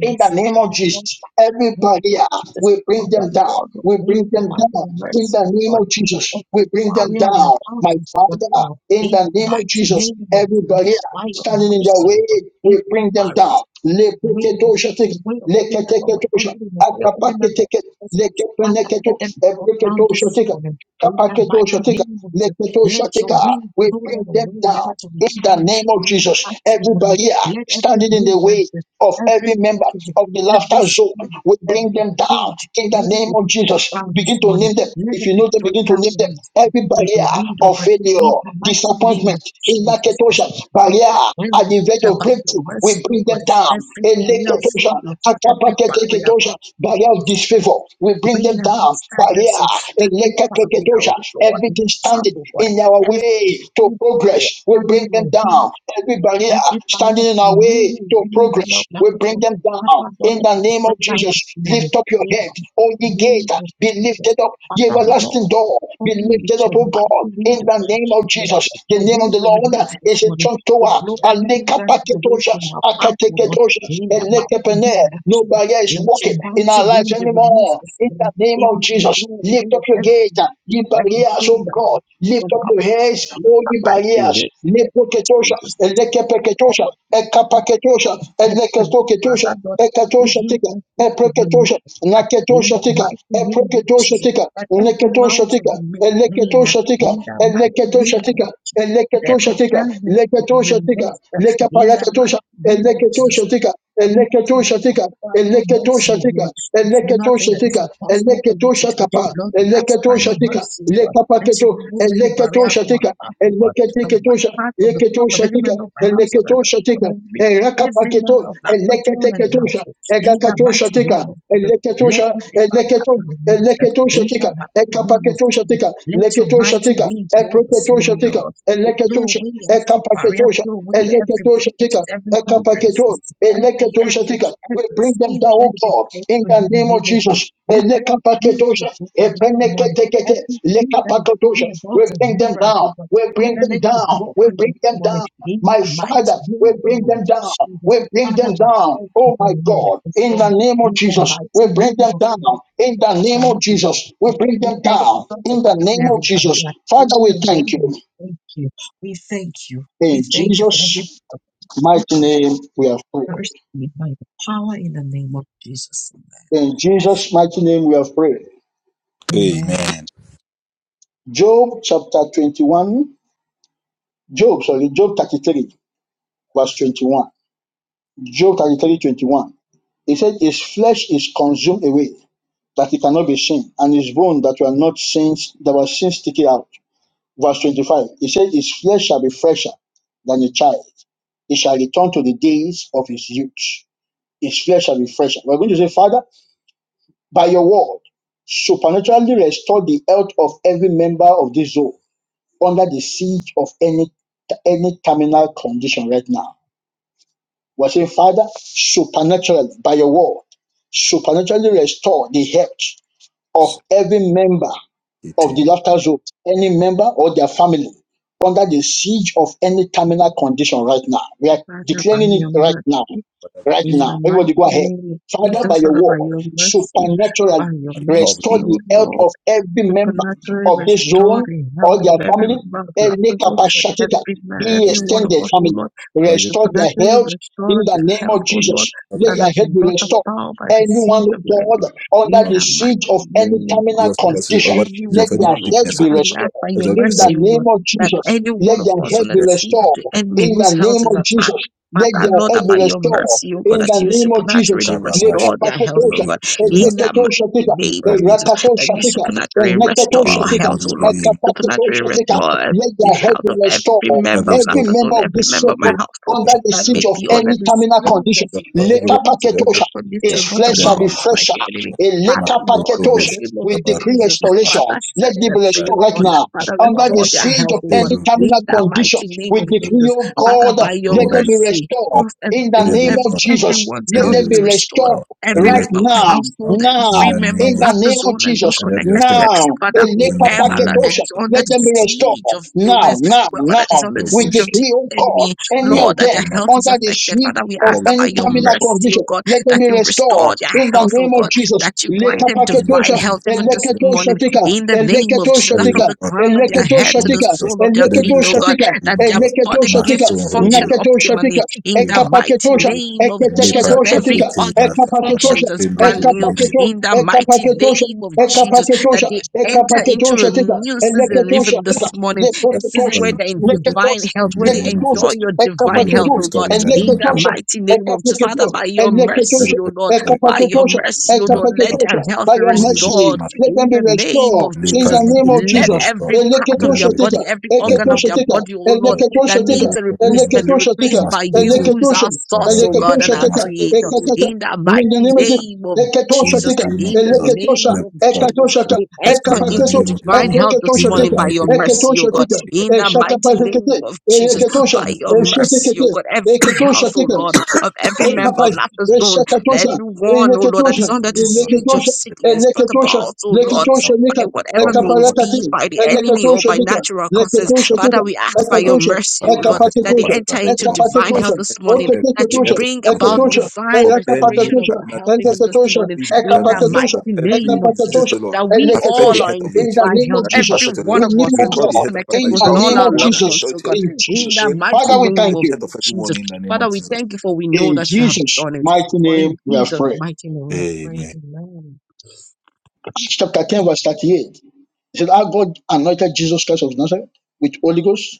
S4: in the name of Jesus, every
S2: name of
S4: barrier,
S2: Jesus,
S4: we bring
S2: Father,
S4: them down.
S2: Lord,
S4: We
S2: we
S4: bring
S2: pray
S4: them
S2: about
S4: down.
S2: your
S4: In
S2: mercy,
S4: the name
S2: Lord,
S4: of
S2: that
S4: Jesus, we
S2: every
S4: bring them
S2: barrier on our
S4: down.
S2: path
S4: My
S2: is put
S4: Father,
S2: down
S4: in
S2: in
S4: the
S2: the
S4: name of
S2: mighty
S4: Jesus,
S2: name of
S4: every
S2: Jesus,
S4: barrier
S2: by your
S4: standing in their
S2: mercy,
S4: way,
S2: O God,
S4: we
S2: every
S4: bring them
S2: barrier
S4: down.
S2: way, the,
S4: Lepreketo-shatek,
S2: the of every member of my
S4: leketeketo-sha-
S2: household, and the way of every member of
S4: akapaketekete,
S2: my household. Father,
S4: lekepenekete,
S2: let them be confounded this
S4: epreketo-shatek.
S2: morning. In the
S4: Kapaketo
S2: mighty
S4: shateka,
S2: name of Jesus,
S4: leketo
S2: let your
S4: shateka.
S2: wind
S4: We
S2: blow
S4: bring
S2: them
S4: them
S2: away,
S4: down
S2: never to
S4: in the
S2: return.
S4: name of
S2: In the
S4: Jesus.
S2: mighty name of Jesus,
S4: Everybody here
S2: let every
S4: standing in the
S2: wind,
S4: way of
S2: every
S4: every member
S2: blockage,
S4: of the
S2: every
S4: laughter zone,
S2: sin,
S4: we bring
S2: every
S4: them down
S2: hate,
S4: in the
S2: let it
S4: name
S2: be
S4: of
S2: brought
S4: Jesus.
S2: down this
S4: Begin to
S2: morning.
S4: name them.
S2: Let
S4: If
S2: it
S4: you
S2: be
S4: know them,
S2: brought
S4: begin to
S2: down
S4: name them.
S2: in this-
S4: Every
S2: by the
S4: barrier
S2: wind of
S4: of
S2: God.
S4: failure,
S2: In the mighty name
S4: disappointment,
S2: of
S4: in that
S2: Jesus Christ.
S4: ketosha, barrier
S2: Lord, we pray
S4: at the verge
S2: that
S4: of
S2: by your
S4: breakthrough,
S2: mercy,
S4: we
S2: Lord
S4: bring
S2: God,
S4: them down
S2: every barrier of
S4: Eleketosha,
S2: failure, every barrier
S4: Atapaketeketosha, barrier of disfavor. We bring them
S2: bringing about
S4: down. Barrier,
S2: stagnancy, every barrier,
S4: Elekeketosha,
S2: oh Lord, in
S4: everything
S2: the path,
S4: standing
S2: oh God,
S4: in our
S2: every
S4: way to
S2: barrier,
S4: progress. We
S2: standing in
S4: bring them
S2: the way
S4: down. Every barrier
S2: Every
S4: standing
S2: power
S4: in our way
S2: leading
S4: to
S2: any member
S4: progress.
S2: of Black
S4: We bring
S2: Muslim,
S4: them down.
S2: Father, Lord,
S4: In
S2: let
S4: the
S2: is the
S4: name of
S2: first time
S4: Jesus,
S2: this morning.
S4: lift up your
S2: In
S4: head. O
S2: the
S4: ye gate,
S2: name of
S4: be
S2: Jesus,
S4: lifted up. Ye
S2: Father,
S4: everlasting
S2: Lord,
S4: door, be
S2: coming with
S4: lifted up,
S2: your
S4: O God
S2: mighty
S4: in
S2: wind, O
S4: the
S2: God.
S4: name of
S2: Lord,
S4: Jesus.
S2: let
S4: The
S2: your
S4: name
S2: will
S4: of the
S2: be
S4: Lord
S2: released this
S4: is a
S2: morning to
S4: chontoa,
S2: blow
S4: a
S2: everything drifted away
S4: lekapaketosha,
S2: from our
S4: a
S2: path, O Lord.
S4: kateketosha,
S2: In
S4: a
S2: the mighty
S4: lekepene.
S2: name of
S4: No
S2: Jesus,
S4: barrier is
S2: let your
S4: walking in
S2: mighty
S4: our lives
S2: wind be released
S4: anymore.
S2: this
S4: In the
S2: morning,
S4: name of
S2: even to
S4: Jesus,
S2: blow
S4: lift
S2: away
S4: up your gate, the
S2: every
S4: barriers,
S2: everything
S4: oh God.
S2: that's
S4: Lift
S2: from
S4: up
S2: our
S4: your heads,
S2: path. In
S4: all
S2: the
S4: the
S2: mighty
S4: barriers.
S2: name of
S4: Lekoketosha,
S2: Jesus.
S4: a lekepeketosha, a kapaketosha, a
S2: Father,
S4: leketoketosha,
S2: Lord,
S4: a
S2: I be
S4: katosha
S2: healed
S4: tika,
S2: and
S4: a
S2: removed.
S4: preketosha,
S2: I pray In the
S4: naketosha tika,
S2: mighty
S4: a
S2: name of
S4: proketosha
S2: Jesus,
S4: tika,
S2: that every
S4: neketosha
S2: mountain
S4: tika.
S2: be made plain.
S4: Eleketo
S2: I pray
S4: shatika,
S2: In the mighty
S4: eleketo
S2: name of
S4: shatika,
S2: Jesus, that
S4: eleketo
S2: every
S4: shatika,
S2: challenge is
S4: leketo shatika,
S2: removed. I pray In the
S4: lekaparakatosha,
S2: mighty name of
S4: eleketo
S2: Jesus,
S4: shatika, eleketo shatika,
S2: by your
S4: eleketo
S2: mercy, O Lord,
S4: shatika,
S2: it's
S4: eleketo
S2: nothing that is
S4: shatika,
S2: impossible for you
S4: eleketo
S2: to do.
S4: shakapa,
S2: Lord, we ask that
S4: eleketo
S2: your
S4: shatika,
S2: mercy, O Lord, that you
S4: lekapaketo,
S2: remove every
S4: eleketo
S2: barrier from our
S4: shatika,
S2: path, O Lord, from my
S4: eleketiketosha,
S2: path, from the
S4: yeketo
S2: path of every member of my
S4: shatika,
S2: household, and of
S4: shatika,
S2: every every member
S4: Rakapaketo,
S2: of that John and the
S4: Eleketeketosha,
S2: household. In the
S4: Egakato
S2: mighty
S4: shatika,
S2: name of Jesus, let
S4: Eleketosha,
S2: every barrier
S4: Eleketo,
S2: be removed.
S4: Eleketo
S2: In the
S4: shatika,
S2: mighty name of
S4: Ekapaketo
S2: Jesus,
S4: shatika,
S2: let your
S4: Leketo
S2: mighty
S4: shatika,
S2: wind blow this
S4: Eproketo
S2: morning, O
S4: shatika,
S2: Lord blow
S4: Eleketosha,
S2: away every barrier,
S4: Ekapaketosha,
S2: blow away every
S4: Eleketo
S2: blockage,
S4: shatika,
S2: every
S4: Ekapaketo,
S2: hindrances, every
S4: eleketo
S2: every
S4: shatika. We
S2: every
S4: bring them
S2: seed
S4: down,
S2: let
S4: oh
S2: it be
S4: God, in
S2: broken
S4: the
S2: in the
S4: name of
S2: name of Jesus.
S4: Jesus.
S2: Let every cage be
S4: Elekapaketosha,
S2: broken this morning.
S4: epeneketekete,
S2: Everything that is
S4: lekapaketosha.
S2: bringing about
S4: We
S2: a
S4: bring them
S2: hindrance
S4: down.
S2: over,
S4: We bring
S2: Father,
S4: them
S2: let it be
S4: down. We
S2: broken
S4: bring
S2: this
S4: them
S2: morning
S4: down.
S2: in the
S4: My Father,
S2: mighty
S4: we
S2: name
S4: bring
S2: of
S4: them down.
S2: Jesus.
S4: We bring them
S2: Father, we
S4: down.
S2: thank you
S4: Oh
S2: for
S4: my
S2: your like
S4: God,
S2: this
S4: in the
S2: morning
S4: name of
S2: in the
S4: Jesus,
S2: mighty
S4: we bring
S2: name
S4: them
S2: of
S4: down. In the name of
S2: Jesus.
S4: Jesus, we bring
S2: We
S4: them
S2: thank you
S4: down.
S2: God, for
S4: In the name
S2: keeping
S4: of
S2: everybody.
S4: Jesus,
S2: We are
S4: Father,
S2: thinking
S4: we
S2: of
S4: thank you.
S2: David. Thank you. We thank you. We
S4: In
S2: thank you for every
S4: Jesus' mighty
S2: broken
S4: name, we are free.
S2: person by the power in the name of Jesus.
S4: In Jesus' mighty name we have prayed.
S2: Amen.
S3: Amen.
S4: Job chapter 21, Job, sorry, Job 33, verse 21. Job 33, 21. He said, His flesh is consumed away, that it cannot be seen, and his bone that were not seen, that were sins sticking out. Verse 25. He said, His flesh shall be fresher than a child. He shall return to the days of his youth. His flesh shall be fresher. We're going to say, Father, by your word, supernaturally restore the health of every member of this zone under the siege of any any terminal condition right now. We're saying, Father, supernaturally, by your word, supernaturally restore the health of
S3: So,
S4: every member
S3: it,
S4: of
S3: eh,
S4: the
S3: my
S4: laughter zone, any member or their family under the siege of any terminal condition right now. We are
S2: Father, by
S4: declaring it
S2: your
S4: right now
S2: mercy,
S3: Father,
S4: right
S3: which is
S2: in the
S4: now.
S2: mighty
S4: Everybody go ahead.
S2: name of
S3: the Lord,
S4: Father, by
S2: Jesus,
S4: your
S2: Father, by
S4: word,
S2: your mercy,
S4: supernaturally
S2: by your
S3: by the power of the
S4: restore
S2: mercy, O
S4: the health
S3: Lord,
S2: Lord,
S4: of every
S3: we
S4: member
S3: thank
S2: supernaturally
S4: of this
S2: restore
S4: zone
S2: the health
S4: or their
S2: of every
S4: family.
S2: member of
S4: Any
S2: Laughter Zone,
S3: you, and
S4: capacity
S2: every man,
S3: we
S4: be
S3: thank
S2: every
S3: you,
S2: one of
S4: extended
S2: us, O
S4: family.
S2: Lord.
S3: Lord. Virgin,
S4: Restore their
S2: supernaturally
S4: health in
S2: restore
S4: the
S2: the
S3: restore
S4: name
S2: health,
S4: of
S2: O Lord,
S4: Jesus. Let
S3: their
S2: that
S3: health,
S4: their
S2: has
S4: health
S2: been
S4: be
S2: brought
S4: restored.
S2: about by the
S4: Anyone,
S2: seed of the
S4: Lord
S2: enemy.
S4: God, under
S2: In
S3: restore their
S4: the
S3: health,
S2: the mighty
S4: siege of any
S2: name of
S4: terminal
S3: restore
S2: Jesus,
S3: their health,
S4: condition,
S3: over the disease
S4: let
S3: of any
S4: their
S2: anyone, O
S4: health
S3: sickness or
S4: be
S2: Father, we
S3: whatever.
S2: ask
S4: restored.
S2: by
S3: As
S2: your
S3: well,
S4: In
S3: restore
S4: the
S2: mercy, O Lord,
S4: name of
S2: that
S4: Jesus,
S2: any
S4: let
S2: one of
S4: their
S2: us
S3: their
S4: health
S2: under
S4: be
S2: the
S3: health,
S2: seed of
S4: restored.
S2: the
S3: restore their health,
S2: enemy
S4: In
S2: whose
S4: the
S2: health
S4: name
S2: is
S4: of
S2: attacked.
S4: Jesus, let
S3: restore their
S2: Father,
S4: their
S2: Lord, that
S4: health
S2: by
S4: be
S2: your
S4: restored.
S2: mercy, O God,
S4: In
S2: that
S4: the
S2: you
S4: name of Jesus,
S2: supernaturally
S4: let
S2: restore their health, O
S3: Uri,
S2: God, in
S3: Emas,
S2: the mighty
S4: the
S2: name of
S3: Vipali,
S2: Jesus, that you
S4: Rakatosha,
S2: supernaturally restore our
S3: Kendro,
S4: Eneketoshatika,
S2: health, O
S3: Buru,
S2: Lord,
S3: Gide, Emas,
S2: supernaturally
S4: Ekapatoshatika.
S3: Vipali,
S2: restore
S4: Let
S2: the
S4: their head
S2: health
S4: be
S3: Emas,
S2: of every
S4: restored.
S2: member
S3: Vipali,
S2: of
S4: Every
S3: Restore,
S2: Laughter
S4: member
S2: Zone,
S4: of
S2: every
S4: this
S2: member of my
S4: circle
S3: restore,
S2: household
S4: under the
S2: that may
S4: siege of
S3: restore.
S2: be under
S4: any
S2: the
S4: terminal
S3: Let
S4: condition,
S2: diligence
S3: us,
S2: in
S3: uh, everyone
S2: any
S3: let
S2: form
S3: us, uh,
S2: of
S4: Lekapaketosha, his
S3: let
S2: condition, not
S4: flesh
S3: there
S4: shall
S3: be
S4: be
S2: about
S3: this,
S2: by
S4: fresher.
S2: the enemy.
S3: uh, must
S2: Father,
S3: go
S2: Lord,
S3: to
S2: in the
S4: Elekapaketosha,
S3: worship,
S2: name of
S4: we
S3: Baba,
S4: decree
S2: Jesus,
S3: we
S4: restoration.
S3: must
S2: Father,
S4: Let
S2: set
S4: it
S2: them
S4: be
S3: pray,
S2: free,
S4: restored
S2: O
S4: right
S2: God.
S4: now.
S3: must,
S2: Father,
S4: Under
S3: Baba,
S4: the
S2: restore their
S4: siege
S2: health,
S4: of
S2: O
S3: hey,
S2: God.
S4: any
S3: Lord, Lord,
S4: terminal
S2: In the
S4: condition,
S2: mighty name
S4: we
S2: of
S3: Lord,
S4: decree,
S2: Jesus,
S4: oh
S2: Father,
S4: God,
S2: by your
S4: let
S3: Lord,
S4: them
S3: Lord,
S4: be
S2: mercy,
S3: let us,
S4: restored.
S3: uh,
S2: cause
S4: In the
S3: let
S2: every,
S3: there be
S4: name
S3: this,
S2: every
S4: of
S3: uh,
S4: Jesus,
S2: everyone's
S3: let
S4: let
S3: there
S2: health
S3: be
S4: them
S2: to be
S4: be
S3: this,
S2: restored.
S4: restored
S3: uh, let there
S2: Every
S3: be
S4: right
S3: this,
S2: member of my
S3: uh,
S4: now.
S3: now.
S2: household,
S3: in
S2: every
S4: Now,
S3: the
S2: member
S4: in
S2: of
S3: name of
S4: the
S2: Laughter
S4: name of
S2: Zone, and those
S4: Jesus,
S3: let there be
S2: connected
S3: this,
S2: to
S3: uh,
S2: them,
S4: now,
S2: Father,
S3: in
S4: Eleka
S3: the
S2: whoever that
S3: name of
S4: paketosha.
S2: is under
S4: let
S2: the
S4: them be
S3: Jesus,
S4: restored
S2: siege of
S3: uh,
S4: now,
S2: illness,
S4: now,
S3: must
S2: whoever
S4: now.
S2: that is under
S3: go
S2: the
S4: We
S2: siege of
S3: worship,
S2: the
S4: decree, oh
S2: enemy,
S4: God, any
S2: Lord,
S4: of
S2: that
S4: them
S3: we
S2: their
S3: must
S2: health is
S4: under the
S2: affected.
S4: sheet
S2: Father, we
S3: let
S4: of
S3: there
S2: ask
S3: be this,
S2: that
S3: uh,
S2: by
S4: any
S3: let there
S2: your
S3: be
S4: terminal
S3: this,
S2: mercy,
S4: condition,
S2: oh God,
S4: let them
S2: that
S4: be
S2: you restore
S4: restored
S2: their
S4: in the
S2: health, oh
S4: name of
S2: God,
S4: Jesus.
S2: that you
S3: uh,
S2: grant
S4: Eleka
S2: them
S3: in the
S2: divine
S4: paketosha.
S3: name
S2: health even this
S3: of
S4: Eleketo
S2: morning
S4: shatika,
S2: in the name of
S4: eleketo
S2: Jesus,
S3: Let
S2: that
S3: me
S2: from
S4: shatika,
S2: the
S3: restored
S2: crown of their
S3: in
S4: eleketo
S2: head
S3: the
S2: to
S3: name of
S2: the
S4: shatika,
S3: Jesus.
S2: sole of their
S3: Let it be
S2: feet,
S4: eleketo
S2: oh
S3: restored
S2: God,
S3: in the
S2: that
S3: name of
S2: their
S3: Jesus.
S2: body begins
S4: shatika,
S2: to
S3: Master Robo
S2: function
S4: eleketo shatika,
S3: Shabbade,
S2: optimally in the
S3: Master
S2: mighty
S4: Ekapaketosha,
S3: Robo,
S2: name of Jesus,
S3: Lepa,
S2: that
S4: Eketeketosha
S2: every
S4: tika,
S3: Pikete,
S2: organ
S3: Makaba,
S4: Ekapaketosha,
S2: functions as
S3: Shem Robo,
S2: brand new
S3: Yire.
S4: Ekapaketo,
S2: in the mighty
S4: Ekapaketosha,
S2: name of Jesus, that
S4: Ekapaketosha,
S2: they enter into
S4: Ekapaketosha
S2: a
S4: tika,
S2: new
S3: Let
S2: season
S4: Eleketosha
S2: even
S4: tika,
S2: this morning and
S3: that
S2: season
S3: be
S4: Lekotosha,
S2: where
S3: restored
S2: they're in divine
S4: Leketosha,
S2: health,
S3: in
S2: where
S3: the
S2: they
S3: name of
S4: Leketosha,
S2: enjoy
S3: Jesus.
S2: your
S3: In the name of Jesus. You need
S2: divine
S3: to help
S2: health,
S4: Ekapaketo,
S2: oh
S3: restore
S2: God,
S3: in the name
S2: in
S3: of
S2: the
S3: Jesus.
S4: Eleketosha,
S2: mighty name of Jesus.
S4: Ekapaketo,
S2: Father, by your
S3: Let
S2: mercy,
S3: it
S4: Eleketosha,
S2: oh
S3: help
S2: Lord,
S3: restore in the
S2: by
S3: name of
S2: your
S3: Jesus.
S4: Ekapaketosha,
S2: mercy, oh Lord, let
S3: Makaba,
S2: their
S4: Ekapaketosha,
S2: health
S4: by
S2: be
S4: your
S3: Yire, Yire,
S2: restored
S3: Mas-
S4: mercy,
S2: in
S4: can
S2: the
S4: be
S2: name
S4: restored
S2: of
S4: in
S3: Lepa,
S2: Jesus.
S4: the name of
S3: Pikete, let it
S2: Let
S3: be
S4: Jesus.
S2: every part
S3: Let
S2: of
S3: it
S2: their
S3: be
S4: Eleketoshatika,
S2: body, every
S3: Let it be
S2: organ of their
S4: eketoshatika,
S2: body, oh Lord, that
S3: Let it be
S4: eleketoshatika,
S2: needs a
S3: in the name of
S2: replacement be
S3: Jesus.
S4: eleketoshatika,
S2: replaced by
S3: Master
S2: you,
S3: Robo,
S2: who is
S4: eleketosha,
S2: our source, oh God, and
S3: Shabbade,
S2: our
S4: eleketoshatika,
S3: Master
S2: creator,
S3: Robo,
S4: ekatata,
S2: in the
S4: in the
S2: mighty
S4: name of Jesus.
S2: name of
S3: In the
S2: Jesus,
S4: Eketoshatika,
S3: name of
S2: in the
S3: Jesus,
S4: eleketosha,
S3: let
S2: name
S3: them be
S2: of
S3: restored.
S2: Jesus,
S3: Let
S4: ekatoshata,
S3: them
S2: we
S3: be restored
S2: enter
S3: in the
S2: into
S4: ekapaketo,
S3: name of
S2: divine
S3: Jesus.
S2: health this
S3: In the
S2: morning
S4: eketoshatika,
S2: by
S3: mighty
S2: your
S3: name
S2: mercy, oh
S3: of
S2: God
S4: eketoshatika,
S3: Jesus,
S2: in the mighty
S4: eshakapazekete,
S2: name of
S3: restore
S2: Jesus.
S3: the
S4: eketosha,
S2: By
S3: sickness and
S2: your
S3: fetus.
S2: mercy, oh
S4: eshitikete,
S2: God, every health, oh
S4: eketoshatika,
S2: Lord, of every
S3: *coughs*
S2: member of
S3: Restore
S4: Ekapash,
S2: Laughter
S3: health.
S2: Zone, let
S4: Eshakatosha,
S2: everyone, oh Lord,
S3: In
S2: that
S4: Eleketosha,
S2: is
S3: the
S2: under the
S3: name of
S2: siege
S3: Jesus,
S2: of
S4: Eleketosha,
S3: restore
S2: sickness brought
S4: Eleketosha,
S3: the
S2: about, oh Lord,
S4: Leketosha,
S2: by
S4: Nika,
S3: power
S2: whatever
S3: of your
S2: means,
S3: word.
S2: be
S4: Ekapalakati,
S2: it by the enemy or
S4: Eleketosha,
S2: by
S4: Nika,
S2: natural causes.
S4: Leketosha,
S2: Father,
S4: Nika,
S2: we ask by
S3: Perfect our,
S2: your
S4: Ekatosha,
S2: mercy, oh
S3: perfect our
S2: Lord,
S3: head, O
S2: that
S3: Lord.
S2: they
S4: Ekapaketosha,
S3: Perfect our
S2: enter
S3: head, O
S2: into
S3: Lord.
S2: divine
S4: Ekapaketosha,
S3: Perfect
S2: health this
S3: every
S2: morning,
S3: head,
S2: that
S3: the
S2: you
S3: head
S4: Okeketosha,
S3: of
S2: bring
S3: everyone here,
S2: about
S3: Lord.
S4: Ekatosha,
S2: divine
S3: From any
S2: restoration of
S4: Ekapaketosha,
S2: their
S3: terminal
S2: health
S3: disease,
S2: even this
S3: from
S4: Eleketosha,
S2: morning,
S3: every long
S2: in
S3: term
S2: the
S3: disease,
S2: mighty
S4: Ekapaketosha,
S3: from every
S2: name of Jesus
S3: disease,
S4: Ekapaketosha,
S3: O Lord.
S2: that we
S3: Perfect
S2: all
S3: the
S4: Eleketosha,
S2: are
S3: health
S2: in
S3: of your
S4: in the
S3: children,
S2: divine
S4: name
S3: O Lord.
S2: health,
S4: of
S3: Daddy,
S2: every
S4: Jesus,
S3: perfect, O
S4: in
S2: one
S3: Lord.
S2: of
S4: the name
S2: us,
S4: of
S2: and
S3: Restore
S2: those
S3: the
S4: God,
S3: health
S2: connected
S3: by
S4: in
S2: to
S3: the
S2: us,
S4: the
S2: and
S3: power of
S2: all
S4: name
S3: your
S2: our
S4: of
S3: word
S2: loved
S3: and the
S2: ones,
S4: Jesus,
S2: so
S3: authority
S2: God,
S3: of your,
S4: in
S3: of your
S2: in
S4: Jesus.
S2: the
S3: name.
S2: mighty
S3: We
S4: Father, we
S2: name
S4: thank
S3: perfect
S2: of
S3: the
S4: you.
S3: health of everyone
S2: Jesus.
S3: in the name
S2: Father,
S3: of
S2: we
S3: Jesus.
S2: thank you for we know
S4: In
S2: that you have
S4: Jesus'
S2: done it.
S4: mighty
S2: For in
S4: name, we are
S2: Jesus'
S4: free.
S2: mighty name we have prayed.
S3: Amen.
S2: Amen.
S4: Acts chapter 10, verse 38. It said, Our God anointed Jesus Christ of Nazareth with Holy Ghost.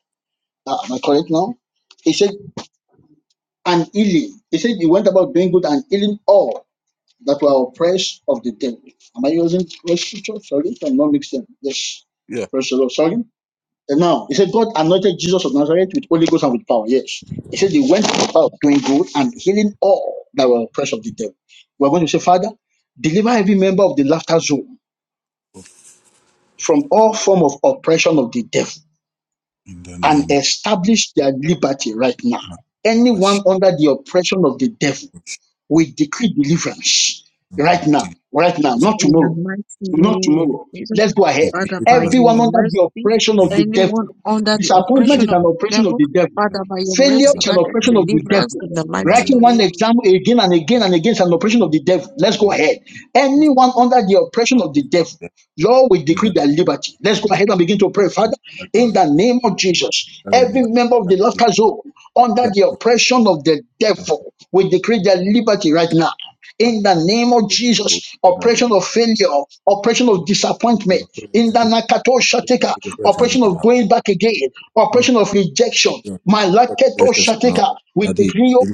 S4: Ah, am I correct now? He said, and healing. He said, He went about doing good and healing all that were oppressed of the devil. Am I using correct scripture? Sorry, if I'm not mixing. Yes.
S3: Yeah.
S4: Praise the Lord. Sorry. And now, he said, God anointed Jesus of Nazareth with Holy Ghost and with power. Yes. He said, He went about doing good and healing all that were oppressed of the devil. We're going to say, Father, deliver every member of the laughter zone from all form of oppression of the devil
S3: In the
S4: and
S3: name of
S4: establish their liberty right now.
S3: Jesus.
S4: Anyone under the oppression of the devil, we decree deliverance right now, right now,
S2: Father,
S4: not
S2: In
S4: tomorrow
S2: the mighty
S3: We give
S4: not
S2: name of
S4: tomorrow.
S2: Jesus,
S4: Let's go ahead.
S2: Father,
S3: you the
S2: by
S3: rest
S2: your
S4: Everyone
S3: of
S4: under the
S2: mercy,
S4: oppression of
S3: the
S4: the
S2: anyone
S4: devil.
S2: under the
S3: name
S4: Disappointment
S2: oppression
S4: is
S2: of
S4: an
S2: the
S4: oppression of
S2: devil,
S4: the devil.
S2: Father, by your
S4: Failure
S2: mercy,
S4: is
S3: of
S4: an
S2: grant us
S4: oppression of the
S2: deliverance
S4: devil.
S2: in the
S3: Deliver us in
S2: mighty
S4: Writing
S3: the
S4: one
S2: name,
S4: exam again and again
S3: name
S4: and again is an
S3: of
S4: oppression of the devil.
S3: Jesus.
S4: Let's go ahead. Anyone under the oppression of the devil, Lord, we decree their liberty. Let's go ahead and begin to pray, Father, in the name of Jesus. Every member of the laughter zone under the oppression of the devil, we decree their liberty right now in the name of Jesus, operation of failure, operation of disappointment, in the Nakato Shateka, operation of going back again, operation of rejection, Malakato Shateka, we decree, oh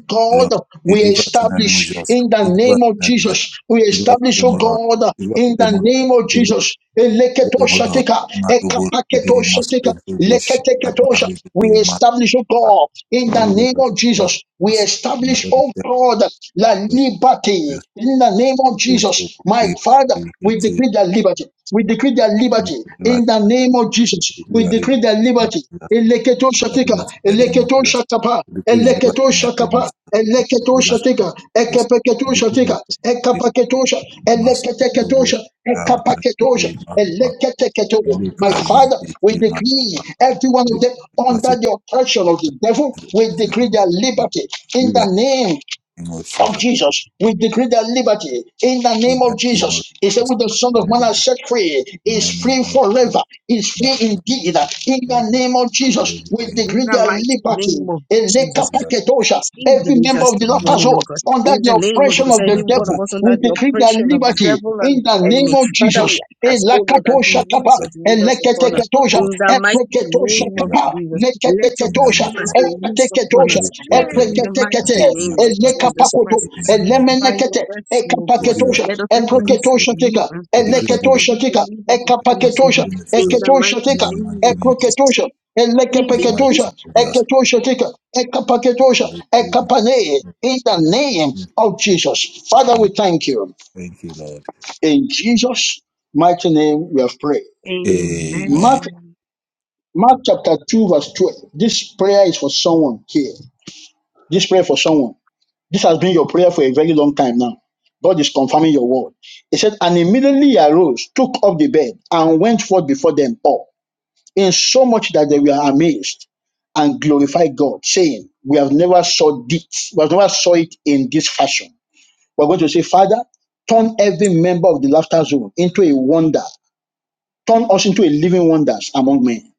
S4: God, we
S3: Deliver us in the name of
S4: establish
S3: Jesus.
S4: in the name of Jesus, we
S3: Deliver us
S4: establish,
S3: in the name of
S4: oh
S3: Lord.
S4: God,
S3: Deliver us in
S4: in the
S3: the
S4: name
S3: name
S4: name of Jesus.
S3: of Lord. Deliver us in the name
S4: Eleketo
S3: of Lord.
S4: shateka,
S3: Madobo, Dede,
S4: ekapaketo shateka,
S3: Masobo, Shikaba,
S4: leketeketo sha- We
S3: Dede, Mas.
S4: establish, oh God, in the
S3: David
S4: name of Jesus. We
S3: Abbas
S4: establish, oh
S3: inaelezea
S4: God, la liberty.
S3: wasiwasi
S4: In the name of Jesus,
S3: mkubwa
S4: my Father, we
S3: ulioathiri
S4: decree their liberty. We decree their liberty
S3: Liberty na
S4: in the name of Jesus
S3: Pilipili ya
S4: decree
S3: Liberty
S4: their liberty. Eleketo shatika,
S3: na Demo
S4: eleketo
S3: Jesus,
S4: shatapa,
S3: Pilipili ya Liberty
S4: eleketo
S3: na Demo
S4: shakapa,
S3: Jesus,
S4: eleketo
S3: Pilipili ya Liberty na Demo Jesus, Pilipili ya Liberty na
S4: shatika,
S3: Demo Jesus,
S4: ekepeketo
S3: Pilipili ya
S4: shatika,
S3: Liberty na Demo Jesus,
S4: ekapaketosha,
S3: Masuko
S4: eleketeketosha,
S3: Habari
S4: ekapaketosha,
S3: Hili Makwa
S4: eleketeketo. My
S3: Lipa
S4: Father, we
S3: Linkete
S4: decree
S3: Makwa
S4: every one
S3: Pilipili ya
S4: of
S3: Liberty na
S4: them
S3: Demo Jesus, Pilipili
S4: under
S3: ya
S4: the oppression of the devil,
S3: Liberty
S4: we
S3: na
S4: decree
S3: Demo
S4: liberty in
S3: Jesus, Pilipili
S4: the of Jesus. We decree that liberty in the name of
S3: ya Liberty
S4: Jesus. He said, with the Son of
S3: na
S4: Man
S3: Jesus,
S4: has set free, is
S3: Many
S4: free
S3: objects
S4: forever, is
S3: must
S4: free
S3: be
S4: indeed. In the name of Jesus, we
S3: redeemed.
S2: in
S4: decree
S2: the
S4: that
S2: mighty
S4: liberty.
S2: name of
S3: It
S2: Jesus.
S3: is a
S4: Elekapaketosha.
S2: Please
S4: Every
S2: deliver
S4: member
S2: us
S4: of the
S2: this
S3: name of
S4: lockers
S2: morning, oh God.
S4: under
S2: In
S4: the
S2: the name of
S3: the
S4: oppression
S2: Jesus,
S3: universe.
S4: of
S3: It
S4: the
S2: any one of
S4: devil,
S2: us
S4: we
S2: under the
S4: decree their
S2: oppression of the
S3: is
S4: liberty
S2: devil and
S4: in the
S2: the
S4: the
S3: a
S2: enemy.
S4: name
S3: name
S4: of
S2: Father,
S3: of
S2: we
S4: Jesus.
S3: Jesus.
S2: ask, oh Lord, that
S3: It is
S4: Elakatosha
S2: you
S3: a
S4: kapa,
S2: release your deliverance upon us.
S3: personal
S4: eleketeketosha,
S3: name
S2: In
S3: of
S2: the mighty
S4: epreketosha
S3: it
S2: name
S3: is
S2: of
S3: a
S4: kapa,
S2: Jesus, let your
S3: in the
S4: neketeketosha,
S3: name
S2: deliverance
S3: of
S2: be released upon
S4: epateketosha,
S2: us.
S3: the
S2: In
S3: devil.
S2: the mighty
S3: It
S4: epreketekete,
S3: is a
S2: name of
S3: person
S2: Jesus
S4: elekapakoto,
S2: Christ,
S3: in the
S2: by
S3: name
S2: your
S4: elemenekete,
S2: mercy, oh
S3: it
S2: God,
S3: is a
S4: ekapaketosha,
S2: let us enter
S3: first
S2: into
S3: devil.
S4: epreketosha tika,
S2: deliverance,
S3: We
S2: oh God.
S3: declare
S4: eleketosha
S2: Release the
S4: tika,
S2: deliverance upon us,
S3: in
S2: oh
S4: ekapaketosha,
S2: God.
S3: the name of
S2: In
S3: Jesus.
S2: the
S4: eketosha
S2: mighty
S3: In
S4: tika,
S3: the
S2: name
S3: mighty
S2: of
S3: name,
S2: Jesus,
S4: epreketosha,
S3: in
S2: we
S3: the mighty
S2: believe.
S4: elekepeketosha,
S3: name of Jesus.
S4: eketosha tika, ekapaketosha,
S3: We redeem
S4: ekapane,
S3: it.
S4: in the name of Jesus. Father, we
S3: Amen.
S4: thank you.
S3: Thank you, Lord.
S4: In Jesus' mighty name, we have prayed.
S2: Amen.
S3: Amen.
S4: Mark, Mark chapter 2, verse 12. This prayer is for someone here. This prayer for someone. This has been your prayer for a very long time now. God is confirming your word. He said, And immediately he arose, took up the bed, and went forth before them all, in so much that they were amazed and glorified God, saying, We have never saw this, we have never saw it in this fashion. We're going to say, Father, turn every member of the laughter zone into a wonder turn us into a living wonders among men.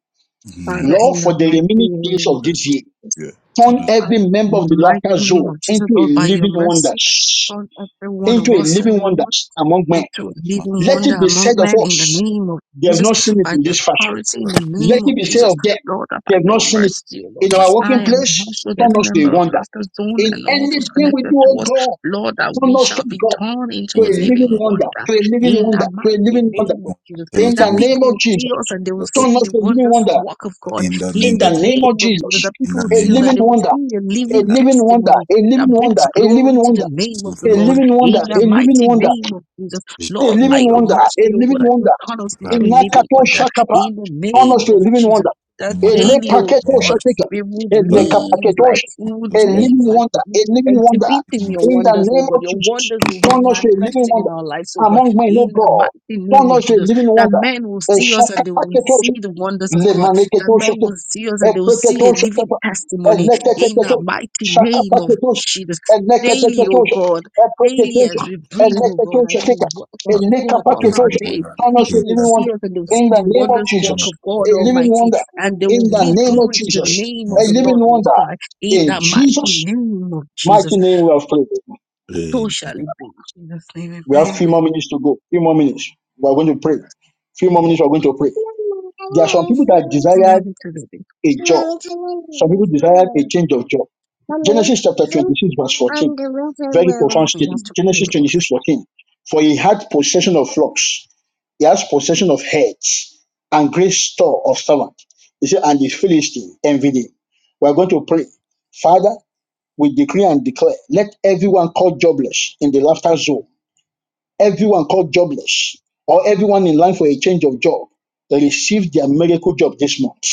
S3: Amen.
S2: Father,
S4: Lord,
S2: in the
S4: for the
S2: mighty
S4: remaining days
S2: name
S4: of this year,
S3: Yeah, to
S4: turn
S3: the
S4: every
S2: Father,
S4: member
S2: in
S4: of
S2: the
S4: the
S2: mighty
S4: laughter
S2: name
S4: zone
S2: of Jesus,
S4: into a
S2: Lord, by your
S4: living
S2: mercy,
S4: wonders,
S2: on every one
S3: thing
S4: into
S2: of
S3: that
S4: a
S2: us, O
S4: living
S2: Lord
S4: wonders among men.
S2: into a
S3: my
S2: living
S4: Let
S3: son
S2: wonder
S4: it be
S2: among
S4: said of
S2: men in the
S4: us,
S2: name of
S4: they have
S2: Jesus,
S4: not seen,
S2: by the authority in the
S4: let
S2: name of Jesus, Lord, that
S4: they
S2: by
S4: have
S2: your
S4: not seen it
S2: mercy, O Lord.
S4: in our
S3: is
S4: working
S2: I am the
S4: place,
S2: household,
S4: turn
S2: every
S4: us to
S2: member
S4: a
S2: of
S4: wonder.
S2: Laughter Zone
S4: In
S2: and all those
S4: anything we
S2: connected
S4: do,
S2: to
S4: oh
S2: us,
S4: God,
S2: Lord, that
S4: turn
S2: we
S4: us
S2: shall
S4: to
S2: be
S4: God,
S2: turned into
S4: to
S2: a
S4: a
S3: listening
S4: living
S2: living
S3: to
S4: wonder,
S2: wonder
S4: to a living
S2: in the
S4: wonder, to a
S2: mighty
S4: living wonder.
S2: name of Jesus,
S4: In the
S2: that
S4: name
S2: people
S4: of
S2: will
S4: Jesus,
S2: see us and they will
S4: turn
S2: see
S4: us
S2: the
S4: to a living
S2: wondrous
S4: wonder
S2: work of God
S3: in the
S2: in
S3: name
S4: in
S2: the
S4: the
S3: of Jesus,
S4: name of
S2: name of Jesus,
S4: Jesus.
S2: that
S3: in
S2: people
S3: the
S2: will
S4: A
S2: see
S3: name
S2: us
S3: of
S2: and
S4: living
S2: they will
S4: wonder,
S2: see a
S4: a
S2: living
S3: in the
S4: living wonder,
S2: testimony
S4: a living
S2: that
S4: wonder,
S2: brings
S4: a
S2: glory
S4: living
S2: to
S4: wonder,
S2: the name of the
S4: a
S2: Lord
S3: sufferable
S4: living wonder,
S2: in the
S4: a living
S2: mighty
S4: wonder,
S2: name of Jesus.
S4: a
S2: Lord, by
S4: living
S2: your
S4: wonder, a
S2: mercy, oh God,
S4: living
S2: that you
S4: wonder.
S2: turn us into
S4: In
S2: a
S3: rally
S2: living
S4: Nakato
S2: wonder
S4: Shakapa,
S2: in the
S4: turn us
S2: name
S4: to a
S2: of
S4: living
S2: Jesus.
S4: wonder.
S2: That
S4: A le
S2: daily, oh
S4: paketo
S3: name
S2: God,
S3: of
S4: shakika,
S2: we
S4: a
S2: would
S4: le
S2: live
S4: kapaketo,
S2: like
S4: sh-
S2: we would
S3: the
S4: a
S3: story
S2: live
S4: living
S2: like
S4: wonder, a living wonder.
S2: exhibiting
S3: name of Jesus, in the name
S2: your
S4: In
S2: wonders,
S4: the
S2: oh
S4: name
S2: God.
S4: of
S2: Your
S4: Jesus,
S2: wonders will be
S4: turn us to a living
S2: manifesting in
S4: wonder
S2: our lives, oh God,
S4: among men, no
S2: in the
S4: God.
S2: mighty
S4: Turn
S2: name of
S4: us to a
S2: Jesus.
S4: living
S2: That
S4: wonder.
S2: men will
S4: A
S2: see us and they will
S4: shaka
S2: see the wonders of God. That
S4: Lemaniketo
S2: men
S4: shoto,
S2: will see us and they will see a
S4: ekreketo
S2: living
S4: shoto,
S2: testimony in the
S4: eneketeketo,
S2: mighty name of
S4: shakapaketo,
S2: Jesus. Daily,
S4: eneketeketo,
S2: oh God
S4: ekreketo,
S2: daily as we breathe, oh
S4: eneketo
S2: God, as
S3: of
S4: shoteka,
S2: we walk, as
S3: the
S2: we go about
S4: enekapaketo.
S2: our day.
S4: Turn
S3: in
S4: us a
S2: People will
S4: living
S2: see
S4: wonder
S2: us and they'll see
S4: in the
S2: the
S4: name of
S2: wondrous work
S4: Jesus.
S2: of
S4: A
S2: God
S3: the
S4: living
S2: Almighty,
S4: wonder
S2: and they
S4: in
S2: will
S4: the
S2: give
S4: name of
S2: glory to the
S4: Jesus.
S2: name
S3: name of
S4: A
S2: of the
S4: living
S2: Lord Most
S4: wonder
S2: High. In
S4: in
S2: the
S3: the
S2: mighty
S4: Jesus'
S2: name of Jesus,
S4: mighty name. We have prayed.
S2: so
S3: Amen.
S2: shall it be. In Jesus' name,
S4: We have
S2: amen.
S4: few more minutes to go. Few more minutes. We are going to pray. Few more minutes. We are going to pray.
S2: Mommy, I
S4: There are some
S2: love
S4: people that
S2: you. I love
S4: desired
S2: you too, baby.
S4: a
S2: Mommy, come
S4: job
S2: in
S4: Some people
S2: the living
S4: desire a
S2: room.
S4: change of job.
S2: Mommy,
S4: Genesis chapter
S2: come
S4: 26, verse 14.
S2: on the
S4: Very
S2: living room.
S4: profound
S2: You have
S4: statement.
S2: to
S4: Genesis
S2: play.
S4: 26, 14: For he had possession of flocks, he has possession of herds, and great store of servants. He said, and the Philistine envied him. We are going to pray. Father, we decree and declare, let everyone called jobless in the laughter zone everyone called jobless or everyone in line for a change of job receive their miracle job this month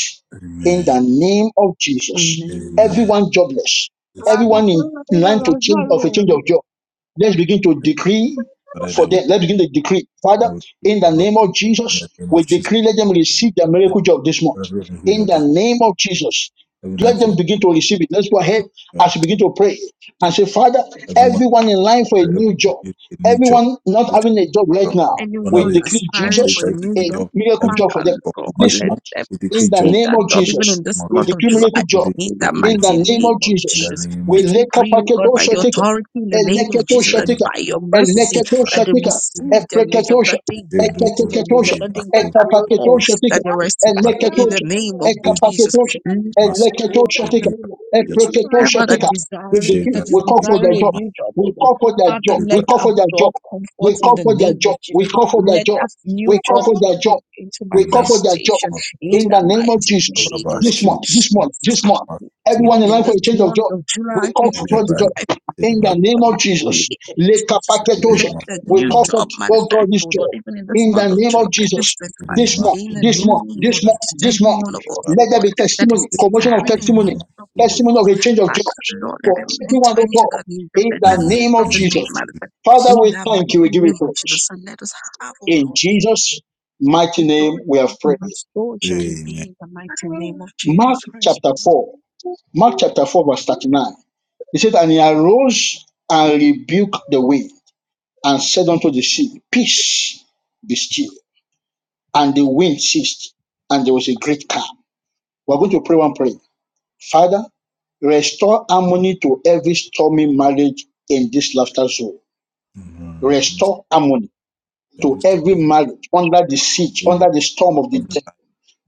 S4: in the
S3: Amen.
S4: name of jesus
S3: Amen.
S4: everyone jobless
S3: This amen.
S2: Mommy,
S4: everyone
S2: come
S4: in
S2: on
S4: line to
S2: the
S4: change
S2: living
S4: of a change
S2: room.
S4: of job let's begin to decree
S3: Father, that
S4: for
S3: I would
S4: them.
S3: do.
S4: Let's begin to decree.
S3: Father,
S4: Father,
S3: I would do
S4: in
S3: for
S4: the
S3: the Lord
S4: name of
S3: in the
S4: Jesus,
S3: name
S4: we
S3: of Jesus.
S4: decree let them receive their
S3: Father,
S4: miracle job this month.
S3: everyone who
S4: In
S3: you
S4: the
S3: this,
S4: name of Jesus,
S3: every line
S4: let them
S3: for
S4: begin to receive it. Let's go ahead
S3: everyone,
S4: as we begin to pray and say, Father,
S3: everyone
S4: everyone in line for a
S3: who
S4: new job,
S3: needs a new job,
S4: everyone not
S3: a
S4: having
S3: job,
S4: a job right now,
S3: one
S4: we
S2: anyone
S3: away job,
S4: decree
S3: one
S2: aspiring
S3: day
S2: for
S4: Jesus
S2: a
S3: trying to
S2: new
S3: change
S4: a
S2: job,
S3: job,
S4: miracle
S3: everyone
S4: job for
S2: Father
S4: them
S3: for
S2: Lord,
S3: promotion,
S4: this
S2: let
S4: month.
S2: them
S3: we
S4: In
S3: decree
S4: the
S3: job
S2: receive
S4: name
S2: that
S4: of
S2: job even
S4: Jesus,
S2: in
S3: in
S2: this
S3: the name of
S4: we
S2: month
S3: Jesus.
S2: of
S4: decree
S2: July.
S4: miracle
S3: We
S4: job.
S3: decree
S2: In
S3: the
S2: the
S3: approval
S4: In
S3: of God
S2: mighty
S4: the name
S2: name
S4: of
S2: of
S3: in
S4: Jesus,
S3: the
S2: Jesus,
S3: name
S4: we
S2: we
S3: of Jesus.
S4: lay up
S2: decree, O
S4: packet
S2: God, by
S4: also
S2: the
S4: take it.
S2: authority in the name of
S3: We decree
S2: Jesus,
S4: Eleketosha
S3: the
S2: that
S3: name of
S4: tika.
S3: God.
S2: by your
S3: We
S2: mercy,
S3: decree
S2: that
S4: Eleketosha
S3: the
S2: they
S4: tika.
S3: name of God.
S2: receive their new job, that
S4: Epreketosha.
S3: We
S2: they get into their new
S3: decree
S2: job,
S4: Ekekeketosha.
S3: the name
S2: that
S3: of
S2: they get
S3: God.
S2: that
S3: we
S2: call
S3: decree
S4: Ekapaketosha tika.
S2: that they were
S3: the name of
S2: expecting in the
S4: Eleketosha.
S2: name of
S3: God.
S2: Jesus.
S4: Ekapaketosha.
S2: Let them, O
S3: must
S2: Lord,
S4: Eleketosha
S2: In the
S4: tika.
S3: believe
S2: name of Jesus,
S3: it.
S4: Epreketosha
S2: whoever that
S4: tika. We
S2: desiring
S4: decree,
S3: Shada
S2: that is
S4: we call
S3: body
S4: for their
S2: desiring a
S4: job.
S3: must
S2: new job, O
S4: We
S2: Lord,
S4: call for their
S2: Father,
S4: job.
S3: look
S2: let
S4: We
S3: at
S4: call
S2: that
S4: for their job.
S2: job comfort
S4: We
S2: in
S4: call
S2: the
S4: for their
S2: name of
S4: job.
S2: Jesus.
S4: We
S3: in
S4: call
S3: the
S4: for their
S2: Let
S4: job.
S2: that new
S4: We
S3: mouth
S4: call
S2: job
S4: for their
S2: come
S4: job.
S2: into
S4: We
S3: in
S4: call
S3: the
S4: for their job.
S2: manifestation
S3: mouth of
S2: in
S4: In
S2: the
S4: the name of
S2: mighty
S4: Jesus.
S2: name
S3: Baba
S2: of
S4: This
S3: Shade
S4: month, this
S3: must
S4: month,
S2: Jesus.
S4: this month.
S2: Even
S4: Everyone
S3: trouble
S4: in
S2: in
S4: line for
S2: this
S4: a change of
S2: month
S4: job.
S2: of
S4: We
S2: July
S4: comfort
S3: believe
S4: all the do.
S3: and
S2: 2025,
S3: they
S4: In the
S3: must
S4: name
S2: the
S4: of
S2: mighty
S4: Jesus.
S2: name of Jesus,
S3: they
S4: Lekapaketosha.
S2: let
S3: must
S2: the
S4: We
S2: new
S3: trouble
S4: comfort,
S2: job
S4: oh God,
S2: manifest,
S4: this
S2: oh
S4: joy.
S2: Lord, even in this
S4: In
S2: month
S4: the
S2: of
S4: name of
S2: July
S4: Jesus.
S2: 2025.
S3: they
S4: This
S3: must
S4: month,
S2: In the
S4: this
S3: trouble
S4: month,
S2: name
S4: this
S2: of
S4: month,
S2: Jesus,
S4: this month.
S2: anyone of us, oh
S4: Let there
S2: Lord,
S4: be
S2: that is
S4: testimony, commotion of
S2: desiring a
S4: testimony,
S2: new job, oh
S4: testimony of
S2: Lord,
S4: a change of jobs
S2: Father, Lord, let
S4: for
S2: them
S4: everyone
S2: enter
S4: to
S2: into
S4: talk
S2: that new job,
S4: In
S2: let
S4: the
S2: that
S3: Amen.
S2: new
S4: name
S2: job
S4: of
S2: be
S4: Jesus.
S2: made manifest.
S4: Father,
S2: In
S4: we
S2: the
S4: thank
S2: mighty
S4: you. We give you
S2: name of
S4: praise.
S2: Jesus, and let us have, oh
S4: In
S2: Lord
S4: Jesus' mighty
S2: give
S4: name,
S2: glory to
S4: we
S2: you,
S4: have
S2: Lord.
S4: prayed.
S2: My shall it
S3: Amen.
S2: be in the mighty name of
S4: Mark
S2: Jesus Christ.
S4: chapter 4. Mark chapter 4, verse 39. He said, And he arose and rebuked the wind and said unto the sea, Peace be still. And the wind ceased, and there was a great calm. We're going to pray one prayer. Father, restore harmony to every stormy marriage in this laughter zone.
S3: Mm,
S4: Restore harmony to
S3: Every stop,
S4: every marriage under the siege,
S3: every
S4: under
S3: stop,
S4: the storm of
S3: every
S4: the
S3: stop,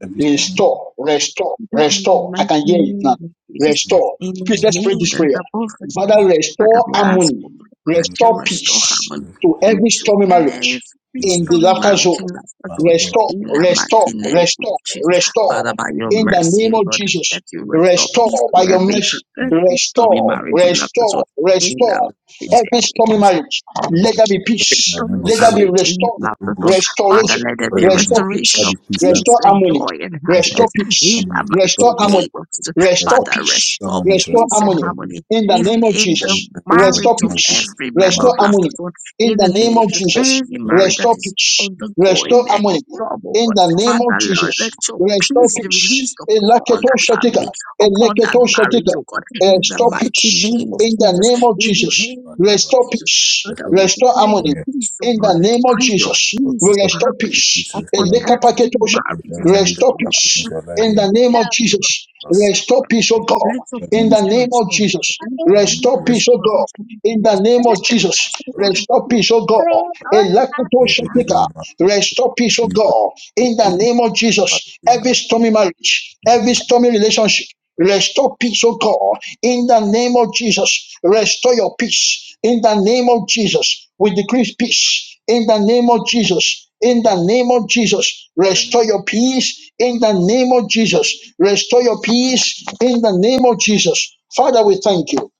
S3: every stop, every stop,
S4: Restore, restore,
S2: Father, In the
S4: restore. I can
S2: mighty
S4: hear it now.
S2: name of Jesus,
S3: every stop,
S4: Restore.
S2: in the
S4: Please
S3: every stop,
S4: let's pray
S2: name
S4: this
S2: and
S4: prayer.
S2: above the name,
S4: Father,
S2: Father,
S4: restore
S2: we ask for
S4: harmony,
S2: that
S3: every stop, every stop, every stop, every
S2: you
S4: restore
S2: restore
S4: peace
S2: harmony
S3: stop,
S4: to every
S2: into
S4: stormy
S2: every
S4: marriage
S3: every stop,
S4: in the
S2: stormy
S4: laughter
S2: marriage
S4: zone.
S2: and life
S3: my
S2: alone.
S3: soul.
S4: Restore,
S2: In the
S4: restore,
S2: mighty name of
S4: restore,
S2: Jesus,
S4: restore.
S2: Father, by your
S4: In the
S2: mercy,
S4: name
S2: O
S4: of
S2: God,
S4: Jesus,
S2: that you restore peace
S4: restore by
S2: to
S3: Lord,
S4: your
S2: every
S4: mercy.
S3: Lord,
S2: every stormy
S4: Restore,
S3: Lord,
S2: marriage and life alone.
S4: restore,
S2: In the
S4: restore.
S2: mighty
S3: my
S4: Every stormy
S3: spirit,
S4: marriage, let
S3: Everything
S4: there be
S3: in
S4: peace.
S3: the name
S2: restoring
S3: of
S4: Let there
S3: Jesus.
S4: be
S2: marriage in
S4: restore,
S3: Oh,
S2: love
S3: oh, oh, shit. What-
S2: Father,
S4: restoration,
S2: let there
S3: what
S2: be
S3: a
S2: a
S3: video.
S4: restore
S2: restoration
S3: That
S2: of
S4: peace,
S3: be peace, that be-
S2: peace
S4: restore
S2: and
S4: harmony
S3: that-
S2: joy and
S3: that's
S4: restore
S3: stop
S2: happiness in
S4: peace,
S2: the
S3: money, that's stop
S4: restore
S2: mighty
S3: yourself,
S4: harmony,
S2: name of Jesus.
S3: that's
S4: restore
S3: stop
S2: Father,
S4: peace,
S3: your
S2: restore
S3: money, that's
S4: restore
S3: stop
S2: peace and
S4: harmony
S2: harmony.
S4: in the
S2: Even
S4: name of
S2: in
S3: So,
S2: the
S4: Jesus.
S3: in the
S4: Restore
S2: marriage
S3: name
S2: of
S3: of
S4: peace,
S3: Jesus.
S2: every member
S3: My-
S2: of
S4: restore
S2: Laughter
S4: harmony
S2: Zone,
S4: in
S2: in the
S4: the
S2: name
S4: name
S2: of
S4: of
S2: Jesus,
S3: my soul,
S4: Jesus.
S2: every
S3: Lord,
S2: marriage that
S4: Restore
S2: is
S4: peace, restore
S2: undergoing any
S4: harmony
S2: trouble,
S4: in
S2: God.
S4: the name
S2: Father,
S4: of
S2: Lord, let
S4: Jesus.
S2: your
S4: Restore
S2: peace be released
S4: peace.
S2: upon
S4: Eleketo
S2: that
S4: shatika,
S2: family, upon that
S4: eleketo
S2: marriage,
S4: shatika.
S2: oh God, in
S3: Lord,
S2: the
S4: Restore
S3: my
S2: mighty
S4: peace
S3: soul,
S2: name of
S3: Lord,
S4: in the
S2: Jesus,
S4: name of
S2: in
S3: Lord,
S2: the
S4: Jesus.
S3: my
S2: name of
S3: cover.
S4: Restore
S2: Jesus.
S4: peace,
S3: That's
S2: Father,
S3: stop
S2: we
S3: your
S4: restore
S2: declare your
S4: harmony
S3: money. In
S2: peace, oh
S4: in
S3: the
S2: God.
S4: the
S3: name
S2: We
S4: name
S3: of
S4: of
S2: decree your
S3: Jesus.
S4: Jesus. We
S2: peace
S3: That's
S2: to
S3: stop
S4: restore
S2: happen
S3: your peace,
S4: peace.
S3: that's stop
S2: upon
S3: your money.
S2: every
S4: Elekapaketosha.
S3: In
S2: marriage
S3: your
S2: and
S3: marriage,
S2: after
S4: Restore
S2: the
S3: in
S4: peace
S3: your life,
S4: in
S3: in
S4: the
S3: the
S4: name of
S2: Yeah.
S4: Jesus.
S3: house.
S4: Restore peace, oh
S2: Let
S4: God,
S2: your
S4: in the
S2: peace be
S4: name of
S2: restored.
S4: Jesus.
S2: Let your peace be
S4: Restore peace, oh
S2: restored. Let your
S4: God, in
S2: peace be
S4: the name of Jesus,
S2: restored.
S4: restore peace, oh God. Electrical shatika, restore peace, oh God. In the name of Jesus, every stormy marriage, every stormy relationship, restore peace, oh God. In the name of Jesus, restore your peace. In the name of Jesus, we decrease peace. In the name of Jesus, in the name of Jesus, restore your peace. In the name of Jesus, restore your peace. In the name of Jesus, Father, we thank you.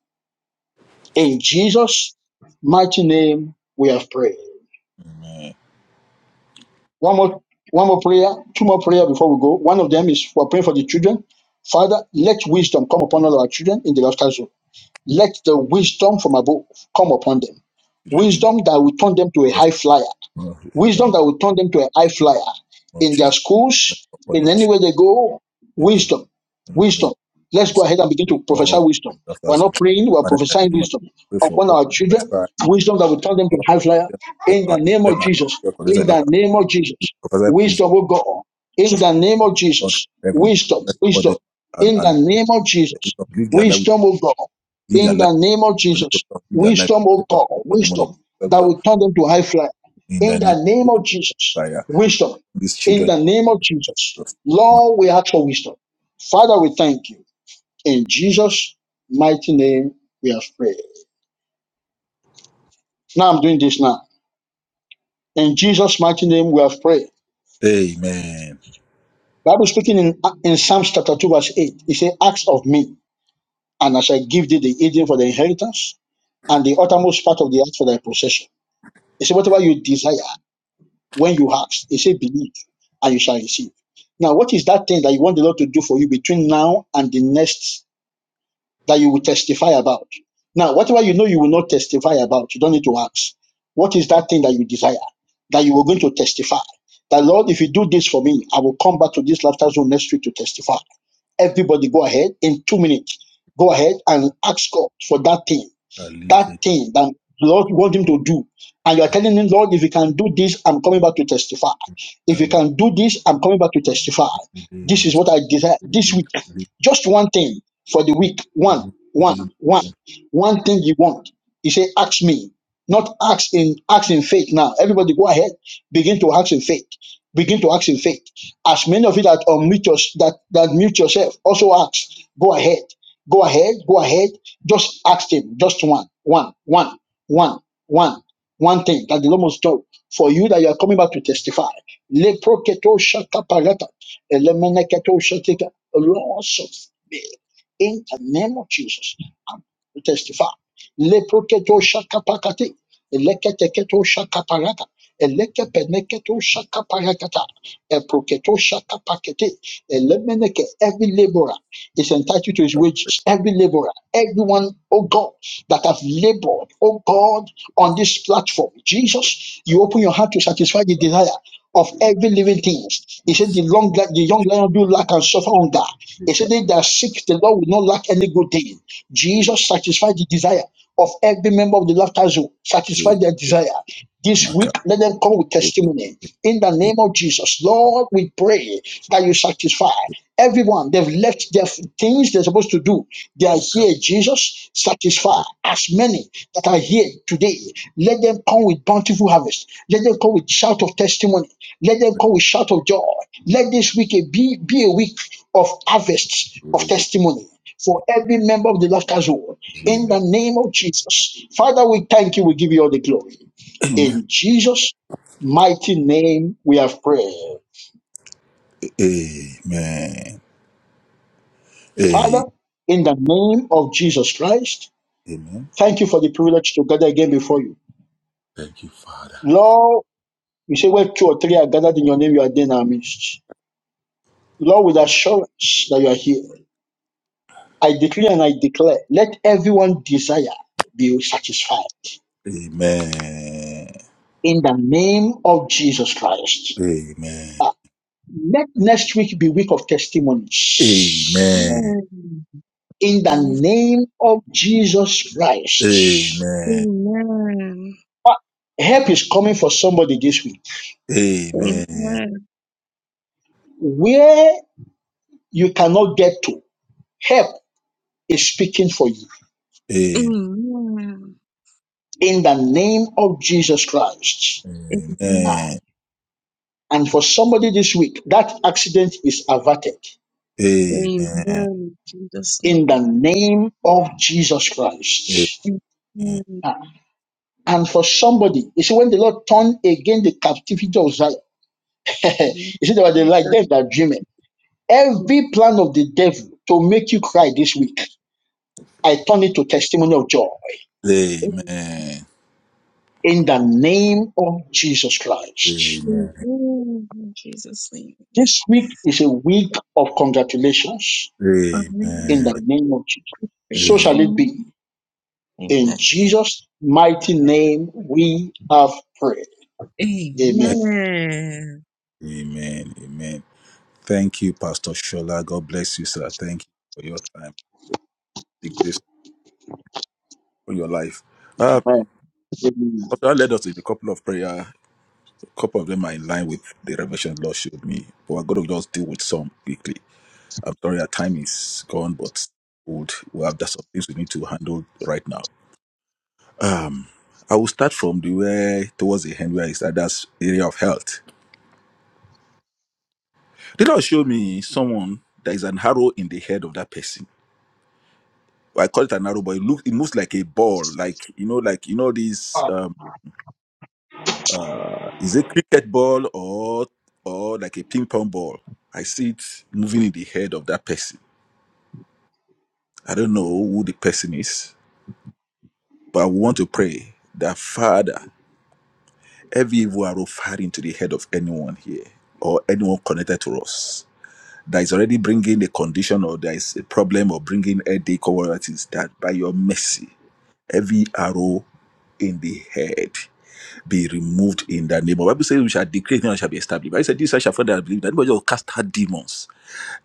S4: In Jesus' mighty name we have prayed. One more, one more prayer, two more prayer before we go. One of them is for praying for the children. Father, let wisdom come upon all our children in the laughter zone. Let the wisdom from above come upon them. Wisdom that will turn them to a high flyer. Wisdom that will turn them to a high flyer in their schools, in any way they go. Wisdom, wisdom. Let's go ahead and begin to prophesy wisdom. We're not praying, we're prophesying wisdom upon our children. Wisdom that will turn them to high flyer in the name of Jesus. In the name of Jesus. Wisdom will go on. In
S3: Jesus.
S4: the name
S3: We do
S4: of
S3: God from
S4: Jesus.
S3: heaven.
S4: Wisdom,
S3: Let's support
S4: wisdom.
S3: them and,
S4: In the
S3: and lead
S4: name of Jesus.
S3: their we can live their life,
S4: Wisdom will go on
S3: lead their
S4: in
S3: life,
S4: the name of
S3: and let them
S4: Jesus.
S3: come lead their life,
S4: Wisdom,
S3: and
S4: O
S3: let them
S4: God,
S3: support them all of
S4: wisdom that
S3: themselves
S4: will turn them to high flyer
S3: in
S4: in
S3: the name
S4: the name
S3: of
S4: of Jesus.
S3: fire.
S4: Wisdom.
S3: These
S4: In
S3: children.
S4: the name of Jesus.
S3: of Ma-
S4: Lord, we ask for wisdom. Father, we thank you. In Jesus' mighty name, we have prayed. Now I'm doing this now. In Jesus' mighty name, we have prayed.
S3: Amen.
S4: Bible speaking in, in Psalms chapter 2, verse 8, it says, Ask of me, and I shall give thee the hidden for the inheritance, and the uttermost part of the earth for thy possession. He said, Whatever you desire, when you ask. He said, Believe and you shall receive. Now, what is that thing that you want the Lord to do for you between now and the next that you will testify about? Now, whatever you know you will not testify about, you don't need to ask. What is that thing that you desire that you were going to testify? That Lord, if you do this for me, I will come back to this laughter zone next week to testify. Everybody go ahead in two minutes. Go
S3: Amen.
S4: ahead and ask God for that thing that
S3: Alike,
S4: thing that the Lord wants him to do. And you are telling him, Lord, if you can do this, I'm coming back to testify. If you
S3: Kaba,
S4: can do this, I'm coming back to testify.
S3: Ide,
S4: This is
S3: Masu,
S4: what I desire this week.
S3: Lika,
S4: Just
S3: Lika,
S4: one thing for the week. One,
S3: Kaba,
S4: one,
S3: Ide,
S4: one,
S3: Masu,
S4: one thing you want. You say, ask me. Not ask in ask in faith now. Everybody go ahead. Begin to ask in faith. Begin to ask in faith. As many of you that unmute your, that, that mute yourself, also ask. Go ahead. Go ahead. Go ahead just ask him, just one, one, one, one, one, one thing that the Lord must do for you that you are coming back to testify. Leproketo shakaparata, elemeneketo shateka. Lord, in the name of Jesus, I'm to testify. Leproketo shakapakati, eleketeketo shakaparata, elekepeneketo shakaparakata, eproketo shakapakete, elemeneke, every laborer is entitled to his wages. Every laborer, everyone, oh God, that have labored, oh God, on this platform. Jesus, you open your heart to satisfy the desire of every living thing. He said,
S3: Masu,
S4: The long the young lion do lack and suffer hunger. He
S3: Lika,
S4: said, They that seek the Lord will not lack any good thing. Jesus satisfied the desire of every member of the laughter zone. Satisfy
S3: Je,
S4: their desire. This
S3: Maka,
S4: week, let them come with
S3: Ogo,
S4: testimony. In the
S3: Ide,
S4: name of Jesus, Lord, we pray that you satisfy everyone. They've left their f- things they're supposed to do. They are
S3: Maka,
S4: here, Jesus. Satisfy
S3: Pre,
S4: as many that are here today. Let them come with bountiful harvest. Let them come with shout of testimony. Let them
S3: Pre,
S4: come with shout of joy. Let this week be, be a week of harvests of
S3: Orege,
S4: testimony for every member of the laughter zone in
S3: Jinda.
S4: the name of Jesus. Father, we thank you. We give you all the glory.
S3: Amen.
S4: In Jesus' mighty name, we have prayed.
S3: Amen.
S4: Father,
S3: A-
S4: in the name of Jesus Christ,
S3: Amen.
S4: thank you for the privilege to gather again before you.
S3: Thank you, Father.
S4: Lord, you say, where two or three are gathered in your name, you are there in our midst. Lord, with assurance that you are here, I decree and I declare, let everyone desire be satisfied.
S3: Amen.
S4: In the name of Jesus Christ.
S3: Amen.
S4: Uh, let next week be week of testimonies
S3: Amen.
S2: Amen.
S4: in the
S2: Amen.
S4: name of Jesus Christ.
S3: Amen.
S2: Amen.
S4: Help is coming for somebody this week.
S2: Amen.
S3: Amen. Amen.
S2: Amen.
S4: Where you cannot get to, help is speaking for you
S3: Amen.
S4: in the name of Jesus Christ. And for somebody this week, that accident is averted
S3: Amen. Amen.
S2: Amen. In Jesus'
S4: in the
S2: name.
S4: name of Jesus Christ.
S2: Amen.
S4: Ah, And for somebody, you see, when the Lord turned again the captivity of Zion, *laughs* you
S2: In
S4: see, there were the like
S2: Jesus'
S4: them that dream it.
S2: name.
S4: Every plan of the devil to make you cry this week I turn it to testimony of joy
S3: Amen.
S2: Amen.
S3: Amen.
S4: in the name of Jesus Christ.
S2: In
S3: Amen.
S2: Jesus' name.
S4: This week is a week of congratulations
S3: Amen.
S2: Amen.
S4: in the name of Jesus. So shall it
S2: Amen.
S4: be. In Jesus' name we have amen.
S2: Amen.
S3: Amen. Amen. Thank you, Pastor Shola. God bless you, sir. Thank you for your time, the grace for your life. Uh,
S4: Amen.
S3: Pastor, that led us in a couple of prayer. couple of them are in line with the revelation Lord showed me, but I'm going to just deal with some quickly. I'm sorry, our time is gone, but we'll, we have just some things we need to handle right now. Um, I will start from the way towards the end where is that that's area of health. The Lord showed me someone that is an arrow in the head of that person. I call it an arrow, but it looks it moves like a ball, like you know, like you know, this um, uh, is a cricket ball or or like a ping pong ball. I see it moving in the head of that person I don't know who the person is, but we want to pray that Father, every evil arrow fired into the head of anyone here or anyone connected to us that is already bringing a condition or there is a problem or bringing a headache or whatever it is, that by your mercy, every arrow in the head be removed in the name of Bible says we shall decree and shall be established. But I said this I shall find that I believe that anybody who cast out demons.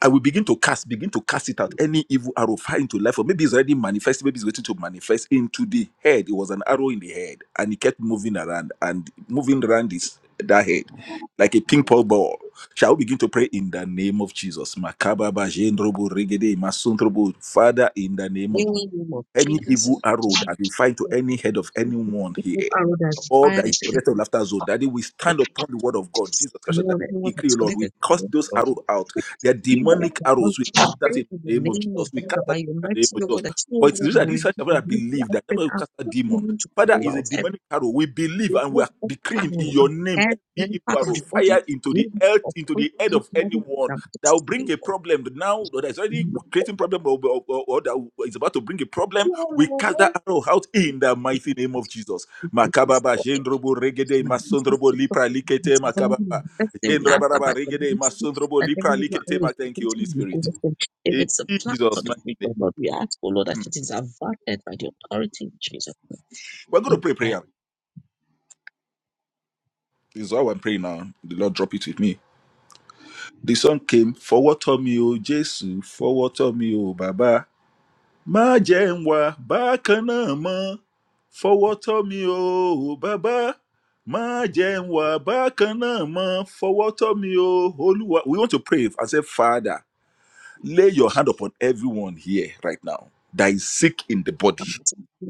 S3: I will begin to cast, begin to cast it out. Any evil arrow fire into life, or maybe it's already manifested, maybe it's waiting to manifest into the head. It was an arrow in the head, and it kept moving around and moving around this that head like a ping pong ball. Shall we begin to pray in the name of Jesus? Makababa, jendrobo, regede, masundrobo. Father, in the name of
S2: Name of
S3: any
S2: Jesus.
S3: evil
S2: and
S3: arrow
S2: any
S3: that you find to any head of anyone
S2: Evil
S3: here,
S2: arrow that is
S3: all that
S2: fired
S3: is
S2: into the
S3: connected with laughter zone, Daddy, we stand upon the word of God,
S2: gates
S3: Jesus
S2: or
S3: Christ, that
S2: anyone,
S3: we
S2: anyone that's
S3: decree, Lord, we
S2: connected to
S3: cast
S2: him,
S3: those
S2: Lord,
S3: arrows out. They are
S2: be by
S3: demonic
S2: the Lord.
S3: arrows. We
S2: We
S3: cast that
S2: pray
S3: in
S2: in the
S3: the name of
S2: name of
S3: Jesus. We
S2: God
S3: cast
S2: that by
S3: that
S2: your
S3: in
S2: mighty
S3: the name of
S2: your God,
S3: Jesus.
S2: that you, O
S3: For it
S2: God,
S3: is
S2: will
S3: that these
S2: remove
S3: such people
S2: the
S3: that
S2: mighty
S3: believe that never
S2: aspect
S3: will cast a
S2: of
S3: demon.
S2: even to
S3: Father
S2: pull
S3: is a
S2: out and
S3: demonic arrow. We believe and we
S2: remove
S3: are
S2: every
S3: decreeing
S2: arrow
S3: in your
S2: from the
S3: name
S2: head,
S3: every
S2: then
S3: evil
S2: part of
S3: arrow
S2: the body,
S3: fire into
S2: let
S3: the
S2: it
S3: earth, into
S2: operate
S3: the head
S2: this
S3: of
S2: morning.
S3: anyone
S2: Now,
S3: that
S2: this
S3: will
S2: is
S3: bring a problem now that is already creating problem or, or, or- or that is about to bring a problem we cast that arrow out in the mighty name of jesus makababa
S2: evil.
S3: jendrobo regede
S2: This is
S3: masondrobo
S2: the
S3: lipra likete makababa
S2: First thing we asked
S3: jendrabaraba
S2: about the
S3: regede
S2: mercy,
S3: masondrobo
S2: that
S3: lipra
S2: everything that
S3: likete
S2: always
S3: ma- thank you holy
S2: pointing in
S3: spirit
S2: the thing. If
S3: in
S2: it's a plot for
S3: jesus
S2: the
S3: mighty name
S2: future, Lord, we ask, oh Lord,
S3: Hmm.
S2: that it is averted by the authority in Jesus.
S3: we're going to pray
S2: Amen.
S3: prayer this is how i'm praying now the lord drop it with me the song came forward to me o jesus forward to me o baba má jẹ́ ń wà bákan náà mọ́ fọwọ́ tọ́ mi o bàbá má jẹ́ ń wà bákan náà mọ́ fọwọ́ tọ́ mi o olúwa we want to pray and say father Lay your hand upon everyone here right now that is sick in the body.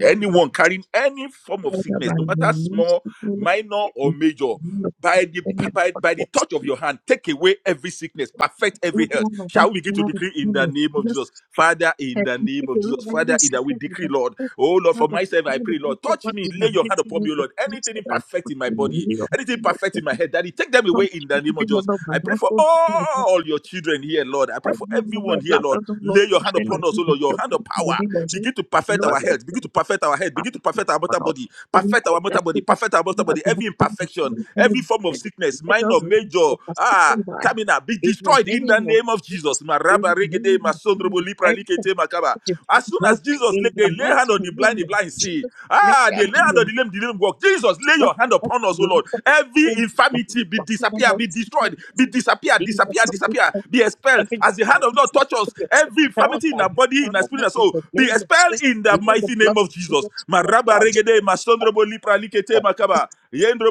S3: Anyone carrying any form of
S2: Father, by
S3: sickness, no
S2: your
S3: matter
S2: mercy,
S3: small,
S2: Lord,
S3: minor, or
S2: we
S3: major,
S2: pray that
S3: by the
S2: any
S3: by,
S2: part
S3: by the
S2: of
S3: touch of your hand, take away every sickness, perfect every
S2: every
S3: health.
S2: of us,
S3: Shall we begin to
S2: Lord, is
S3: decree in the
S2: blameless.
S3: name of
S2: Just
S3: Jesus? Father, in
S2: help
S3: the
S2: me
S3: name
S2: take
S3: of
S2: away
S3: Jesus,
S2: every
S3: Father, in that we
S2: secret we
S3: decree,
S2: can
S3: Lord.
S2: take
S3: Oh Lord,
S2: out
S3: for
S2: of
S3: myself,
S2: all
S3: I
S2: the
S3: pray, Lord,
S2: people,
S3: touch
S2: what
S3: me,
S2: we
S3: lay
S2: have
S3: your hand
S2: written
S3: upon me,
S2: in
S3: O
S2: the
S3: Lord.
S2: past,
S3: Anything
S2: that are
S3: imperfect in my
S2: in
S3: body,
S2: the will
S3: anything
S2: of
S3: perfect
S2: God.
S3: in my head, Daddy, take them
S2: Lord,
S3: away in the name
S2: every
S3: of Jesus.
S2: member of my
S3: I pray for
S2: household, to be a
S3: all your children here, Lord. I pray for
S2: every member
S3: everyone
S2: of
S3: here,
S2: Black
S3: Lord.
S2: Household, Lord,
S3: Lay your
S2: push
S3: hand
S2: and
S3: upon us, O
S2: lead them
S3: Lord, your
S2: your
S3: hand of
S2: in the
S3: power.
S2: name of Jesus.
S3: Begin to perfect
S2: Lord,
S3: our
S2: let
S3: health.
S2: your
S3: Begin to perfect our head.
S2: power
S3: Begin to
S2: come
S3: perfect our mortal
S2: upon us.
S3: body.
S2: We
S3: Perfect our
S2: have
S3: mortal
S2: just
S3: body.
S2: to be
S3: Perfect our mortal
S2: free as
S3: body.
S2: we
S3: Every
S2: have come to
S3: imperfection.
S2: heaven. Father,
S3: Every
S2: we
S3: form of
S2: thank
S3: sickness, minor,
S2: receive
S3: major,
S2: your
S3: ah,
S2: forsaken life
S3: terminal, be
S2: in the
S3: destroyed in the
S2: name of
S3: name of
S2: Jesus.
S3: Jesus.
S2: In
S3: Maraba
S2: the
S3: regede,
S2: name of
S3: masondrobo
S2: Jesus,
S3: lipra
S2: enter
S3: likete makaba.
S2: into our
S3: As soon as
S2: health
S3: Jesus lay,
S2: in the
S3: they lay hand
S2: mighty
S3: on the blind,
S2: name
S3: the
S2: of
S3: blind see.
S2: Jesus. Let
S3: Ah,
S2: there
S3: they lay
S2: be
S3: hand
S2: a
S3: on the lame, the lame walk. Jesus, lay your hand
S2: blessing of
S3: upon
S2: the
S3: us, O Lord.
S2: release of the
S3: Every
S2: homes
S3: infirmity be
S2: of
S3: disappear, be destroyed, be disappear,
S2: the
S3: disappear,
S2: health.
S3: disappear, be expelled.
S2: Every
S3: As the hand of God touch us,
S2: it gets
S3: every
S2: held
S3: infirmity in
S2: by
S3: our
S2: the
S3: body, in our spirit,
S2: Father
S3: and
S2: in
S3: soul,
S2: the
S3: be
S2: name of
S3: expelled
S2: Jesus,
S3: in
S2: we
S3: the
S2: need the
S3: mighty
S2: blood
S3: name of
S2: of
S3: Jesus.
S2: Jesus flushed
S3: Maraba
S2: out of the
S3: regede, masondrobo lipra likete
S2: body.
S3: makaba.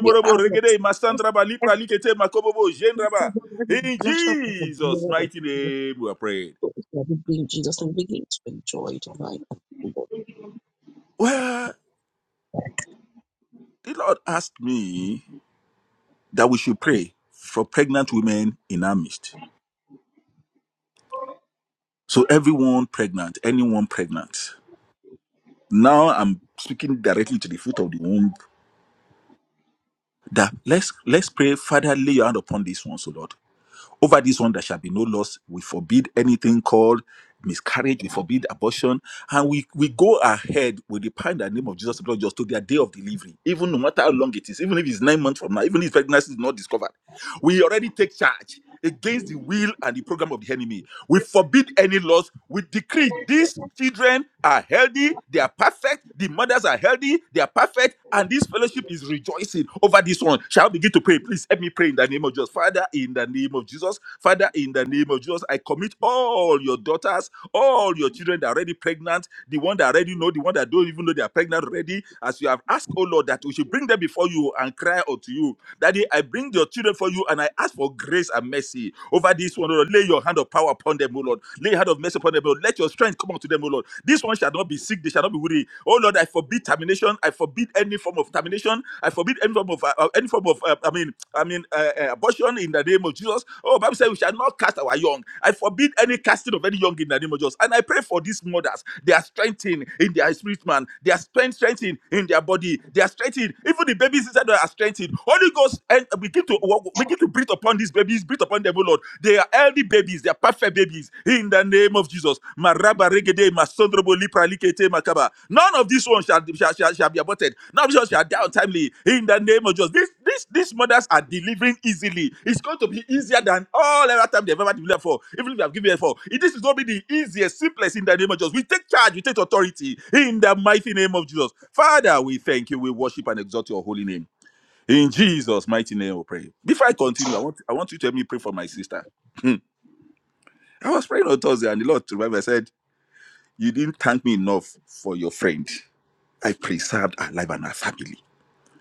S2: We are not
S3: regede
S2: just
S3: masandraba lipra
S2: every
S3: likete makobobo jendraba.
S2: single one is
S3: In
S2: flushed out by the
S3: Jesus'
S2: blood of
S3: mighty
S2: Jesus.
S3: name we are praying.
S2: So it's not being Jesus and begin to enjoy divine approval.
S3: Well, the Lord asked me that we should pray for pregnant women in our midst. So everyone pregnant, anyone pregnant. Now I'm speaking directly to the fruit of the womb. That let's let's pray, Father, lay your hand upon this one, so Lord. Over this one, there shall be no loss. We forbid anything called miscarriage. We forbid abortion. And we, we go ahead with the power in the name of Jesus Lord just to their day of delivery, even no matter how long it is, even if it's nine months from now, even if pregnancy is not discovered. We already take charge against the will and the program of the enemy. We forbid any loss. We decree these children are healthy, they are perfect, the mothers are healthy, they are perfect, and this fellowship is rejoicing over this one. Shall I begin to pray? Please help me pray in the name of Jesus. Father, in the name of Jesus, Father, in the name of Jesus, I commit all your daughters, all your children that are already pregnant, the one that already know, the one that don't even know they are pregnant already, as you have asked, oh Lord, that we should bring them before you and cry unto you. Daddy, I bring your children for you and I ask for grace and mercy mercy over this one, O Lord. Lay your hand of power upon them, O Lord. Lay your hand of mercy upon them, O Lord. Let your strength come unto them, O Lord. This one shall not be sick, they shall not be weary. Oh Lord, I forbid termination. I forbid any form of termination. I forbid any form of uh, uh, any form of uh, I mean I mean uh, uh, abortion in the name of Jesus. Oh, Bible says we shall not cast our young. I forbid any casting of any young in the name of Jesus. And I pray for these mothers. They are strengthened in their spirit man. They are strength- strengthened in their body. They are strengthened. Even the babies inside there are strengthened. Holy Ghost and begin to wo- begin to breathe upon these babies, breathe upon them, O Lord. They are healthy babies, they are perfect babies. In the name of Jesus. Maraba regede, masondrobo lipra makaba. None of these ones shall, shall, shall, shall be aborted. None of these ones shall die untimely. In the name of Jesus. This, this, these mothers are delivering easily. It's going to be easier than all other time they've ever delivered for. Even if they have given it for. This is going to be the easiest, simplest in the name of Jesus. We take charge, we take authority in the mighty name of Jesus. Father, we thank you. We worship and exalt your holy name. In Jesus' mighty name, we pray. Before I continue, I want I want you to help me pray for my sister. *laughs* I was praying on Thursday, and the Lord remember I said, "You didn't thank me enough for your friend. I preserved her life and her family.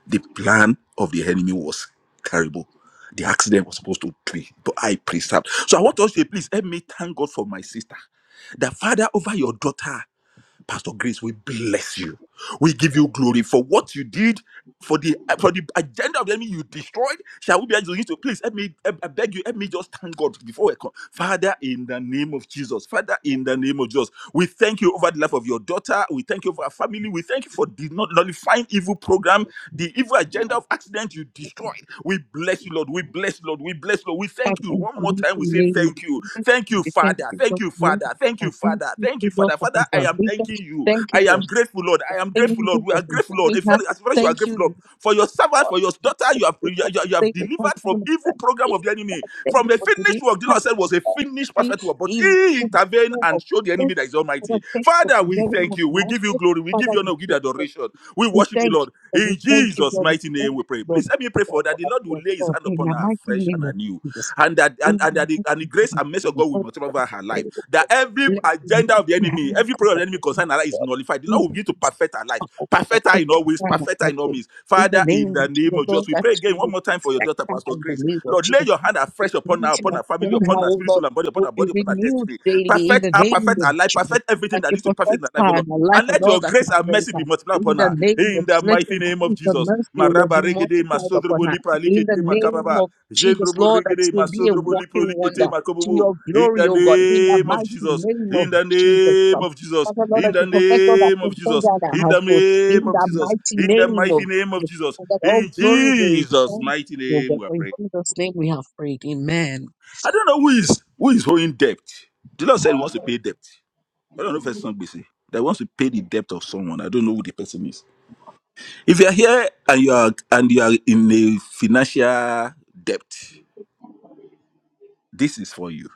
S3: The plan of the enemy was terrible. The accident was supposed to kill, but I preserved. So I want us to please help me thank God for my sister. The Father over your daughter. Pastor Grace, we bless you. We give you glory for what you did. For the for the agenda of the enemy you destroyed, shall we be able to please help me? I I beg you, help me just thank God before I come. Father, in the name of Jesus, Father, in the name of Jesus, we thank you over the life of your daughter. We thank you for her family. We thank you for the not nullifying evil program, the evil agenda of accident you destroyed. We bless you, Lord. We bless you, Lord. We bless you, Lord. We thank
S2: Father,
S3: you.
S2: in
S3: One
S2: the
S3: more
S2: mighty
S3: time, we say
S2: name of
S3: thank you.
S2: Jesus,
S3: Thank you,
S2: we thank
S3: Father.
S2: you for
S3: Thank you,
S2: the love
S3: Father. Thank
S2: that
S3: you,
S2: you
S3: Father. Thank you,
S2: give to us
S3: Father.
S2: for
S3: Father,
S2: the
S3: I am
S2: salvation.
S3: thanking you.
S2: Thank you
S3: I
S2: for
S3: am grateful, Lord. I am grateful,
S2: sustaining us,
S3: Lord. We
S2: for
S3: are grateful, Lord.
S2: preserving
S3: In
S2: us.
S3: fact, as far as you are
S2: Thank
S3: grateful, Lord,
S2: you,
S3: for your servant,
S2: Lord,
S3: for your daughter, you have you,
S2: for
S3: you you have
S2: saving us.
S3: delivered from
S2: from
S3: evil
S2: that.
S3: program of the enemy.
S2: Thank
S3: From
S2: you
S3: the
S2: for
S3: finished
S2: delivering
S3: work, the
S2: us
S3: Lord said was a
S2: from
S3: finished
S2: every
S3: perfect work, but
S2: evil
S3: He intervened
S2: form
S3: and
S2: of
S3: showed the
S2: sin.
S3: enemy that is
S2: Father,
S3: Almighty.
S2: thank you for
S3: Father, we
S2: preserving
S3: thank
S2: us
S3: you.
S2: from
S3: We
S2: all
S3: give
S2: sin.
S3: you glory. We give
S2: Father,
S3: you
S2: we
S3: honor. We give you
S2: thank you.
S3: adoration. We
S2: We
S3: worship you,
S2: thank
S3: Lord.
S2: you, Lord. We
S3: In
S2: thank you,
S3: Jesus'
S2: Lord. We
S3: mighty name,
S2: thank
S3: we
S2: you,
S3: pray.
S2: Lord,
S3: Please let me pray
S2: for
S3: for that.
S2: all
S3: The
S2: of
S3: Lord will
S2: your
S3: lay His
S2: love.
S3: hand
S2: In
S3: upon
S2: the
S3: her
S2: mighty
S3: fresh and
S2: name of
S3: anew
S2: Jesus.
S3: and that
S2: In
S3: and, and
S2: the
S3: that the, and
S2: mighty
S3: the grace
S2: name of
S3: and mercy of
S2: Jesus.
S3: God will
S2: Lord,
S3: multiply over
S2: we
S3: her life.
S2: pray.
S3: That every
S2: Let the
S3: agenda of the
S2: mighty
S3: enemy,
S2: hand
S3: every
S2: of
S3: prayer of
S2: God,
S3: the enemy concerning her life is
S2: God,
S3: nullified. The
S2: even
S3: Lord will
S2: if
S3: begin to
S2: it's
S3: perfect her life,
S2: not of the
S3: perfect her
S2: first
S3: in all ways,
S2: time of
S3: perfect her
S2: my
S3: in all means.
S2: In the
S3: Father,
S2: name
S3: in
S2: of
S3: the name
S2: Jesus,
S3: of
S2: Lord,
S3: Jesus, we
S2: that
S3: pray
S2: you
S3: again one
S2: will
S3: more time
S2: just
S3: for your
S2: back
S3: daughter, Pastor
S2: in the
S3: Grace.
S2: name of
S3: Lord,
S2: Jesus
S3: lay your hand afresh upon
S2: mountain
S3: her, upon
S2: of
S3: her family,
S2: Jonah,
S3: upon her
S2: O Lord,
S3: spiritual and body, upon
S2: will
S3: her
S2: be
S3: body, upon her
S2: renewed
S3: destiny.
S2: daily in
S3: Perfect
S2: the
S3: her,
S2: name
S3: perfect her
S2: of
S3: life,
S2: Jesus.
S3: perfect everything
S2: That
S3: that
S2: you
S3: needs to be perfect in
S2: protect
S3: her life, O
S2: her and
S3: Lord.
S2: her life
S3: And
S2: and
S3: let
S2: all
S3: your
S2: that
S3: grace and
S2: concerns
S3: mercy
S2: her.
S3: be multiplied
S2: In
S3: upon
S2: the
S3: her.
S2: name of
S3: In
S2: Jesus,
S3: the
S2: let your
S3: mighty name of
S2: grace and
S3: Jesus.
S2: mercy, O Lord,
S3: Maraba
S2: be
S3: regede,
S2: multiplied upon
S3: masodrobo
S2: her.
S3: lipa
S2: In
S3: likete,
S2: the name
S3: makababa.
S2: of Jesus,
S3: Jendrobo
S2: Lord, that
S3: regede,
S2: she'll be a
S3: masondrobo
S2: walking wonder
S3: liprolikete
S2: to
S3: makobobo.
S2: your
S3: In
S2: glory,
S3: the
S2: O God, in the
S3: name of
S2: mighty
S3: Jesus.
S2: name of
S3: In the
S2: Jesus
S3: name
S2: Christ.
S3: of Jesus.
S2: Father, Lord,
S3: In
S2: that
S3: the
S2: you perfect all that
S3: name of
S2: concerns
S3: Jesus.
S2: her and her
S3: In the
S2: household.
S3: name
S2: In
S3: of
S2: the
S3: Jesus.
S2: mighty
S3: In the
S2: name of
S3: mighty name of
S2: Jesus,
S3: Jesus.
S2: and that all
S3: In
S2: glory will
S3: Jesus'
S2: return
S3: mighty
S2: will
S3: name,
S2: get.
S3: we are
S2: In
S3: praying.
S2: Jesus' name we have prayed. Amen.
S3: I don't know who is who is owing debt. The Lord said he wants to pay debt. I don't know if it's somebody say that wants to pay the debt of someone. I don't know who the person is. If you are here and you are and you are in a financial debt, this is for you.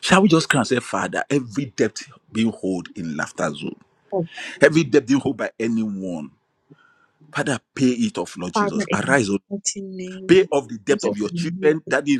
S3: Shall we just cry and say, Father, every debt being hold in laughter zone,
S2: Oh,
S3: every debt being hold by anyone, Father, pay it off, Lord
S2: Father,
S3: Jesus.
S2: in the
S3: Arise, O-
S2: mighty name
S3: pay
S2: of
S3: off the debt
S2: Jesus,
S3: of your
S2: we need
S3: children,
S2: to
S3: that they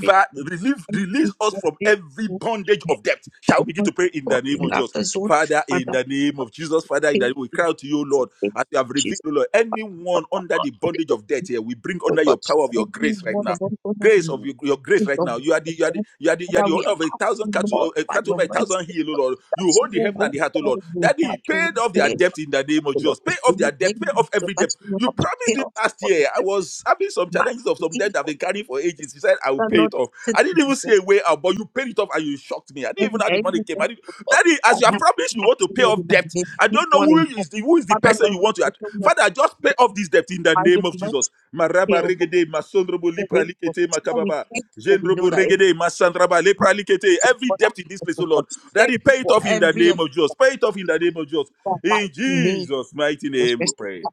S2: pray.
S3: relieve,
S2: Thank
S3: release
S2: you
S3: us
S2: for
S3: from
S2: being
S3: every
S2: so
S3: bondage
S2: here.
S3: of debt. Shall
S2: We
S3: we begin to
S2: want to
S3: pray in
S2: go
S3: the name
S2: in
S3: of Jesus?
S2: laughter zone,
S3: Father, in
S2: Father,
S3: the name of Jesus, Father, in
S2: thank
S3: the we
S2: you.
S3: cry out to you,
S2: Thank
S3: Lord,
S2: you,
S3: as you have
S2: Jesus,
S3: revealed, O Lord, anyone under
S2: God,
S3: the
S2: thank
S3: bondage
S2: you
S3: of debt here, we bring
S2: so
S3: under your
S2: much.
S3: power of your
S2: Every
S3: grace right
S2: one
S3: now
S2: of us, oh God, that
S3: grace
S2: you
S3: of
S2: know,
S3: your, your grace
S2: think
S3: right
S2: of
S3: now.
S2: us,
S3: You are the you are
S2: God,
S3: the you are the, you are
S2: Father,
S3: the
S2: we
S3: owner of a
S2: ask
S3: thousand
S2: you,
S3: cattle,
S2: Lord,
S3: uh, uh,
S2: by
S3: cattle
S2: your
S3: over a
S2: mercy,
S3: thousand
S2: oh
S3: hill, O
S2: God,
S3: Lord.
S2: that
S3: You
S2: you
S3: hold the
S2: will
S3: heaven
S2: go
S3: and the heart, O
S2: all
S3: Lord.
S2: the way down
S3: Daddy,
S2: to
S3: pay off their
S2: repay,
S3: debt in the name of
S2: Lord.
S3: Jesus. Pay
S2: We
S3: off their
S2: need
S3: debt. Pay off
S2: to
S3: every
S2: that
S3: debt.
S2: you will
S3: You
S2: not
S3: promised me
S2: fail us,
S3: last
S2: all the
S3: year. I was having some
S2: my
S3: challenges of some debt I've
S2: people,
S3: been carrying for ages. You said I will
S2: the
S3: pay
S2: Lord
S3: it off.
S2: sent
S3: I
S2: his
S3: didn't even see
S2: best
S3: a way out, but you paid it off and you shocked me. I didn't
S2: on
S3: even know how the money
S2: everyone
S3: came. I didn't,
S2: of us
S3: Daddy, as
S2: that
S3: you have
S2: has
S3: promised,
S2: to
S3: you want to
S2: actually
S3: pay
S2: live
S3: off
S2: in our
S3: debt.
S2: midst,
S3: I
S2: this
S3: don't know who
S2: morning.
S3: is the who is the
S2: Father
S3: person you
S2: Lord, we
S3: want to.
S2: bring them up
S3: Father, just pay
S2: to
S3: off this debt in the
S2: by your
S3: name of Jesus.
S2: mercy to
S3: Maraba
S2: heal
S3: regede, masondrobo
S2: the
S3: lipra
S2: name of
S3: likete
S2: this. Father, we
S3: makababa.
S2: thank you. for We know
S3: Jendrobo
S2: that it
S3: regede, masandraba
S2: is
S3: lepra likete.
S2: to
S3: Every
S2: God that
S3: debt in this
S2: is
S3: place, oh
S2: for God.
S3: Lord.
S2: Thank
S3: Daddy,
S2: you
S3: pay it
S2: for
S3: off in the
S2: every
S3: name
S2: of
S3: of Jesus. Pay it off in the name of Jesus.
S2: that that is
S3: In
S2: made.
S3: Jesus' mighty name we
S2: Especially
S3: pray.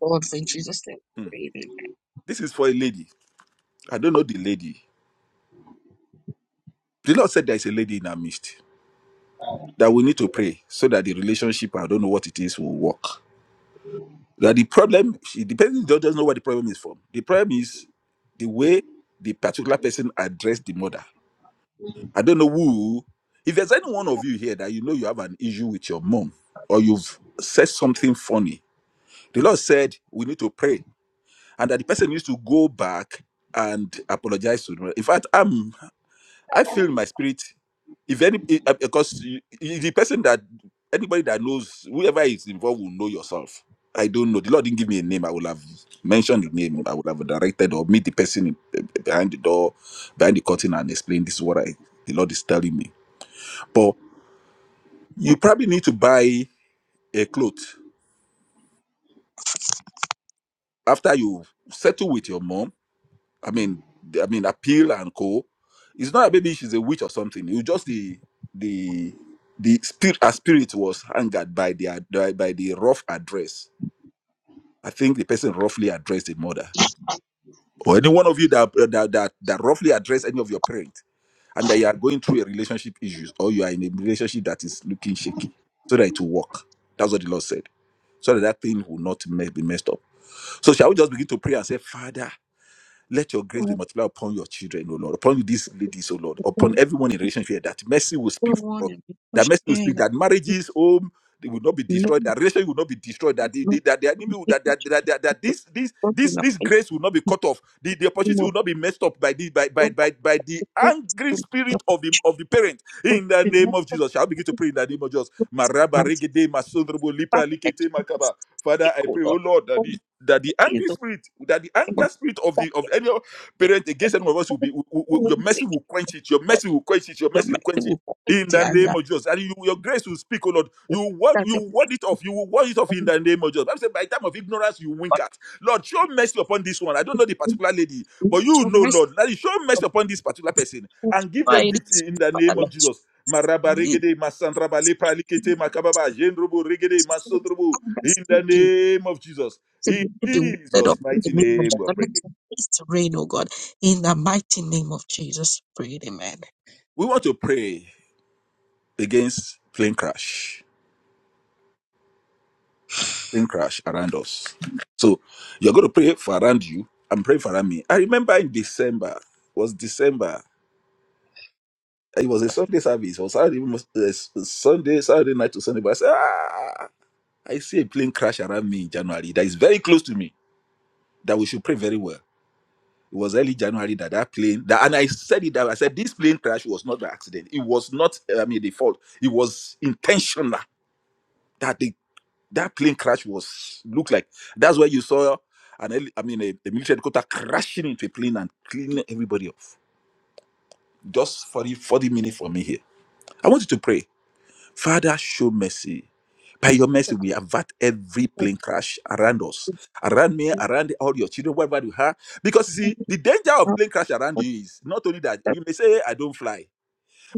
S2: Lord, for in Jesus' name.
S3: Hmm.
S2: we pray.
S3: This is for a lady. I don't know the lady. The Lord said there is a lady in our midst that we need to pray so that the relationship, I don't know what it is, will work. That the problem, it depends, the Lord doesn't know what the problem is from. The problem is the way the particular person addressed the mother. I don't know who. If there's any one of you here that you know you have an issue with your mom or you've said something funny, the Lord said we need to pray and that the person needs to go back and apologize to them. In fact, I'm I feel in my spirit if any eh, eh, because you- you- the person that anybody that knows whoever is involved will know yourself. I don't know. The Lord didn't give me a name. I would have mentioned the name. I would have directed or meet the person in- eh, behind the door, behind the curtain, and explain this is what I the Lord is telling me. you probably need to buy a cloth after you settle with your mom. I mean, I mean, appeal and co. It's not a baby; she's a witch or something. You just the the the spirit. Her spirit was angered by the ad- by the rough address. I think the person roughly addressed the mother, or any one of you that that that, that roughly addressed any of your parents, and that you are going through a relationship issues, or you are in a relationship that is looking shaky, so that it will work. That's what the Lord said, so that that thing will not me- be messed up. So shall we just begin to pray and say, Father, let your grace
S2: Amen. Lord,
S3: be multiplied upon your children, O Lord, upon these ladies, O Lord,
S2: we
S3: upon
S2: thank
S3: everyone in relationship here, that mercy will
S2: you,
S3: speak
S2: Lord,
S3: for us,
S2: and we
S3: that
S2: push
S3: mercy will
S2: again.
S3: speak, that marriages, home, they will not be
S2: Lord,
S3: destroyed, that relationship will not be destroyed, that
S2: please,
S3: the,
S2: Lord,
S3: the- that the
S2: we
S3: enemy, will,
S2: thank
S3: that,
S2: you,
S3: that, that, that, that
S2: Jesus.
S3: this, this,
S2: Lord, we
S3: this,
S2: love
S3: this
S2: you.
S3: grace will not be cut off, the, the
S2: name
S3: opportunity
S2: of
S3: will not be messed up by the, by, by,
S2: God, of
S3: by, by the
S2: the greatest
S3: angry
S2: and the God,
S3: spirit of the, of the parent. In the
S2: the
S3: name
S2: Lord
S3: of
S2: of
S3: Jesus, shall we
S2: the
S3: begin to
S2: greatest
S3: pray in the name of Jesus?
S2: and
S3: Maraba,
S2: mighty
S3: regede, masondrobo, lipra,
S2: Father, that
S3: likete,
S2: you may
S3: makaba. Father,
S2: speak,
S3: I
S2: O
S3: pray, O
S2: Lord,
S3: Lord, that
S2: all
S3: this
S2: the
S3: that the angry
S2: of
S3: spirit, that the
S2: the Lord,
S3: anger spirit of
S2: that
S3: the
S2: the
S3: of any parent against any of us
S2: Holy
S3: will be will, will-
S2: Spirit
S3: your
S2: is sick,
S3: mercy will quench it, your
S2: O
S3: mercy will quench it, your
S2: Lord, all the
S3: mercy will
S2: things that you your mercy
S3: quench it
S2: will cover
S3: in
S2: the
S3: the name
S2: anger,
S3: of Jesus. And you, your grace will speak, oh Lord.
S2: your-
S3: You will ward
S2: that
S3: you
S2: your
S3: will
S2: mercy will
S3: ward it off, you will ward it off
S2: cover the anger, your mercy
S3: in
S2: will the
S3: the name of Jesus. Bible said, by the time of ignorance, you wink at. Lord, show mercy upon this one. I don't know the
S2: anger,
S3: particular lady, but you know, Lord, that you show mercy upon this particular person and give them
S2: Almighty
S3: victory in the
S2: Father,
S3: name of
S2: let you
S3: Jesus. Maraba
S2: lead me
S3: regede, masandraba lepra likete, makababa, jendrobo regede,
S2: to find
S3: masodrobo. In the
S2: understanding
S3: name of Jesus.
S2: to
S3: In
S2: be to be lifted up
S3: Jesus'
S2: in the
S3: mighty
S2: name of
S3: name,
S2: Jesus.
S3: we're
S2: Let
S3: praying.
S2: your peace reign, O God, in the mighty name of Jesus. Pray, Amen.
S3: We want to pray against plane crash, plane crash around us. So you're going to pray for around you. I'm praying for around me. I remember in December, it was December. It was a Sunday service. It was Saturday, even most- uh, s- Sunday, Saturday night to Sunday. But I said, ah, I see a plane crash around me in January that is very close to me. That we should pray very well It was early January that that plane that, and I said it that I said this plane crash was not by accident. It was not I mean the fault. It was intentional that the that plane crash was looked like. That's where you saw an heli- I mean a, a military helicopter crashing into a plane and cleaning everybody off. Just 40 40 minutes for me here. I want you to pray. Father, show mercy. By your mercy, we avert every plane crash around us, around me, around all your children, wherever you are. Because you see, the danger of plane crash around you is not only that you may say, I don't fly.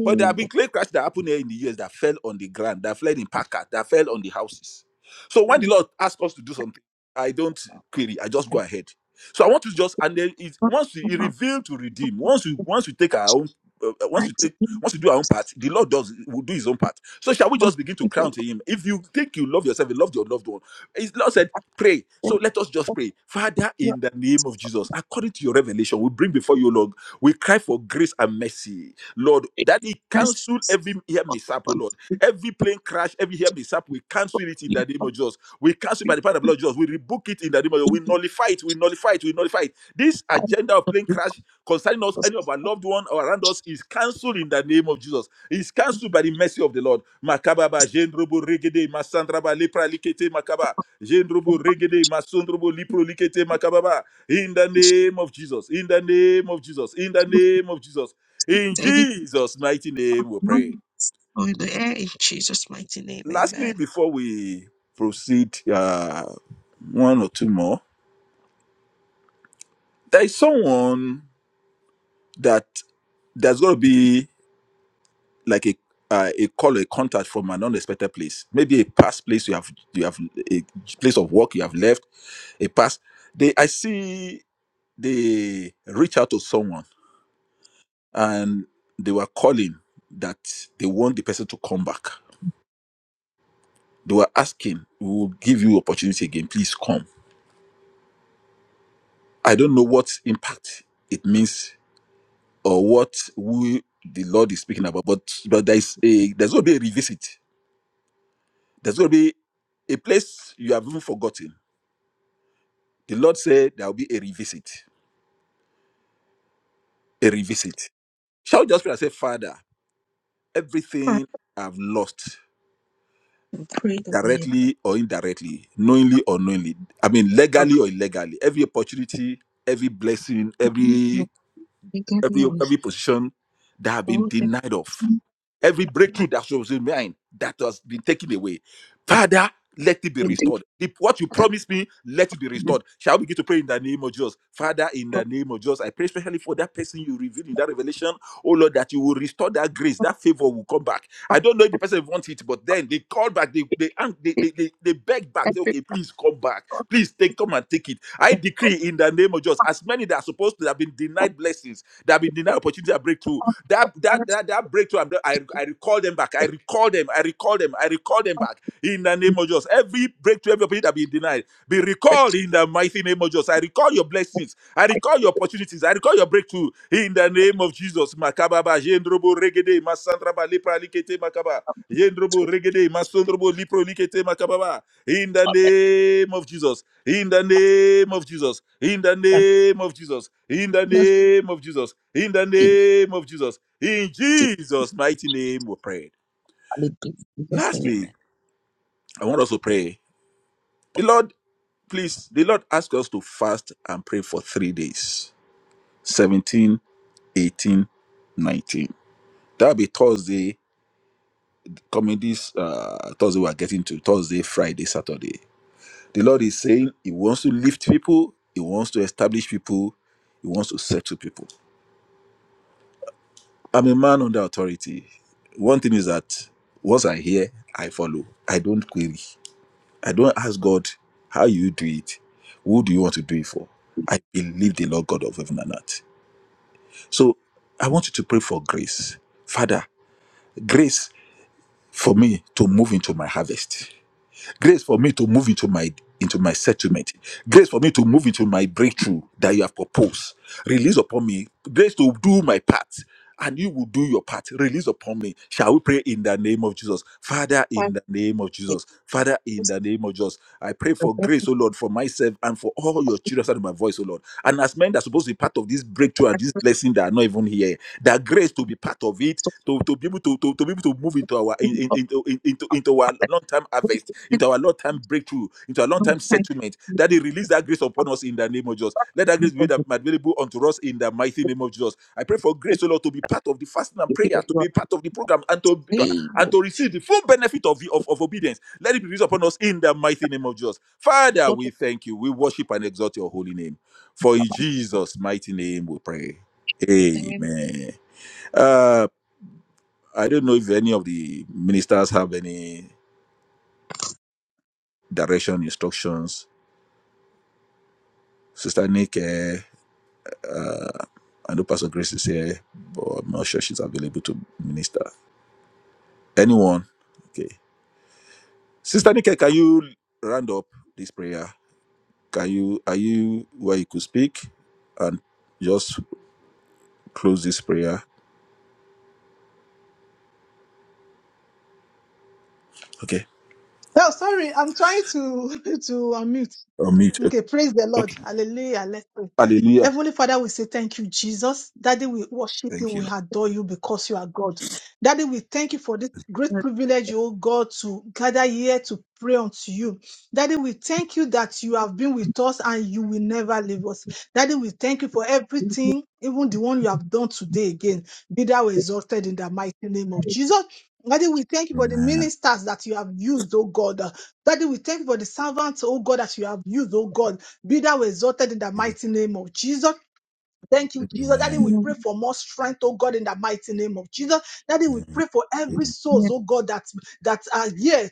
S3: But there have been plane crashes that happened here in the US that fell on the ground, that fell in Packard, that fell on the houses. So when the Lord asks us to do something, I don't query, I just go ahead. So I want to just and then it once we reveal to redeem, once we once we take our own uh, uh, once we take once we do our own part, the Lord does will do his own part. So shall we just begin to crown to him? If you think you love yourself, you love your loved one. His Lord said, pray. So let us just pray. Father, in the name of Jesus, according to your revelation, we bring before you, Lord. We cry for grace and mercy, Lord, that He cancel every here mishap, oh Lord. Every plane crash, every here mishap, we cancel it in the name of Jesus. We cancel it by the power of the blood of Jesus. We rebuke it in the name of Jesus. We nullify it, we nullify it, we nullify it. This agenda of plane crash concerning us, any of our loved one or around us, is cancelled in the name of Jesus. It's cancelled by the mercy of the Lord. Makababa, Jendrobo, Regede, Masandraba, Lepra, Likete, Makaba, Jendrobo, Regede, Masondrobo, Lipro, Likete, Makababa in the name of Jesus, in the name of Jesus, in the name of Jesus. In
S2: Any
S3: Jesus' mighty name, we pray.
S2: man or in the air in Jesus' mighty name,
S3: Lastly,
S2: amen.
S3: before we proceed, uh, one or two more, there is someone that there's going to be like a uh, a call, a contact from an unexpected place, maybe a past place you have you have a place of work you have left, a past. They I see they reach out to someone and they were calling that they want the person to come back. They were asking, "We will give you opportunity again. Please come." I don't know what impact it means or what we the Lord is speaking about, but but there is a there's going to be a revisit. There's going to be a place you have even forgotten. The Lord said there will be a revisit. A revisit. Shall we just pray and say, Father,
S2: Father,
S3: everything I've lost.
S2: we pray that by your
S3: directly or indirectly, knowingly or knowingly. I mean,
S2: blood,
S3: legally or illegally. Every opportunity, every blessing, every
S2: we give
S3: every
S2: you
S3: every position that have been
S2: restore
S3: denied of. Every breakthrough that was in mine that has been taken away. Father, let it be
S2: We declare
S3: restored. If what you
S2: that
S3: promised me, let it be
S2: the
S3: restored. Shall we begin to pray in the name of Jesus? Father, in
S2: power
S3: the name of Jesus, I pray especially for that person you revealed in that revelation. Oh Lord, that you will restore that grace, that favor will come back. I don't know if the person wants it, but then they call back, they they, they,
S2: in
S3: they, they, they beg back, say,
S2: every
S3: okay, please come back.
S2: God
S3: Please take, come and take it. I decree in the name of Jesus, as many that are supposed to have been
S2: of
S3: denied blessings, that have been denied opportunity and breakthrough,
S2: our
S3: that that
S2: parents
S3: that, that breakthrough, I'm- I, I recall them back. I
S2: break
S3: recall them. I recall them. I recall them back in the name of Jesus. Every breakthrough, every opportunity that have been denied, be
S2: the
S3: recalled
S2: divine
S3: in the mighty name of Jesus. I recall your blessings. I recall your opportunities. I recall your breakthrough in the name of Jesus. Makababa, Jendrobo, Regede, Masandraba, Lepra, Likete, Makaba. Jendrobo, Regede, Masondrobo, Lipro, Likete, Makababa in the
S2: connection.
S3: name of Jesus, in the name of Jesus, in the name of Jesus, in the
S2: Let us
S3: name of Jesus, in the
S2: be
S3: name of Jesus, in
S2: deeply
S3: Jesus' mighty name we pray.
S2: blessed in Jesus' name. Amen.
S3: Lastly, I want us to pray. The Lord, please, the Lord asked us to fast and pray for three days seventeen, eighteen, nineteen. That'll be Thursday, coming this uh, Thursday, we are getting to Thursday, Friday, Saturday. The Lord is saying He wants to lift people, He wants to establish people, He wants to settle people. I'm a man under authority. One thing is that once I hear, I follow. I don't query. I don't ask God, how you do it? Who do you want to do it for? I believe the Lord God of heaven and earth. So I want you to pray for grace. Father, grace for me to move into my harvest grace for me to move into my into my settlement grace for me to move into my breakthrough that you have proposed release upon me grace to do my part and you will do your part release upon me shall we pray in the name of jesus father in the name of jesus father in
S2: This is
S3: the name of jesus i pray
S2: the
S3: for
S2: blessing
S3: grace O lord for myself and for all your children under my voice O lord and as men that are supposed to be part of this breakthrough and this blessing that are not even here. That grace to be part of it, to, to be able to, to, to be able to move into our in, in-
S2: of God.
S3: into, in- into into our long-term harvest, into our long-term breakthrough, into our
S2: No
S3: long-term
S2: time
S3: settlement.
S2: we can
S3: That they release that grace upon us in the name of Jesus. Let that grace be
S2: for
S3: made
S2: the
S3: available unto us in the mighty name of Jesus. I pray for grace, O Lord, to be part of the fasting and
S2: beauty
S3: prayer,
S2: that
S3: to
S2: you are
S3: be part of the program, and to, to and
S2: able to
S3: to receive the full benefit of, the- of, of obedience. Let it be released upon us in the mighty name of Jesus. Father,
S2: go to
S3: we thank you. We worship and exalt your holy name. For in Jesus' mighty name we pray.
S2: the name
S3: Amen. Uh, I don't know if any of the ministers have any direction, instructions. Sister Nick, eh, uh, I know Pastor Grace is here, but I'm not sure she's available to minister. Anyone? Okay. Sister Nick, can you round up this prayer? Can you, are you where you could speak and just close this prayer? Okay.
S6: No, sorry, I'm trying to *laughs* to unmute.
S3: Or mute.
S6: Okay, praise the Lord.
S3: Okay.
S6: Hallelujah. Let's pray.
S3: Hallelujah.
S6: Heavenly Father, we say thank you, Jesus. Daddy, we worship you,
S3: Thank
S6: we
S3: you,
S6: adore you because you are God. Daddy, we thank you for this great privilege, oh God, to gather here to pray unto you. Daddy, we thank you that you have been with us and you will never leave us. Daddy, we thank you for everything, even the one you have done today again. Be thou exalted in the mighty name of Jesus. Daddy, we thank
S3: Lord.
S6: you for the
S3: Amen.
S6: ministers that you have used, oh God. Daddy, we thank you for the servants, oh God, that you have used, oh God. Be thou exalted in the mighty name of Jesus. Thank you, Jesus. Daddy, we
S3: Amen.
S2: of
S6: pray
S2: the
S6: for more strength, oh God, in the mighty name of Jesus. Daddy, we
S3: Amen.
S6: pray for every soul, oh God, that that are here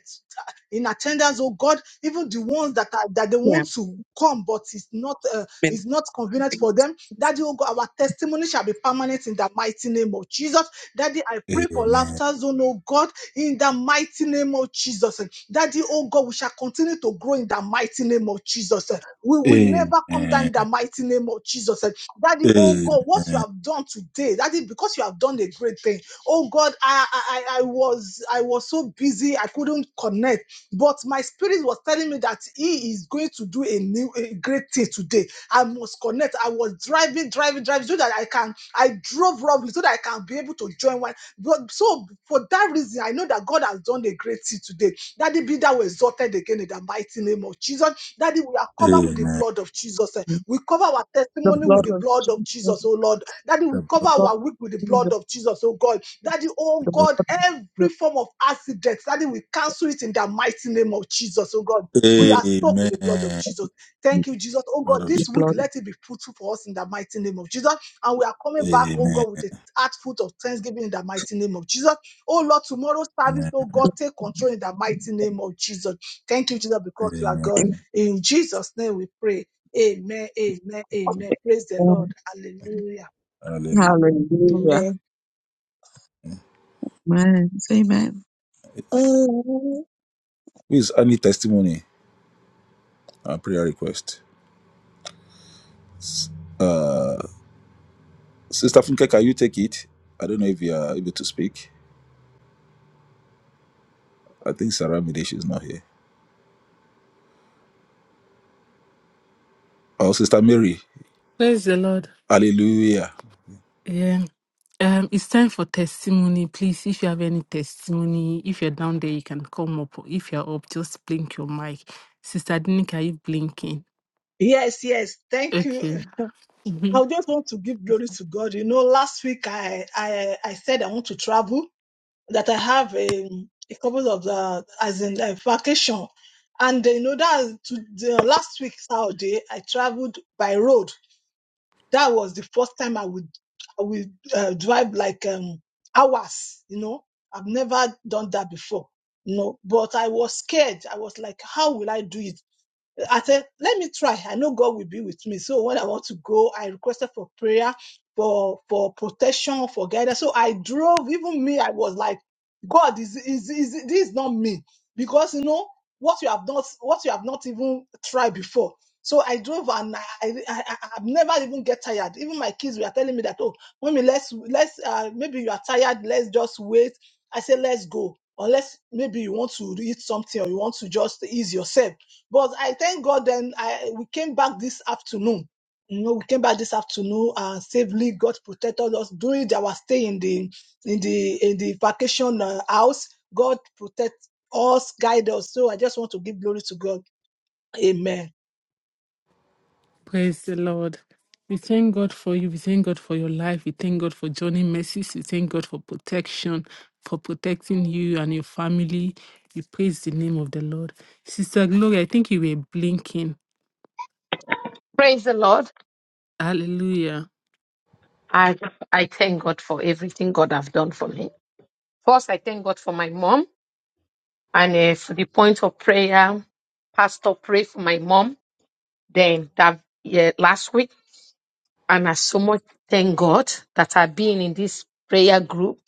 S6: in attendance, oh God, even the ones that are, that they
S2: yeah.
S6: want to come, but it's not uh,
S2: Amen.
S6: it's not convenient for them. Daddy, oh God, our testimony shall be permanent in the mighty name of Jesus. Daddy, I pray for
S3: Amen.
S6: laughter zone, oh God, in the mighty name of Jesus. Daddy, oh God, we shall continue to grow in the mighty name of Jesus. We will never come down in
S3: Amen.
S6: the mighty name of Jesus. Daddy, oh God, what you have done today, Daddy, because you have done a great thing. Oh God, I I, I I was I was so busy, I couldn't connect but my spirit was telling me that he is going to do a new a great thing today. I must connect. I was driving, driving, driving so that I can. I drove roughly so that I can be able to join one. But so for that reason, I know that God has done a great thing today. Daddy, be thou exalted again in the mighty name of Jesus. Daddy, we are covered with the
S3: Amen.
S6: blood of Jesus. eh. We cover our
S2: The
S3: The
S6: testimony with
S3: blood
S2: blood
S6: the
S2: of
S6: blood
S3: of
S6: of
S2: Jesus, the
S6: Jesus, oh Lord. Daddy, we
S3: the
S6: cover
S3: blood of
S2: blood of
S6: our week with the blood
S2: Jesus,
S6: of Jesus, oh God. Daddy, oh
S3: the
S2: the blood
S3: blood.
S6: God, every
S2: of
S6: form of accident, Daddy, we cancel it in the mighty name of Jesus, oh God. We
S2: Jesus,
S6: are soaked with the blood of
S3: Amen.
S6: Jesus. Thank you, Jesus. Oh
S3: Blood
S6: God,
S3: of
S2: the
S3: Jesus.
S6: this week
S2: blood of
S6: let it be fruitful for us in the mighty name of Jesus. And we are coming back, oh
S2: Jesus.
S3: Amen.
S6: God, with a heart full of thanksgiving in the mighty name of Jesus. Oh Lord, tomorrow's service,
S3: Amen.
S6: oh God, take control in the mighty name of Jesus. Thank you, Jesus, because you are God.
S3: Amen.
S2: Amen.
S6: In Jesus' name we pray. Amen, amen, amen. Praise the Lord. Hallelujah.
S3: Hallelujah.
S2: Hallelujah.
S6: Amen.
S2: Amen. Amen. Oh,
S3: Please, I need testimony and prayer request. S- Uh, Sister Funke, can you take it? I don't know if you are able to speak. I think Sarah Midesh is not here. Oh, Sister Mary.
S7: Praise the Lord.
S3: Hallelujah.
S7: Yeah. Um, it's time for testimony. Please, if you have any testimony, if you're down there, you can come up. Or If you're up, just blink your mic. Sister Dinika, are you blinking?
S6: Yes, yes. Thank you.
S7: Okay. Mhm.
S6: I just want to give glory to God. You know, last week I I, I said I want to travel, that I have a, a couple of uh, as in a vacation, and uh, you know that to the last week Saturday I traveled by road. That was the first time I would I would uh, drive like um, hours. You know, I've never done that before. You know, but I was scared. I was like, how will I do it? I said, let me try. I know God will be with me. So when I want to go, I requested for prayer, for for protection, for guidance. So I drove. Even me, I was like, God is is is this is not me because you know what you have not what you have not even tried before. So I drove and I, I, I I- have never even get tired. Even my kids were telling me that, oh, mommy, let's let's uh, maybe you are tired. Let's just wait. I said, let's go. Unless maybe you want to eat something or you want to just ease yourself. But I thank God then I we came back this afternoon. You know, we came back this afternoon and safely God protected us during our stay in the in the in the vacation uh, house. God protect us, guide us. So I just want to give glory to God. Amen.
S7: Praise the Lord. We thank God for you. We thank God for your life. We thank God for journey mercies. We thank God for protection, for protecting you and your family. We praise the name of the Lord. Sister Glory, I think you were blinking.
S8: Praise the Lord.
S7: Hallelujah.
S8: I I thank God for everything God have done for me. First, I thank God for my mom. And uh, for the point of prayer, Pastor pray for my mom. Then that yeah, last week, and I so much thank God that I've been in this prayer group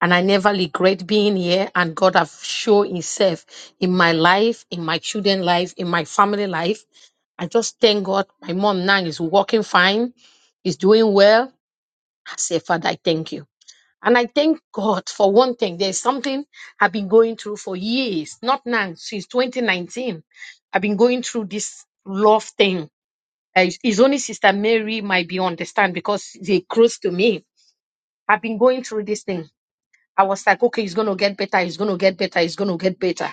S8: and I never regret being here and God have shown himself in my life, in my children life, in my family life. I just thank God my mom now is working fine, is doing well. I say, Father, I thank you. And I thank God for one thing. There's something I've been going through for years, not now, since 2019. I've been going through this love thing. Uh, His only sister Mary might be understand because they close to me. I've been going through this thing. I was like, okay, it's gonna get better, it's gonna get better, it's gonna get better.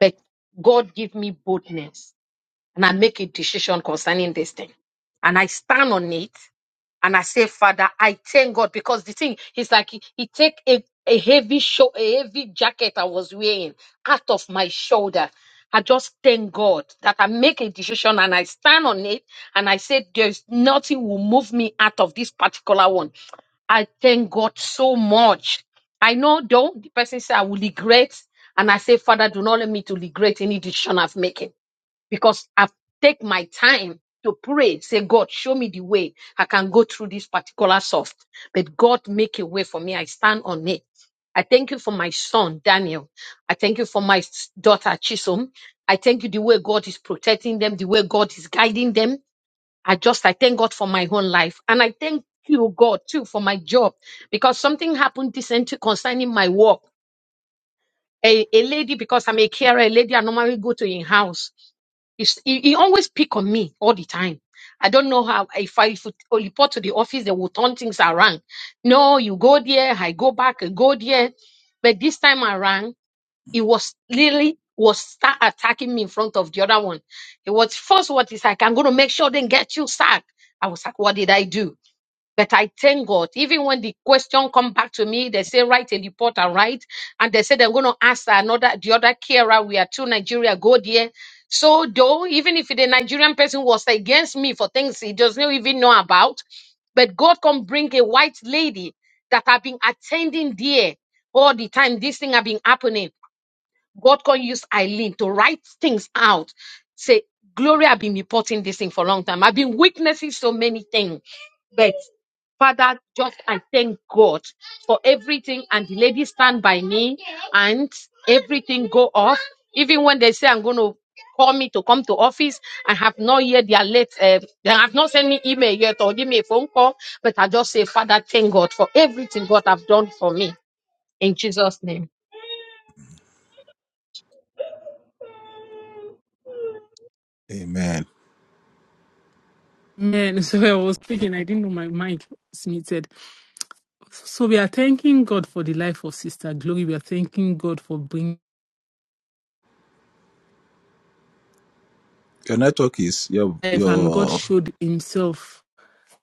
S8: But God give me boldness and I make a decision concerning this thing. And I stand on it and I say, Father, I thank God because the thing is like he, he take a, a heavy show, a heavy jacket I was wearing out of my shoulder. I just thank God that I make a decision and I stand on it and I say there's nothing will move me out of this particular one. I thank God so much. I know though the person say I will regret and I say, Father, do not let me to regret any decision I've making because I've take my time to pray, say, God, show me the way I can go through this particular soft. But God make a way for me. I stand on it. I thank you for my son, Daniel. I thank you for my s- daughter, Chisom. I thank you the way God is protecting them, the way God is guiding them. I just, I thank God for my own life. And I thank you, God, too, for my job because something happened decently concerning my work a, a lady because I'm a carer, a lady I normally go to in house. He's- He, he always pick on me all the time. I don't know how if I if I report to the office, they will turn things around. No, you go there, I go back, I go there. But this time around, he was literally was start attacking me in front of the other one. It was first what is like, I'm gonna make sure they get you sacked. I was like, what did I do? But I thank God. Even when the question come back to me, they say write a report and write, and they say they're going to ask another the other carer. We are to Nigeria. Go there. So though, even if the Nigerian person was against me for things he doesn't even know about, but God can bring a white lady that have been attending there all the time. This thing have been happening. God can use Eileen to write things out. Say, Gloria, I've been reporting this thing for a long time. I've been witnessing so many things. But Father, just I thank God for everything. And the ladies stand by me and everything go off. Even when they say I'm going to call me to come to office, I have not yet they are late. Uh, they have not sent me email yet or give me a phone call. But I just say, Father, thank God for everything God have done for me in Jesus' name.
S3: Amen.
S7: Man, so *laughs* I was speaking, I didn't know my mic was muted. So we are thanking God for the life of Sister Glory. We are thanking God for bringing
S3: Your network is your
S7: life, and God
S3: your
S7: showed Himself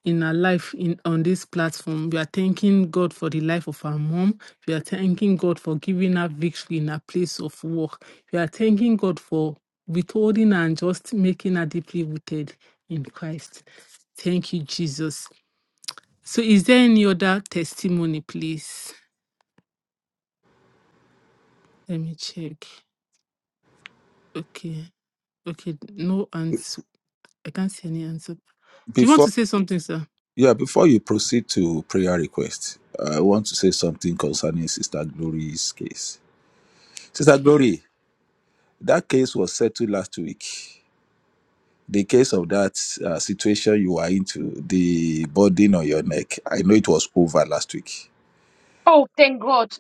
S7: in our life in on this platform. We are thanking God for the life of our mom. We are thanking God for giving her victory in her place of work. We are thanking God for withholding her and just making her deeply rooted in Christ. Thank you, Jesus. So, is there any other testimony, please? Let me check. Okay. Okay. No answer. I can't see any answer. Do you want
S3: before
S7: to say something, sir?
S3: yeah before you proceed to prayer request i want to say something concerning sister glory's case sister
S7: Okay.
S3: glory that case was settled last week the case of that uh, situation you were into the burden on your neck i know it was over last week
S8: Oh, thank God.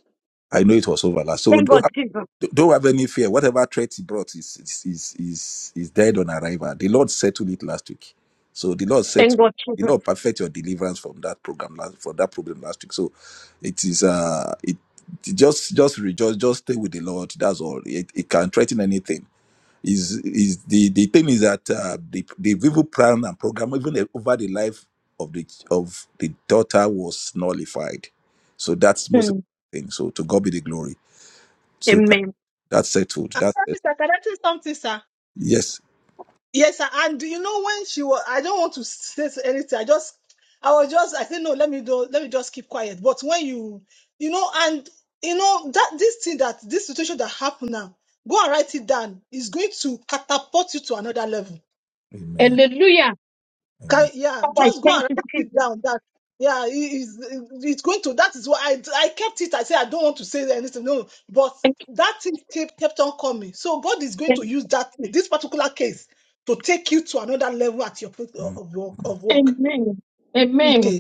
S3: I know it was over last. So
S8: Thank
S3: don't
S8: God, Jesus.
S3: have, don't have any fear. Whatever threat he brought is is is is, is dead on arrival. The Lord settled it last week. So the Lord set
S8: Thank God,
S3: the
S8: Jesus.
S3: Lord perfect your deliverance from that program last from that problem last week. So it is uh it just just rejoice, just stay with the Lord. That's all. It, it can threaten anything is is the the thing is that uh, the the vivo plan and program even over the life of the of the daughter was nullified so that's most
S8: Mm.
S3: thing so to god be the glory so that,
S8: Amen.
S3: that's settled that's it
S6: Sir, Can I say something, sir?
S3: yes
S6: Yes, a- and you know when she was, I don't want to say anything. I just, I was just, I said no. Let me do. Let me just keep quiet. But when you, you know, and you know that this thing that this situation that happened now, go and write it down. Is going to catapult you to another level.
S3: amen
S8: Hallelujah.
S6: Ki-
S3: amen
S6: yeah,
S8: Father, I
S6: just go and
S8: thank you,
S6: write it
S8: Jesus.
S6: down. That yeah, it is it's going to. That is why I I kept it. I said I don't want to say anything. No, but that thing kept kept on coming. So God is going to
S8: Thank-
S6: use that this particular case to take you to another level at your place
S3: Mm.
S6: of work. Of work.
S8: Amen. Amen.
S6: Okay,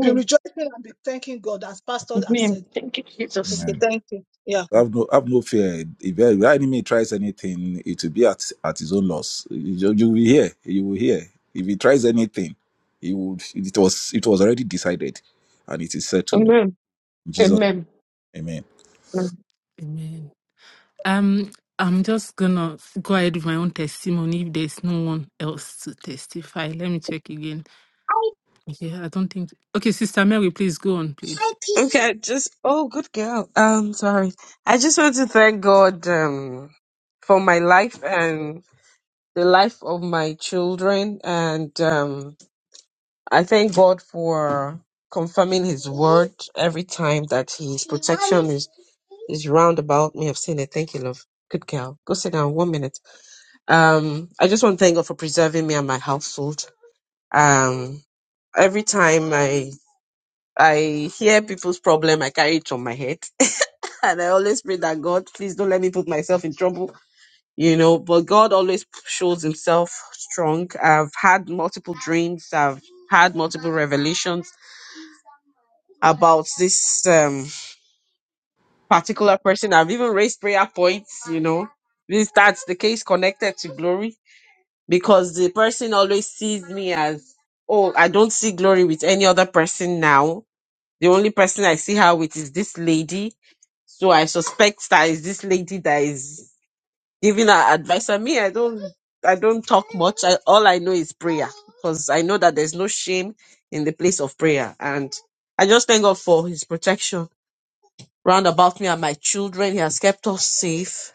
S6: be rejoicing and be thanking God as pastors have
S8: Amen.
S6: said.
S8: Thank you, Jesus.
S6: Okay,
S3: amen
S6: thank you. Yeah.
S3: have no, have no fear. If your enemy tries anything, it will be at, at his own loss. You, you will hear. You will hear. If he tries anything, he would. It was, it was already decided, and it is settled.
S8: Amen.
S3: In Jesus,
S8: Amen.
S3: Amen.
S7: Amen. Um, I'm just gonna go ahead with my own testimony if there's no one else to testify. Let me check again. Okay, I don't think okay, Sister Mary, please go on, please.
S2: Okay, just oh, good girl. Um, sorry. I just want to thank God um for my life and the life of my children, and um, I thank God for confirming His word every time that His protection is is round about me. I've seen it. Thank you, love. Good girl. Go sit down. One minute. Um, I just want to thank God for preserving me and my household. Um, every time I I hear people's problem, I carry it on my head And I always pray that God, please don't let me put myself in trouble, you know. But God always shows himself strong. I've had multiple dreams, I've had multiple revelations about this um, particular person. I've even raised prayer points, you know. This that's the case connected to glory because the person always sees me as, oh, I don't see glory with any other person now. The only person I see her with is this lady. So I suspect that is this lady that is. giving her advice. And me, I don't I don't talk much. I, all I know is prayer because I know that there's no shame in the place of prayer. And I just thank God for his protection round about me and my children. He has kept us safe.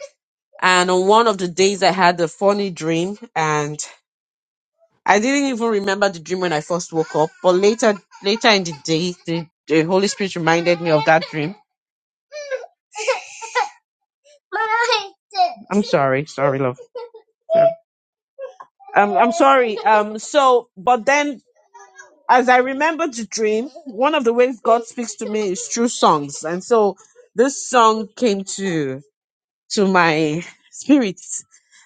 S2: And on one of the days I had a funny dream and I didn't even remember the dream when I first woke up. But later later in the day the, the Holy Spirit reminded me of that dream. *laughs* I'm sorry, sorry love. Um, I'm sorry. Um, so, but then, as I remember the dream, one of the ways God speaks to me is through songs, and so this song came to to my *laughs* spirit,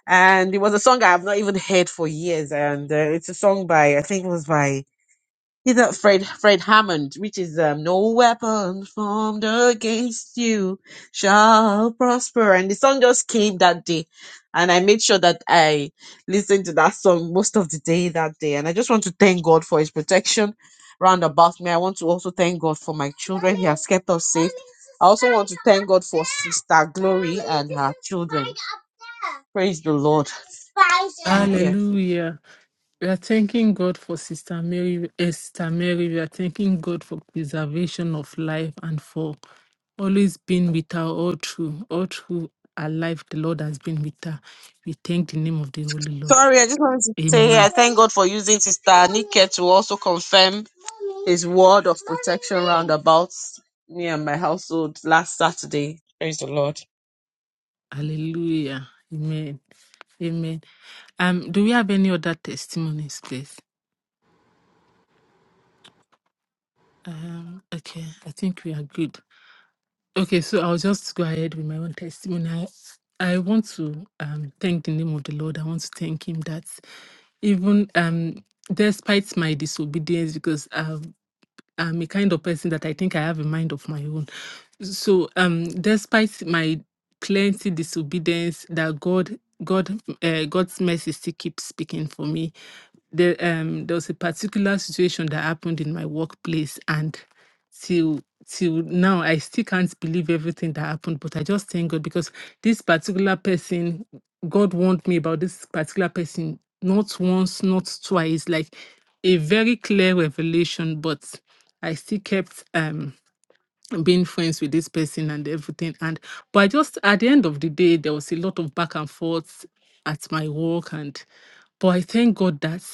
S2: and it was a song I have not even heard for years, and uh, it's a song by I think it was by is that Fred Fred Hammond, which is um, "No weapon formed against you shall prosper," and the song just came that day, and I made sure that I listened to that song most of the day that day, and I just want to thank God for His protection round about me. I want to also thank God for my children; He has kept us safe. I also want to thank God for Sister Glory and her children. Praise the Lord.
S3: Yeah.
S2: Yeah.
S7: Hallelujah. We are thanking God for Sister Mary, eh, Sister Mary. We are thanking God for preservation of life and for always being with her all through, all through her life. The Lord has been with her. We thank the name of the Holy Lord.
S2: Sorry, I just wanted to say I
S7: Amen.
S2: thank God for using Sister Nike to also confirm his word of protection roundabout me and my household last Saturday. Praise the Lord.
S7: Hallelujah. Amen. Amen. Um, do we have any other testimonies, please? Um, okay, I think we are good. Okay, so I'll just go ahead with my own testimony. I, I want to um, thank the name of the Lord. I want to thank Him that even um, despite my disobedience, because um, I'm a kind of person that I think I have a mind of my own. So, um, despite my plenty disobedience, that God, God, uh, God's mercy still keeps speaking for me. There, um, there was a particular situation that happened in my workplace, and till till now i still can't believe everything that happened but i just thank god because this particular person god warned me about this particular person not once not twice like a very clear revelation but i still kept um being friends with this person and everything and but i just at the end of the day there was a lot of back and forth at my work and but i thank god that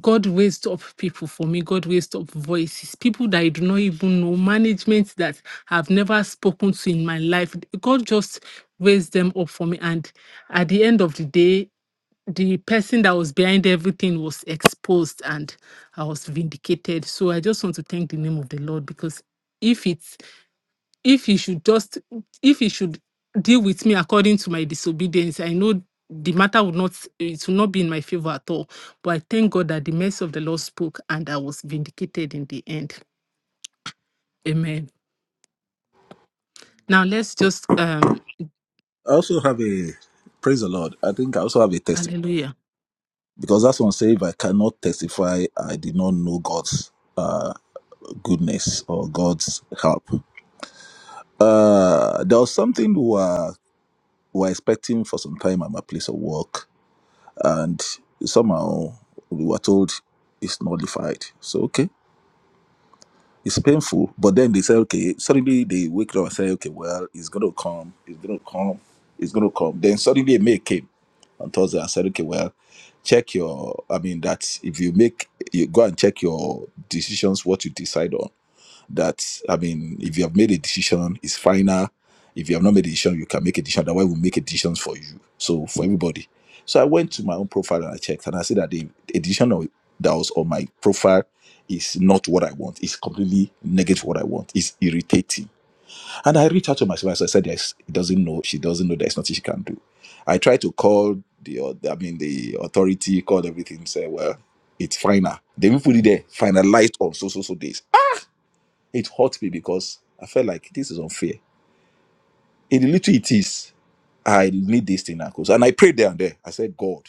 S7: God raised up people for me. God raised up voices, people that I do not even know, management that I've never spoken to in my life. God just raised them up for me. And at the end of the day, the person that was behind everything was exposed and I was vindicated. So I just want to thank the name of the Lord because if it's if he should just if he should deal with me according to my disobedience i know the matter would not it will not be in my favor at all but i thank god that the mercy of the lord spoke and i was vindicated in the end amen now let's just um
S3: I also have a praise the Lord. I think I also have a testimony
S7: hallelujah
S3: because that's one say if I cannot testify, I did not know God's uh, goodness or God's help. Uh, there was something we were, we were expecting for some time at my place of work, and somehow we were told it's nullified. So okay, it's painful. But then they say, okay, suddenly they wake up and say, okay, well, it's gonna come, it's gonna come, it's gonna come. Then suddenly a May came on Thursday and said, okay, well, check your. I mean, that if you make, you go and check your decisions, what you decide on that I mean, if you have made a decision, it's final. If you have not made a decision, you can make a decision. Otherwise, we make a decision for you. So for everybody. So I went to my own profile and I checked, and I see that the a decision of- that was on my profile is not what I want. It's completely negative what I want. It's irritating. And I reached out to myself. As I said, yes, he doesn't know. She doesn't know. There's nothing she can do. I tried to call the, au- I mean, the authority, called everything. Say, well, it's final. They even put it there, finalized on so so so days. It hurt me because I felt like this is unfair. In the little it is, I need this thing now. 'cause- And I prayed there and there. I said, God.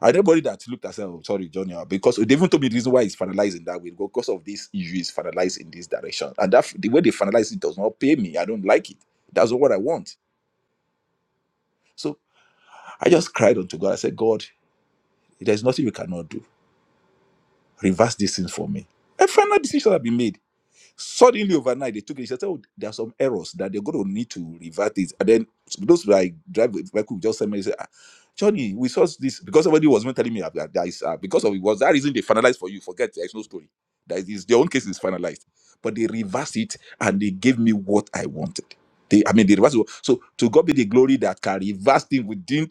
S3: And anybody that looked at said, oh, sorry, Johnny, uh, because they even told me the reason why it's finalizing that way, because of this issue is finalized in this direction. And that the way they finalize it does not pay me. I don't like it. That's not what I want. So I just cried unto God. I said, God, there's nothing you cannot do. Reverse this thing for me. A final decision had been made Suddenly overnight, they took it. They said, "Oh, there are some errors that they're going to need to revert it." And then those like drive with vehicle just sent me and say, "Ah, "Johnny, we saw this because somebody was not telling me that that is uh, because of it was that reason they finalized for you. Forget there's no story. That is their own case is finalized, but they reversed it and they gave me what I wanted. They, I mean, they reversed. it. So to God be the glory that can reverse things within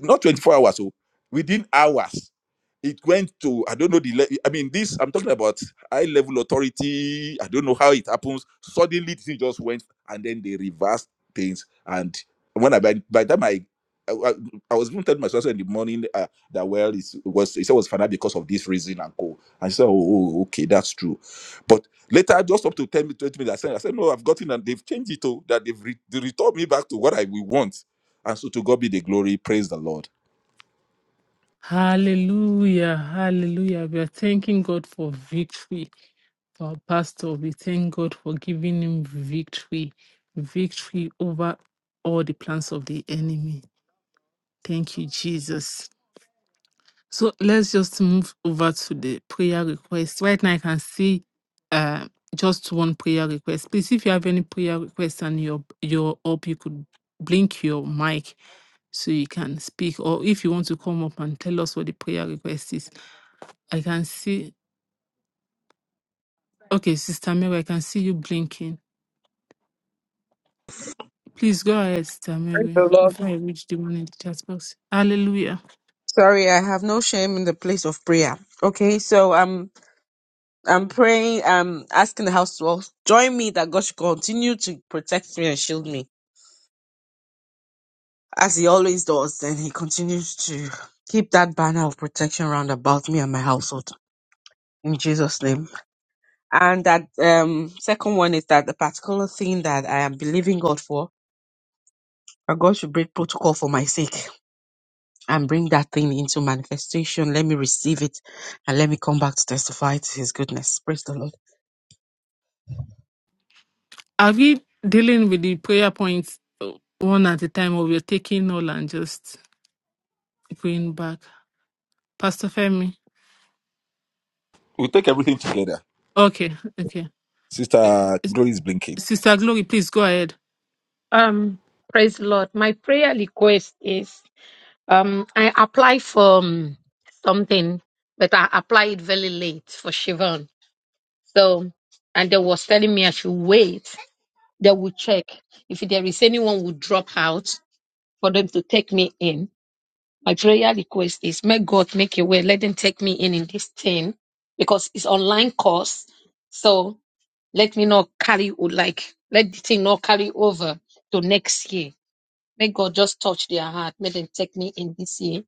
S3: not 24 hours, so within hours." it went to i don't know the le- i mean this i'm talking about high level authority. I don't know how it happens. Suddenly, things just went, and then they reversed things. And when I by, by the time I I, I I was even telling my sister in the morning uh, that well, it's, it was it said it was final because of this reason and co. And she said, oh, oh, oh, okay, that's true. But later, just up to 10 20 minutes, minutes, I said, I said, no, I've gotten and they've changed it to that they've re- they returned me back to what I we want. And so to God be the glory. Praise the Lord.
S7: hallelujah hallelujah we are thanking god for victory for our pastor we thank god for giving him victory victory over all the plans of the enemy thank you jesus So let's just move over to the prayer request. Right now, I can see uh, just one prayer request. Please, if you have any prayer request and your your up, you could blink your mic so you can speak. Or if you want to come up and tell us what the prayer request is, I can see. Okay, Sister Mary, I can see you blinking. Please go ahead, Sister
S2: Praise
S7: Mary,
S2: the Lord.
S7: before I reach the one in the chat box. Hallelujah.
S2: Sorry, I have no shame in the place of prayer. Okay, so I'm I'm praying, I'm asking the house to all join me that God should continue to protect me and shield me. As he always does, and he continues to keep that banner of protection round about me and my household. In Jesus' name. And that um second one is that the particular thing that I am believing God for, that God should break protocol for my sake and bring that thing into manifestation. Let me receive it and let me come back to testify to his goodness. Praise the Lord.
S7: Are we dealing with the prayer points uh, one at a time, or we're taking all and just? Going back. Pastor Femi.
S3: We'll take everything together.
S7: Okay, okay. Uh,
S3: Sister Glory is blinking.
S7: Sister Glory, please go ahead.
S8: Um, praise the Lord. My prayer request is um I apply for um, something, but I applied very late for Siobhan. So and they was telling me I should wait. They will check if there is anyone who drop out for them to take me in. My prayer request is may God make a way. Let them take me in in this thing because it's online course. So let me not carry o- like let the thing not carry over to next year. May God just touch their heart. May them take me in this year.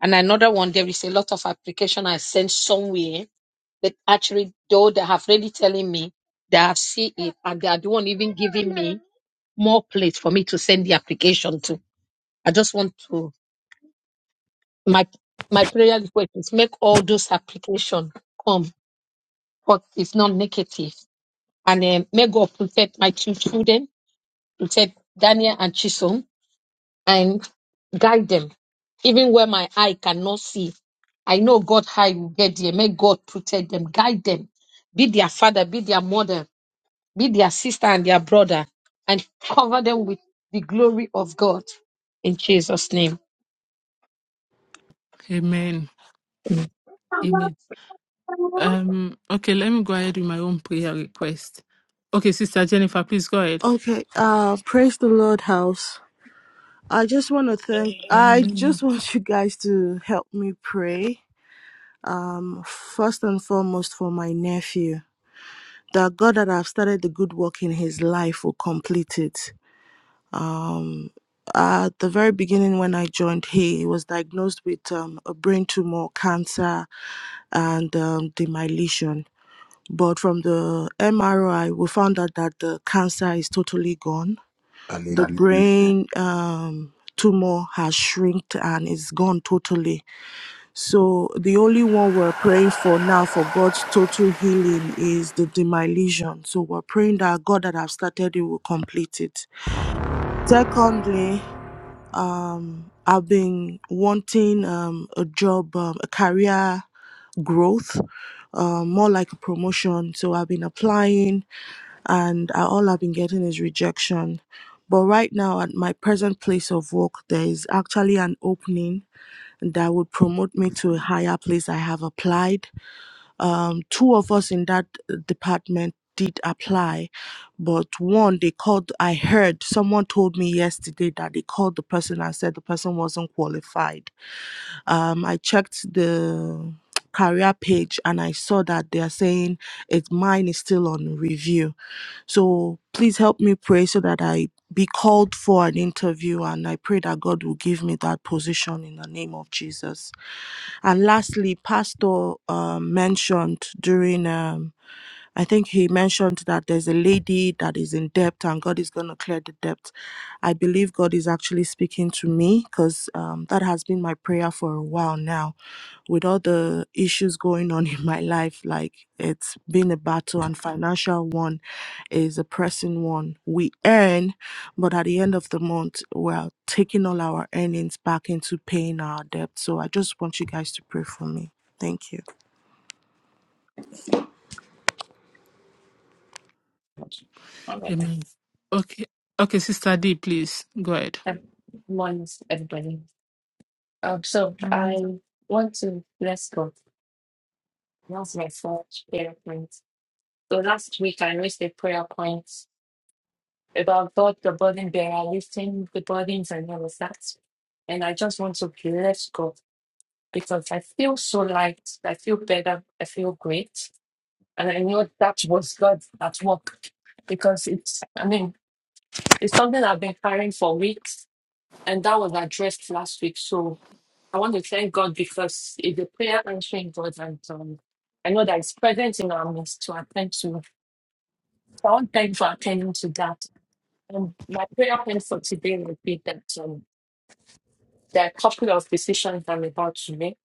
S8: And another one, there is a lot of application I sent somewhere that actually though they have really telling me they have seen it and they are the one even giving me more place for me to send the application to. I just want to My my prayer request is make all those applications come but it's not negative. And um, may God protect my two children, protect Daniel and Chisom, and guide them, even where my eye cannot see. I know God high will get there. May God protect them, guide them, be their father, be their mother, be their sister and their brother, and cover them with the glory of God. In Jesus' name.
S7: Amen. Amen. Um, okay, let me go ahead with my own prayer request. Okay, Sister Jennifer, please go ahead.
S9: Okay, uh, praise the Lord, house. I just want to thank, I
S7: Hallelujah.
S9: just *laughs* want you guys to help me pray. Um, first and foremost for my nephew, that God that I've started the good work in his life will complete it. Um, at the very beginning when I joined, he was diagnosed with um, a brain tumor, cancer, and um, demyelination. But from the MRI, we found out that the cancer is totally gone the
S3: Hallelujah.
S9: brain um, tumor has shrinked and is gone totally. So the only one we're praying for now for God's total healing is the demyelination. So we're praying that God that have started it will complete it. Secondly, um, I've been wanting um, a job, um, a career growth, um, more like a promotion. So I've been applying and uh, all I've been getting is rejection. But right now, at my present place of work, there is actually an opening that would promote me to a higher place. I have applied. Um, two of us in that department did apply, but one they called. I heard someone told me yesterday that they called the person and said the person wasn't qualified um, I checked the *tsk* career page and I saw that they are saying it mine is still on review. So please help me pray so that I be called for an interview and I pray that God will give me that position in the name of Jesus. And lastly, Pastor um mentioned during um, I think he mentioned that there's a lady that is in debt and God is going to clear the debt. I believe God is actually speaking to me because um, that has been my prayer for a while now. With all the issues going on *laughs* in my life, like it's been a battle, and financial one is a pressing one. We earn, but at the end of the month, we're taking all our earnings back into paying our debt. So I just want you guys to pray for me. Thank you.
S10: Alright,
S7: Amen. Okay. Okay, Sister D, please go ahead.
S10: um, Morning, everybody. Um, so
S7: Amen.
S10: I want to let's go. That's my first prayer point. So last week I raised a prayer point about God, the burden bearer, lifting the burdens and all of that. And I just want to bless God because I feel so light. I feel better. I feel great. And I know that was God at work because it's. I mean, it's something I've been carrying for weeks, and that was addressed last week. So I want to thank God because it's a prayer answering God, and um, I know that it's present in our midst to attend to. So I want to thank you for attending to that. Um, my prayer point for today will be that um, there are a couple of decisions I'm about to make,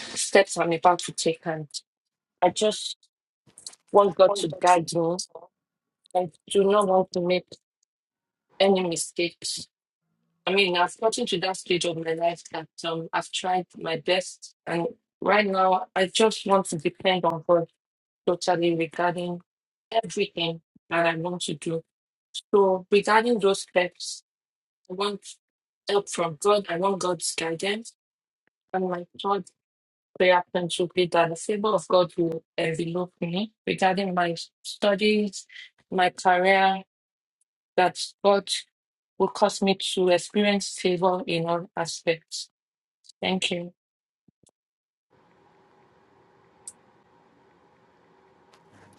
S10: steps I'm about to take, and I just want God to guide me. I do not want to make any mistakes. I mean, I've gotten to that stage of my life that um, I've tried my best, and right now I just want to depend on God totally regarding everything that I want to do. So regarding those steps, I want help from God. I want God's guidance. And my third prayer point should be that the favor of God will envelop me regarding my studies, my career, that God will cause me to experience favor in all aspects. Thank you.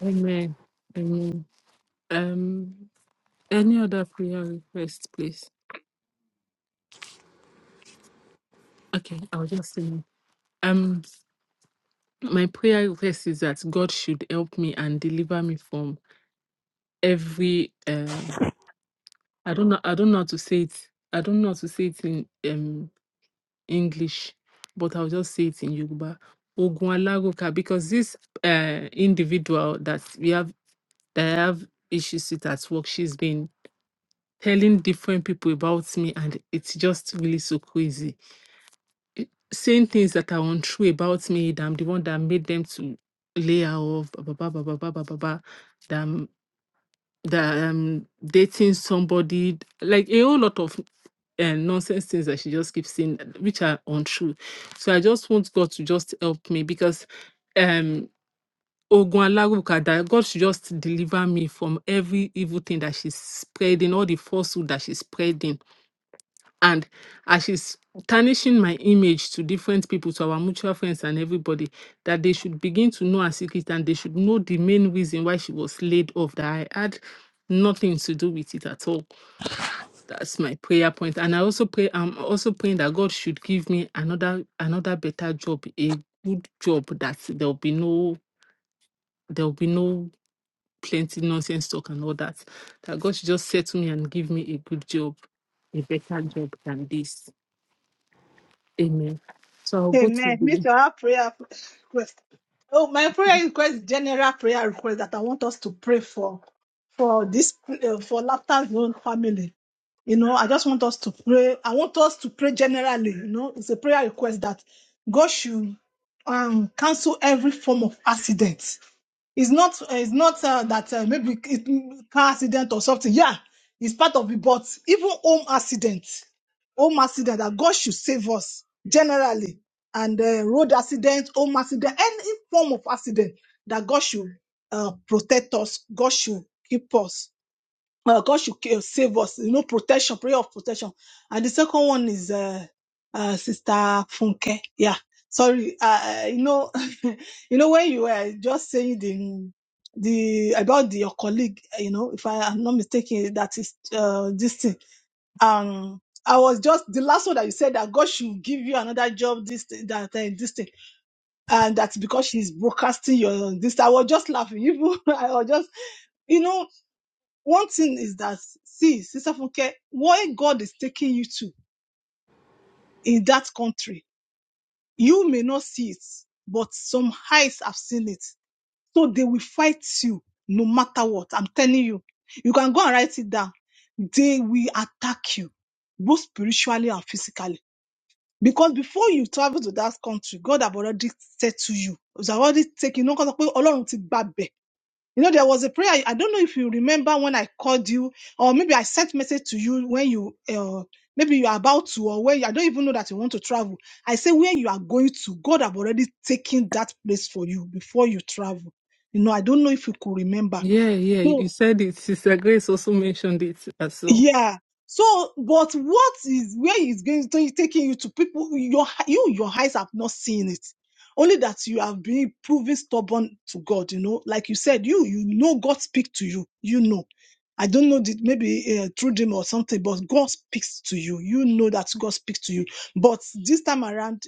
S7: Amen. Amen. Um, any other prayer request, please? Okay, I'll just say. Um, my prayer request is that God should help me and deliver me from every um I don't know I don't know how to say it. I don't know how to say it in um English, but I'll just say it in Yoruba. Ogunalagoka, because this uh individual that we have that I have issues with at work, she's been telling different people about me and it's just really so crazy. It- Saying things that are untrue about me, that I'm the one that made them to lay her off, blah, blah, blah, blah, blah, blah, blah, blah, blah, that that um dating somebody like a whole lot of uh, nonsense things that she just keeps saying uh, which are untrue so i just want god to just help me because um ogun alaruka that god should just deliver me from every evil thing that she's spreading all the falsehood that she's spreading and as she's tarnishing my image to different people, to our mutual friends and everybody, that they should begin to know her secret and they should know the main reason why she was laid off, that I had nothing to do with it at all. That's my prayer point. And I also pray, I'm also praying that God should give me another another better job, a good job that there'll be no there'll be no plenty nonsense talk and all that. That God should just settle me and give me a good job, a better job than this. Amen. So I'll go to
S6: Amen. Me
S7: the.
S6: too, our prayer request. Oh, my prayer request, is general prayer request that I want us to pray for, for this, uh, for Laughter Zone family. You know, I just want us to pray. I want us to pray generally. You know, it's a prayer request that God should um, cancel every form of accident it's not uh, it's not uh, that uh, maybe it, car accident or something. Yeah, it's part of it. But even home accident, home accident that God should save us generally, and uh, road accident, home accident, any form of accident that God should uh, protect us. God should keep us uh, God should ca- save us, you know, protection, prayer of protection. And the second one is uh, uh, Sister Funke. Yeah, sorry, uh, uh, you know, *laughs* you know when you were just saying the the about the, your colleague, you know, if I am not mistaken, that is uh, this thing. Um, I was just the last one that you said that God should give you another job. This thing, that uh, this thing, and that's because she's broadcasting your this. I was just laughing. *laughs* Even I was just you know. One thing is that, see, Sister Funke, where God is taking you to in that country, you may not see it, but some eyes have seen it. So they will fight you no matter what. I'm telling you. You can go and write it down. They will attack you, both spiritually and physically. Because before you travel to that country, God have already said to you, has already taken, you You know, there was a prayer. I I don't know if you remember when I called you, or maybe I sent message to you when you, uh, maybe you are about to, or when you, I don't even know that you want to travel. I say where you are going to, God have already taken that place for you before you travel. You know, I don't know if you could remember.
S7: Yeah, yeah.
S6: So,
S7: You said it. Sister Grace also mentioned it as well.
S6: yeah. So, but what is where is going to taking you to people your you your eyes have not seen it, only that you have been proving stubborn to God. You know, like you said, you you know God speak to you. You know, I don't know that maybe uh, through dream or something, but God speaks to you. You know that God speaks to you. But this time around.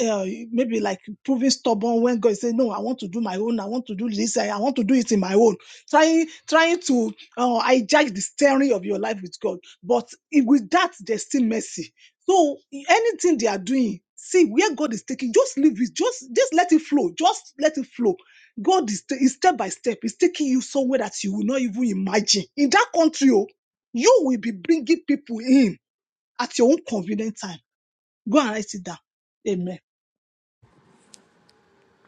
S6: Uh, maybe like proving stubborn when God say no, I want to do my own. I want to do this. I, I want to do it in my own. Trying, trying to or hijack the steering of your life with God. But if- with that, there's still mercy. So anything they are doing, see where God is taking, just leave it, just just let it flow, just let it flow. God is, ta- is step by step, is taking you somewhere that you will not even imagine. In that country, oh, you will be bringing people in at your own convenient time. Go and write it down. Amen.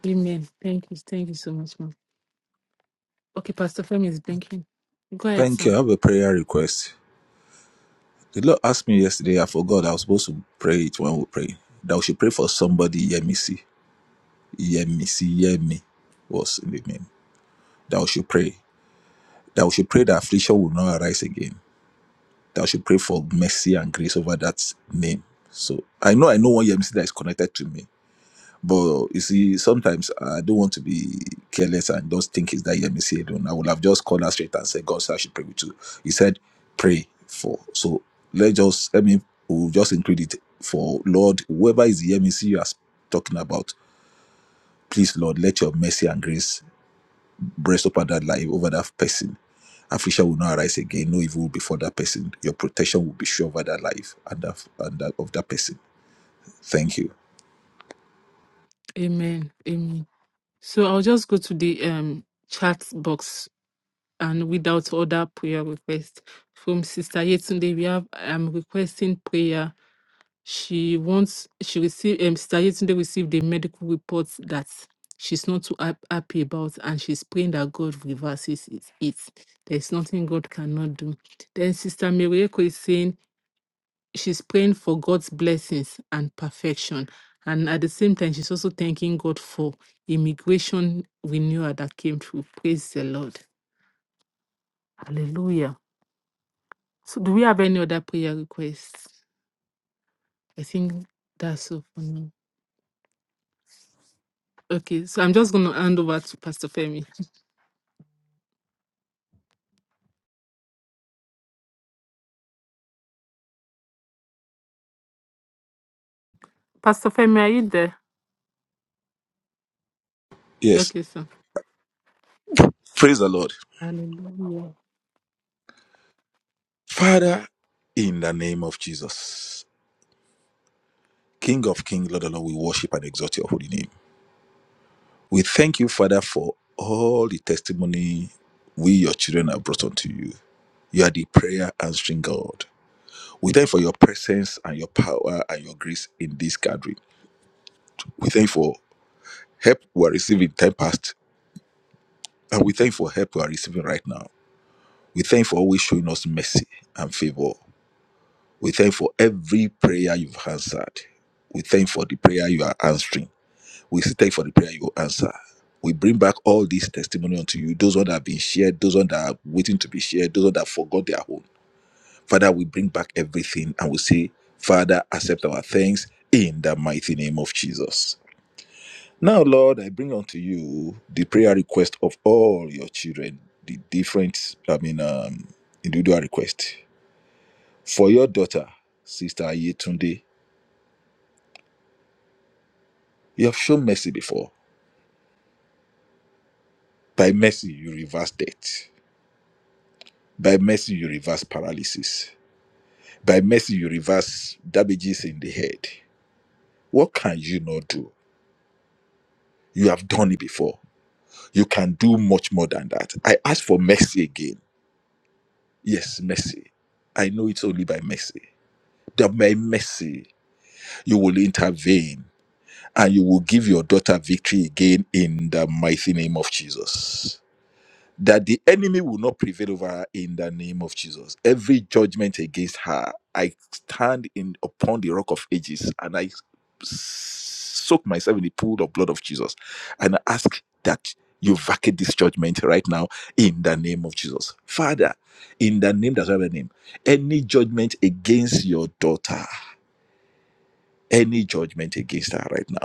S7: Amen. Thank you. Thank you so much, ma'am. Okay, Pastor Femi is blinking. Go ahead,
S3: Thank
S7: sir.
S3: you. I have a prayer request. The Lord asked me yesterday, I forgot I was supposed to pray it when we pray. That we should pray for somebody, Yemisi. Yemisi, Yemi was in the name. That we should pray. That we should pray that affliction will not arise again. That we should pray for mercy and grace over that name. So I know I know one Yemisi that is connected to me. But you see, sometimes I don't want to be careless and just think it's that Yemisi alone. I would have just called her straight and said, God, sir, I should pray with you. He said, pray for. So let's just, I mean, we'll just include it for Lord, whoever is the Yemisi you are talking about, please, Lord, let your mercy and grace breast upon that life over that person. Affliction will not arise again. No evil will before that person. Your protection will be sure over that life and that, and that of that person. Thank you.
S7: Amen. Amen. So I'll just go to the um chat box and without other prayer request from Sister Yetunde, we have I'm requesting prayer She wants she received um, Sister Yetunde received a medical report that she's not too hap- happy about, and she's praying that God reverses it. it. There's nothing God cannot do. Then Sister Mirieko is saying she's praying for God's blessings and perfection. And at the same time, she's also thanking God for immigration renewal that came through. Praise the Lord. Hallelujah. So, do we have any other prayer requests? I think that's all for now. Okay, so I'm just going to hand over to Pastor Femi. Pastor Femi, are you there?
S3: Yes.
S7: Okay, sir.
S3: Praise the Lord.
S7: Hallelujah.
S3: Father, in the name of Jesus, King of Kings, Lord of Lords, we worship and exalt your holy name. We thank you, Father, for all the testimony we, your children, have brought unto you. You are the prayer answering God. We thank you for your presence and your power and your grace in this gathering. We thank you for help we are receiving in time past, and we thank you for help we are receiving right now. We thank you for always showing us mercy and favor. We thank you for every prayer you've answered. We thank you for the prayer you are answering. We still thank for the prayer you answer. We bring back all these testimony unto you, those one that have been shared, those one that are waiting to be shared, those one that forgot their own. Father, we bring back everything and we say, Father, accept our thanks in the mighty name of Jesus. Now, Lord, I bring unto you the prayer request of all your children, the different, I mean, um, individual request. For your daughter, Sister Ayetunde. you have shown mercy before. By mercy, you reversed it. By mercy, you reverse paralysis. By mercy, you reverse damages in the head. What can you not do? You have done it before. You can do much more than that. I ask for mercy again. Yes, mercy. I know it's only by mercy. That by mercy, you will intervene and you will give your daughter victory again in the mighty name of Jesus. that the enemy will not prevail over her in the name of Jesus. Every judgment against her, I stand in upon the rock of ages and I soak myself in the pool of blood of Jesus and I ask that you vacate this judgment right now in the name of Jesus. Father, in the name that's above name, any judgment against your daughter, any judgment against her right now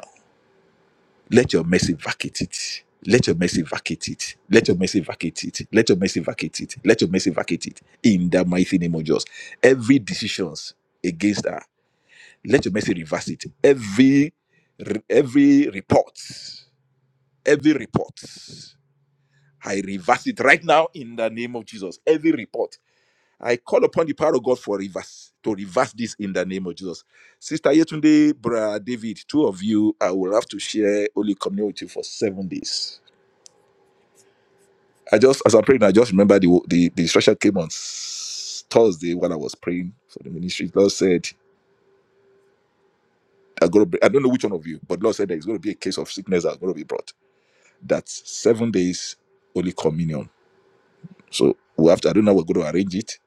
S3: let your mercy vacate it. Let your mercy vacate it. Let your mercy vacate it. Let your mercy vacate it. Let your mercy vacate it. In the mighty name of Jesus. Every decisions against her, let your mercy reverse it. Every every report, every report, I reverse it right now in the name of Jesus. Every report. I call upon the power of God for reverse to reverse this in the name of Jesus. Sister Yetunde, Brother David, two of you, I will have to share Holy Communion with you for seven days I just as I'm praying, I just remember the the, the instruction came on s- Thursday while I was praying for the ministry. Lord said, "I'm gonna. Bring, I don't know which one of you, but Lord said there is going to be a case of sickness that's going to be brought. That's seven days only communion. So we have to. I don't know. We're going to arrange it,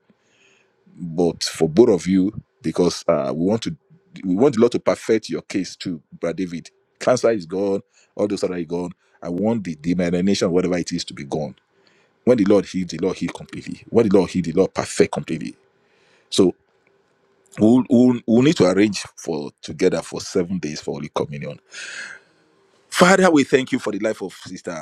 S3: but for both of you because uh, we want to. We want the Lord to perfect your case too, Brother David. Cancer is gone. All those are gone. I want the denomination, whatever it is, to be gone. When the Lord healed, the Lord healed completely. When the Lord healed, the Lord perfect completely So we'll, we'll, we'll need to arrange for together for seven days for Holy Communion. Father, we thank you for the life of Sister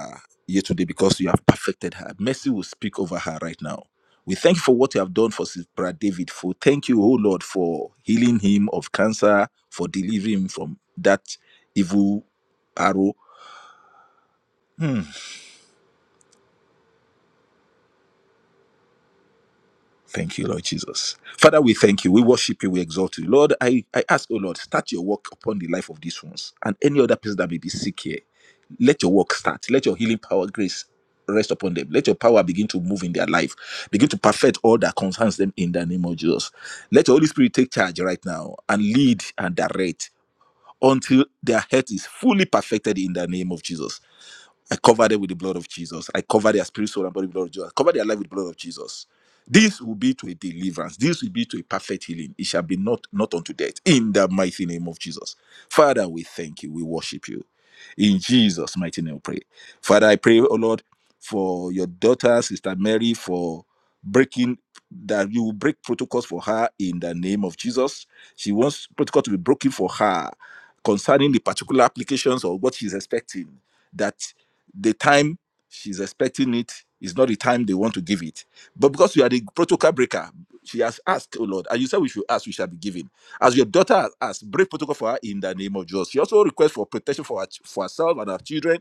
S3: here today because you have perfected her. Mercy will speak over her right now. We thank you for what you have done for Sister David. For thank you, oh Lord, for healing him of cancer, for delivering him from that evil arrow. Hmm. Thank you, Lord Jesus. Father, we thank you. We worship you. We exalt you. Lord, I, I ask, oh Lord, start your work upon the life of these ones and any other person that may be sick here. Let your work start. Let your healing power, grace rest upon them. Let your power begin to move in their life. Begin to perfect all that concerns them in the name of Jesus. Let your Holy Spirit take charge right now and lead and direct until their health is fully perfected in the name of Jesus. I cover them with the blood of Jesus. I cover their spirit, soul, and body with the blood of Jesus. I cover their life with the blood of Jesus. This will be to a deliverance. This will be to a perfect healing. It shall be not, not unto death. In the mighty name of Jesus. Father, we thank you. We worship you. In Jesus' mighty name, we pray. Father, I pray, oh Lord, for your daughter, Sister Mary, for breaking that you will break protocols for her in the name of Jesus. She wants protocol to be broken for her concerning the particular applications or what she's expecting. That the time she's expecting it is not the time they want to give it. But because we are the protocol breaker, she has asked, Oh Lord, and you said we should ask, we shall be given. As your daughter has asked, break protocol for her in the name of Jesus. She also requests for protection for, her, for herself and her children.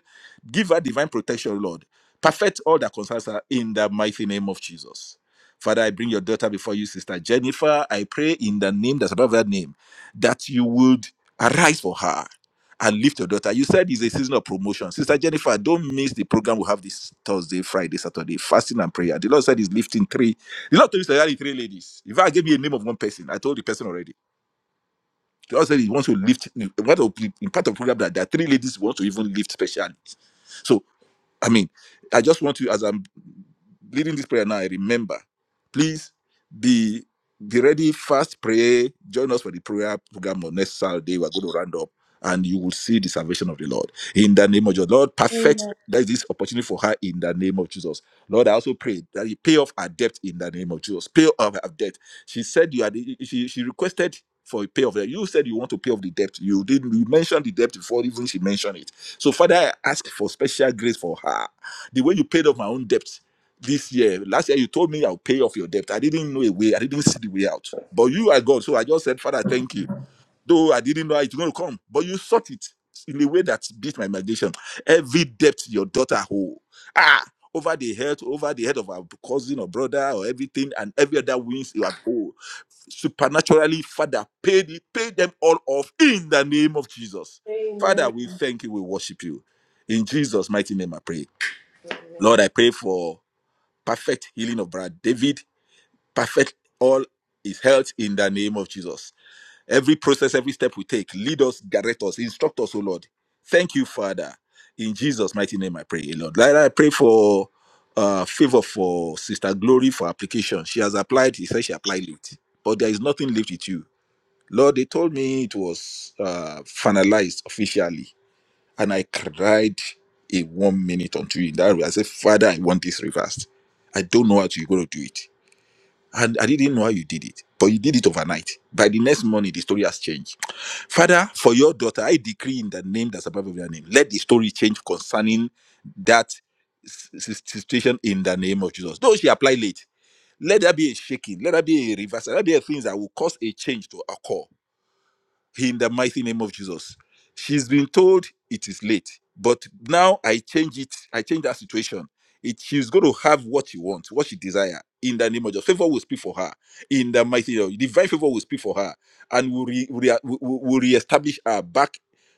S3: Give her divine protection, Lord. Perfect all that concerns her in the mighty name of Jesus. Father, I bring your daughter before you, Sister Jennifer. I pray in the name that's above that name that you would arise for her and lift your daughter. You said it's a season of promotion. Sister Jennifer, don't miss the program we have this Thursday, Friday, Saturday, fasting and prayer. The Lord said he's lifting three. The Lord told you to carry three ladies. If I gave you a name of one person, I told the person already. The Lord said he wants to lift, he want to, in part of the program that there are three ladies who want to even lift specially. So I mean, I just want to, as I'm leading this prayer now, I remember, please be be ready, fast, pray, join us for the prayer program on next Saturday. We're going to round up and you will see the salvation of the Lord. In the name of your Lord, perfect. That is this opportunity for her in the name of Jesus. Lord, I also pray that you pay off her debt in the name of Jesus. Pay off her debt. She said you had she, she requested for a pay off. You said you want to pay off the debt. You didn't you mentioned the debt before even she mentioned it so, Father, I ask for special grace for her. The way you paid off my own debt this year, last year you told me I'll pay off your debt. I didn't know a way, I didn't see the way out. But you are God. So I just said, Father, thank you. Though I didn't know it's going to come, but you sought it in a way that beat my imagination. Every debt your daughter hold. Ah, over the head, over the head of our cousin or brother or everything, and every other wings you have hold supernaturally, Father, pay, the, pay them all off in the name of Jesus. Father, we thank you, we worship you. In Jesus' mighty name, I pray. Lord, I pray for perfect healing of Brad David, perfect all his health in the name of Jesus. Every process, every step we take, lead us, direct us, instruct us, O Lord. Thank you, Father. In Jesus' mighty name, I pray, Lord. Lord, I pray for uh, favor for Sister Glory for application. She has applied, he said she applied late, but there is nothing left with you Lord, they told me it was uh, finalized officially, and I cried a one minute unto you. In That way, I said, Father, I want this reversed. I don't know how you're going to do it. And I didn't know how you did it, but you did it overnight. By the next morning, the story has changed. Father, for your daughter, I decree in the name that's above every other name, let the story change concerning that s- s- situation in the name of Jesus. Though she applied late, let there be a shaking, let there be a reversal, let there be a things that will cause a change to occur in the mighty name of Jesus. She's been told it is late, but now I change it. I change that situation. It, she's going to have what she wants, what she desire. In the name of Jesus, favor will speak for her. In the mighty name, divine favor will speak for her, and will re, re, will will reestablish her back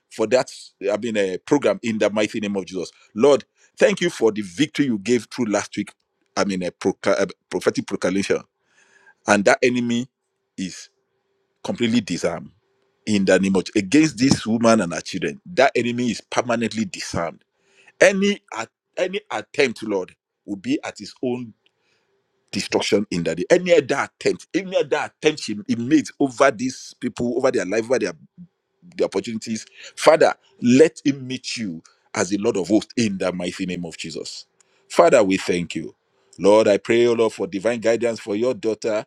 S3: for that. I mean, uh, program in the mighty name of Jesus. Lord, thank you for the victory you gave through last week. I mean, a proca- a prophetic proclamation, and that enemy is completely disarmed in the name of against this woman and her children. That enemy is permanently disarmed. Any at- any attempt, Lord, will be at his own destruction in that day. Any other attempt, any other attempt he, he made over these people, over their life, over their, their opportunities, Father, let him meet you as the Lord of hosts in the mighty name of Jesus. Father, we thank you. Lord, I pray, O Lord, for divine guidance for your daughter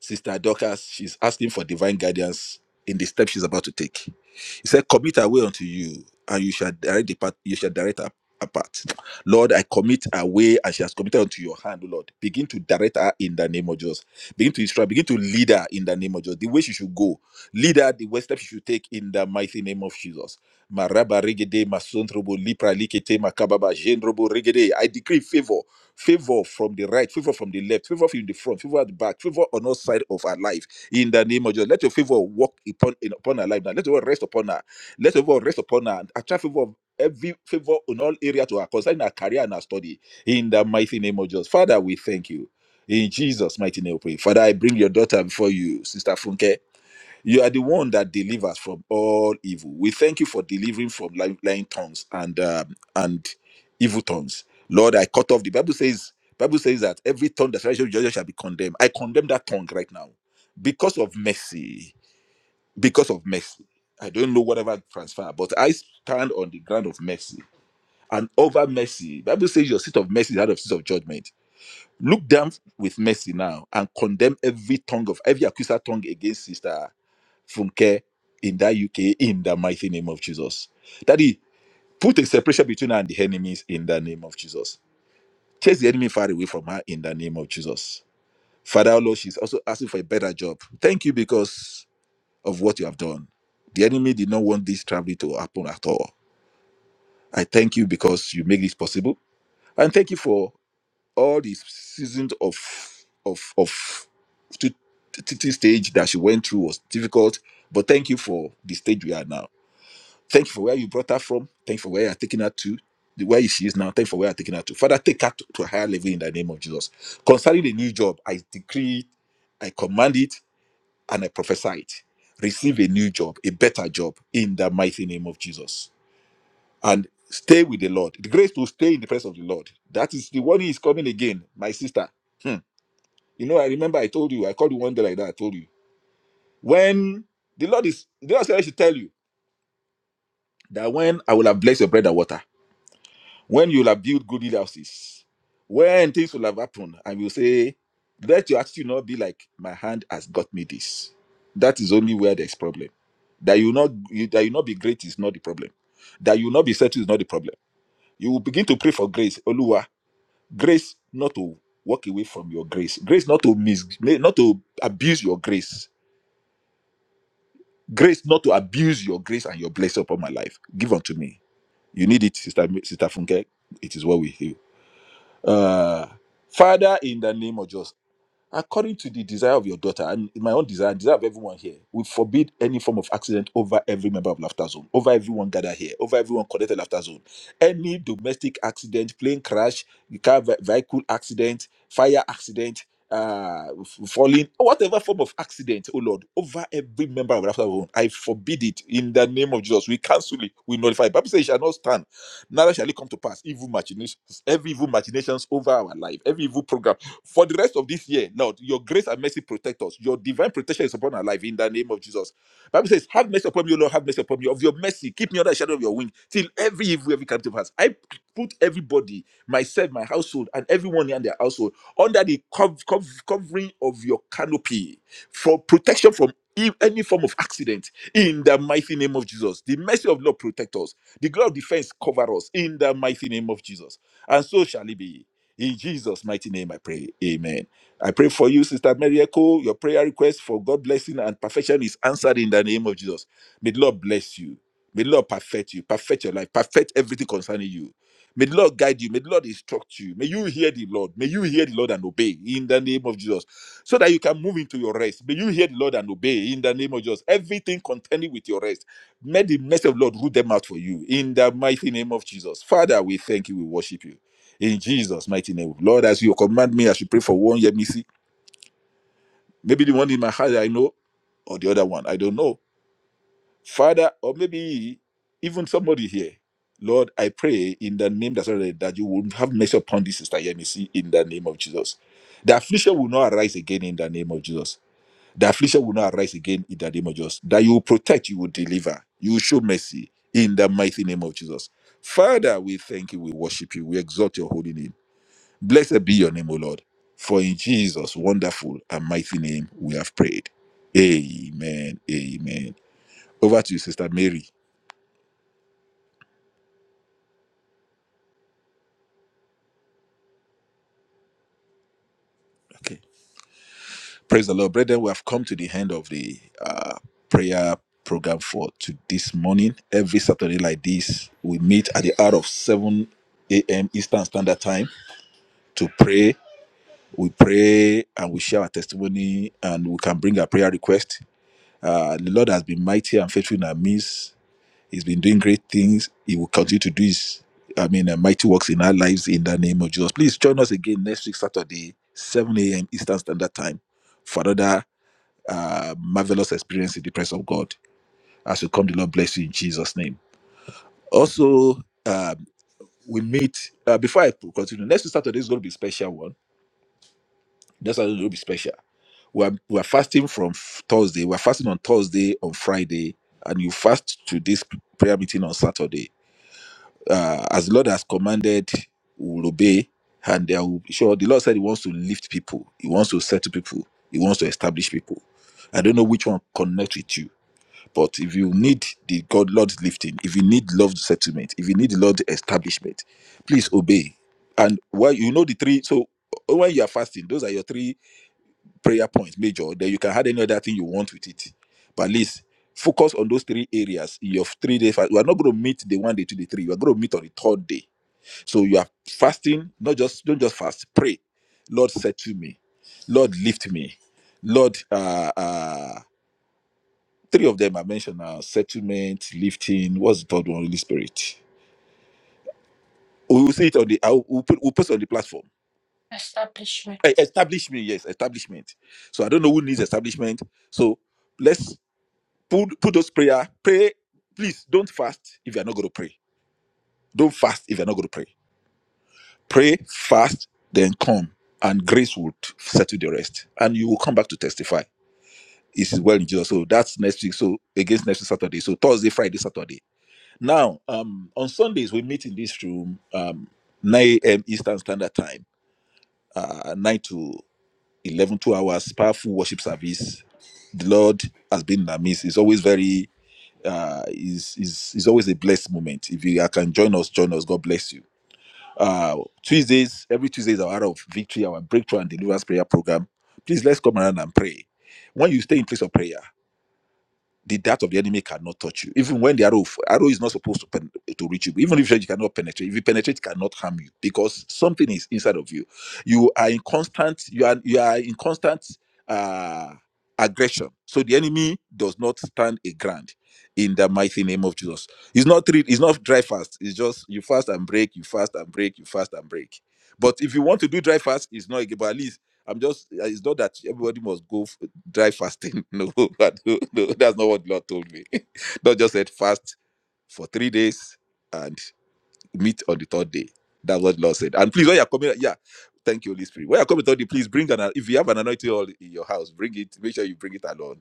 S3: Sister Dorcas, she's asking for divine guidance in the step she's about to take. He said, Commit her way unto you, and you shall direct the path, you shall direct her apart. Lord, I commit her way, and she has committed unto your hand, O Lord. Begin to direct her in the name of Jesus. Begin to instruct, begin to lead her in the name of Jesus. The way she should go. Lead her the way step she should take in the mighty name of Jesus. Maraba regede masontrobo lipra likete makababa jendrobo regede. I decree favor favor from the right, favor from the left, favor in the front, favor at the back, favor on all sides of our life. In the name of Jesus, let your favor walk upon in, upon our life now. Let your favor rest upon her. Let your favor rest upon her. And attract favor of every favor in all area to her concerning our career and our study. In the mighty name of Jesus, Father, we thank you. In Jesus' mighty name, we pray. Father, I bring your daughter before you, Sister Funke. You are the one that delivers from all evil. We thank you for delivering from li- lying tongues and um, and evil tongues. Lord, I cut off the Bible says Bible says that every tongue that rises against judgment shall be condemned. I condemn that tongue right now because of mercy. Because of mercy, I don't know whatever transfer, but I stand on the ground of mercy and over mercy. Bible says your seat of mercy is out of seat of judgment. Look down with mercy now and condemn every tongue of every accuser tongue against sister. Funke in that UK in the mighty name of Jesus. Daddy, put a separation between her and the enemies in the name of Jesus. Chase the enemy far away from her in the name of Jesus. Father, oh Lord, she's also asking for a better job. Thank you because of what you have done. The enemy did not want this traveling to happen at all. I thank you because you make this possible. And thank you for all these seasons of of of to, to, to stage that she went through was difficult. But thank you for the stage we are now. Thank you for where you brought her from. Thank you for where you are taking her to. the- Where she is now, thank you for where you are taking her to. Father, take her to, to a higher level in the name of Jesus. Concerning the new job, I decree, it, I command it, and I prophesy it. Receive a new job, a better job in the mighty name of Jesus. And stay with the Lord. The grace to stay in the presence of the Lord. That is the one who is coming again, my sister. Hmm. You know, I remember I told you, I called you one day like that. I told you. When the Lord is, the Lord said, I should tell you that when I will have blessed your bread and water, when you will have built good houses, when things will have happened, and you say, Let your attitude not be like my hand has got me this. That is only where there's problem. That you not you, that you not be great is not the problem. That you not be settled is not the problem. You will begin to pray for grace, Oluwa, grace not to walk away from your grace, grace not to mis, not to abuse your grace, grace not to abuse your grace and your blessing upon my life. Give unto me. You need it, sister, sister Funke. It is what we hear. Uh, Father, in the name of Jesus, according to the desire of your daughter and my own desire and desire of everyone here we forbid any form of accident over every member of laughter zone over everyone gathered here over everyone connected to laughter zone any domestic accident plane crash car ve- vehicle accident fire accident uh f- falling whatever form of accident oh lord over every member of laughter zone i forbid it in the name of jesus we cancel it we nullify it bible says it shall not stand neither shall it come to pass evil machinations every evil machinations over our life every evil program for the rest of this year. Lord, your grace and mercy protect us. Your divine protection is upon our life in the name of Jesus. Bible says, Have mercy upon me, O Lord, have mercy upon me. Of your mercy, keep me under the shadow of your wing till every evil, every captive has. I put everybody, myself, my household, and everyone in their household under the cov- cov- covering of your canopy for protection from e- any form of accident in the mighty name of Jesus. The mercy of Lord protect us. The glory of defense cover us in the mighty name of Jesus. And so shall it be. In Jesus' mighty name, I pray. Amen. I pray for you, Sister Mary Echo. Your prayer request for God blessing and perfection is answered in the name of Jesus. May the Lord bless you. May the Lord perfect you, perfect your life, perfect everything concerning you. May the Lord guide you. May the Lord instruct you. May you hear the Lord. May you hear the Lord and obey in the name of Jesus. So that you can move into your rest. May you hear the Lord and obey in the name of Jesus. Everything contending with your rest. May the mercy of the Lord root them out for you in the mighty name of Jesus. Father, we thank you. We worship you in Jesus' mighty name. Lord, as you command me, I should pray for one Yemisi. Maybe the one in my heart I know, or the other one, I don't know. Father, or maybe even somebody here. Lord, I pray in the name that's already that you will have mercy upon this sister Yemisi in the name of Jesus. The affliction will not arise again in the name of Jesus. The affliction will not arise again in the name of Jesus. That you will protect, you will deliver, you will show mercy in the mighty name of Jesus. Father, we thank you, we worship you, we exalt your holy name. Blessed be your name, O Lord, for in Jesus' wonderful and mighty name we have prayed. Amen. Amen. Over to you, Sister Mary. Okay. Praise the Lord. Brethren, we have come to the end of the uh, prayer program for to this morning. Every Saturday like this, we meet at the hour of 7 a.m. Eastern Standard Time to pray. We pray and we share our testimony and we can bring our prayer request. Uh, the Lord has been mighty and faithful in our midst He's been doing great things. He will continue to do his, I mean, uh, mighty works in our lives in the name of Jesus. Please join us again next week, Saturday, 7 a.m. Eastern Standard Time for another uh, marvelous experience in the presence of God. As you come, the Lord bless you in Jesus' name. Also, um, we meet, uh, before I continue, next week, Saturday is going to be a special one. Next Saturday is going to be special we're, we're fasting from f- Thursday. We're fasting on Thursday, on Friday, and you fast to this prayer meeting on Saturday. uh, as the Lord has commanded, we will obey. And there will sure the Lord said He wants to lift people, He wants to settle people, He wants to establish people. I don't know which one connects with you, but if you need the God Lord's lifting, if you need Lord's settlement, if you need the Lord's establishment, please obey. And while you know the three, so when you are fasting, those are your three prayer points, major. Then you can add any other thing you want with it. But at least focus on those three areas in your three days fast. You are not going to meet the one day, two day, three. You are going to meet on the third day so you are fasting, not just don't just fast, pray. Lord settle me. Lord lift me. Lord, uh, uh, three of them I mentioned now: settlement, lifting. What's the third one? Holy Spirit. We will see it on the. I will, we'll, put, we'll post on the platform.
S10: Establishment.
S3: Eh, Establish me, yes, establishment. So I don't know who needs establishment. So let's put put those prayer. Pray, please. Don't fast if you are not going to pray. Don't fast if you are not going to pray Pray, fast, then come, and grace will settle the rest. And you will come back to testify. It is well in Jesus. So that's next week. So against next week Saturday. So Thursday, Friday, Saturday. Now, um, on Sundays we meet in this room, um, 9 a.m. Eastern Standard Time, uh, 9 to 11, two hours, powerful worship service. The Lord has been in our midst. It's always very uh is is is always a blessed moment. If you can join us, join us. God bless you uh, Tuesdays, every Tuesday is our hour of victory, our breakthrough and deliverance prayer program. Please let's come around and pray. When you stay in place of prayer, the dart of the enemy cannot touch you. Even when the arrow arrow is not supposed to pen, to reach you, even if you cannot penetrate, if you penetrate, it cannot harm you because something is inside of you. You are in constant you are you are in constant uh, aggression. So the enemy does not stand a ground. In the mighty name of Jesus, it's not three, it's not dry fast. It's just you fast and break, you fast and break, you fast and break. But if you want to do dry fast, it's not. But at least I'm just. It's not that everybody must go dry fasting. *laughs* No, I do- no, that's not what the Lord told me. *laughs* Not just said fast for three days and meet on the third day. That's what the Lord said. And please, when you're coming, yeah, thank you, Holy Spirit. When you're coming third day, please bring an if you have an anointing oil in your house, bring it. Make sure you bring it along.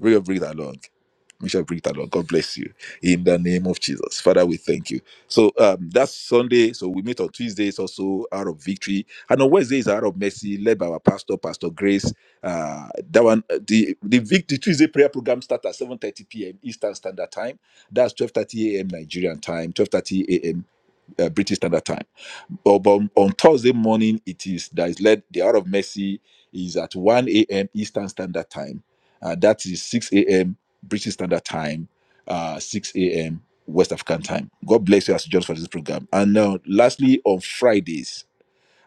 S3: Bring it, bring it along. We shall breathe that, Lord. God bless you in the name of Jesus. Father, we thank you. So um, that's Sunday. So we meet on Tuesdays also, Hour of victory. And on Wednesday is out of mercy, led by our pastor, Pastor Grace. Uh, that one, uh, the the, vic- the Tuesday prayer program starts at 7:30 p.m. Eastern Standard Time. That's 12:30 a.m. Nigerian time, 12:30 a.m. Uh, British Standard Time. But, but on Thursday morning, it is that is led. The Hour of Mercy is at 1 a.m. Eastern Standard Time. Uh, that is 6 a.m. British Standard Time, uh, 6 a.m. West African time. God bless you as you join us for this program. And now, lastly, on Fridays,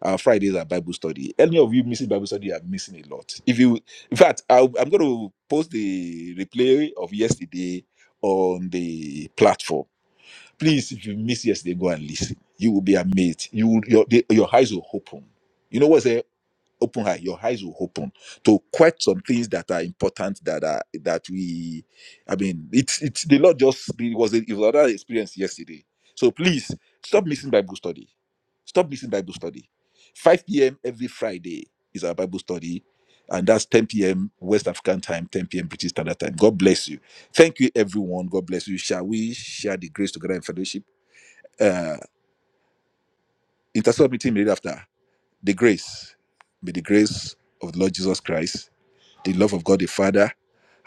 S3: uh, Fridays are Bible study. Any of you missing Bible study are missing a lot. If you, in fact, I, I'm going to post the replay of yesterday on the platform. Please, if you missed yesterday, go and listen. You will be amazed. You will, your, the- your eyes will open. You know what? open eye your eyes will open to quite some things that are important that are that we i mean it's it's the lord just it was a, it was another experience yesterday so please stop missing bible study stop missing bible study 5 p.m every friday is our bible study and that's 10 p.m west african time 10 p.m british standard time god bless you thank you everyone god bless you shall we share the grace together in fellowship uh intercessor meeting immediately after the grace may the grace of the lord jesus christ the love of God the Father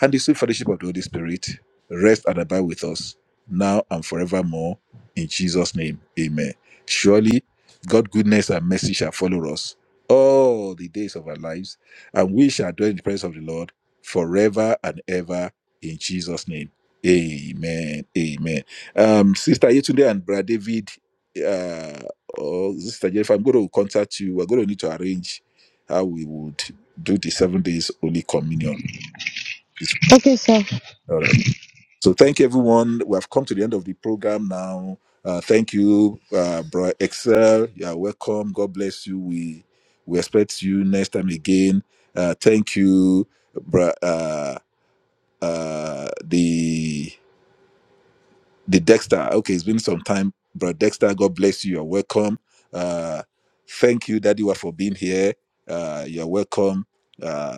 S3: and the sweet fellowship of the Holy Spirit rest and abide with us now and forevermore. In Jesus' name, amen. Surely, God's goodness and mercy shall follow us all the days of our lives, and we shall dwell in the presence of the Lord forever and ever. In Jesus' name, amen. Amen. Um, Sister Yetunde and Brother David, uh, or Sister Jennifer, I'm going to contact you. We're going to need to arrange how we would do the seven days Holy Communion. It's- all right. So thank you, everyone. We have come to the end of the program now. Uh, thank you, uh, Bro Excel. You are welcome. God bless you. We we expect you next time again. Uh, thank you, Bro. Uh, uh, the the Dexter. Okay, it's been some time, Bro Dexter. God bless you. You're welcome. Uh, thank you, Daddy, Wa, for being here. Uh, you're welcome. Uh,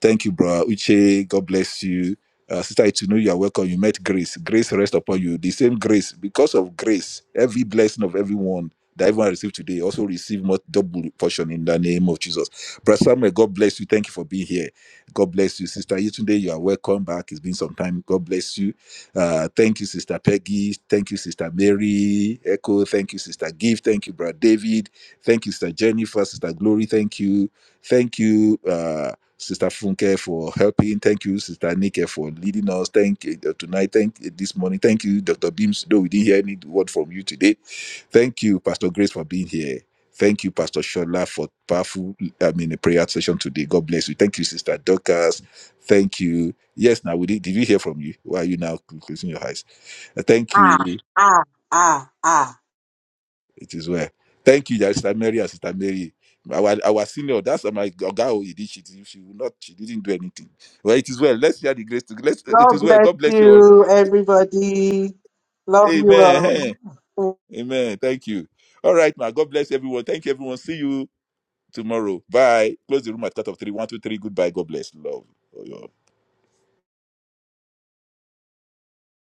S3: Thank you, bro. Uche, God bless you. Uh, Sister Itunu, you are welcome. You met grace. Grace rest upon you. The same grace, because of grace, every blessing of everyone that everyone received today also receive more double portion in the name of Jesus. Brother Samuel, God bless you. Thank you for being here. God bless you. Sister Yetunde, you are welcome back. It's been some time. God bless you. Uh, thank you, Sister Peggy. Thank you, Sister Mary. Echo. Thank you, Sister Gift. Thank you, Brother David. Thank you, Sister Jennifer. Sister Glory. Thank you. Thank you. uh, Sister Funke for helping. Thank you, Sister Nike for leading us. Thank you uh, tonight. Thank you this morning. Thank you, Dr. Beams. Though we didn't hear any word from you today. Thank you, Pastor Grace, for being here. Thank you, Pastor Shola, for powerful, I mean, a prayer session today. God bless you. Thank you, Sister Dorcas. Thank you. Yes, now, we did, did we hear from you? Why are you now closing your eyes? Uh, Thank you.
S5: Ah, ah, ah, ah.
S3: It is well. Thank you, Sister Mary and Sister Mary. Our, our senior, that's my girl. He did, she, did- she would not, she didn't do anything. Well, it is well. Let's share the grace. To, let's, it
S5: God
S3: is well.
S5: bless
S3: God bless you all.
S5: you, everybody. Love you
S3: Amen.
S5: all.
S3: *laughs* Amen. Thank you. All right, man. God bless everyone. Thank you, everyone. See you tomorrow. Bye. Close the room at cut of three. One, two, three. Goodbye. God bless. Love.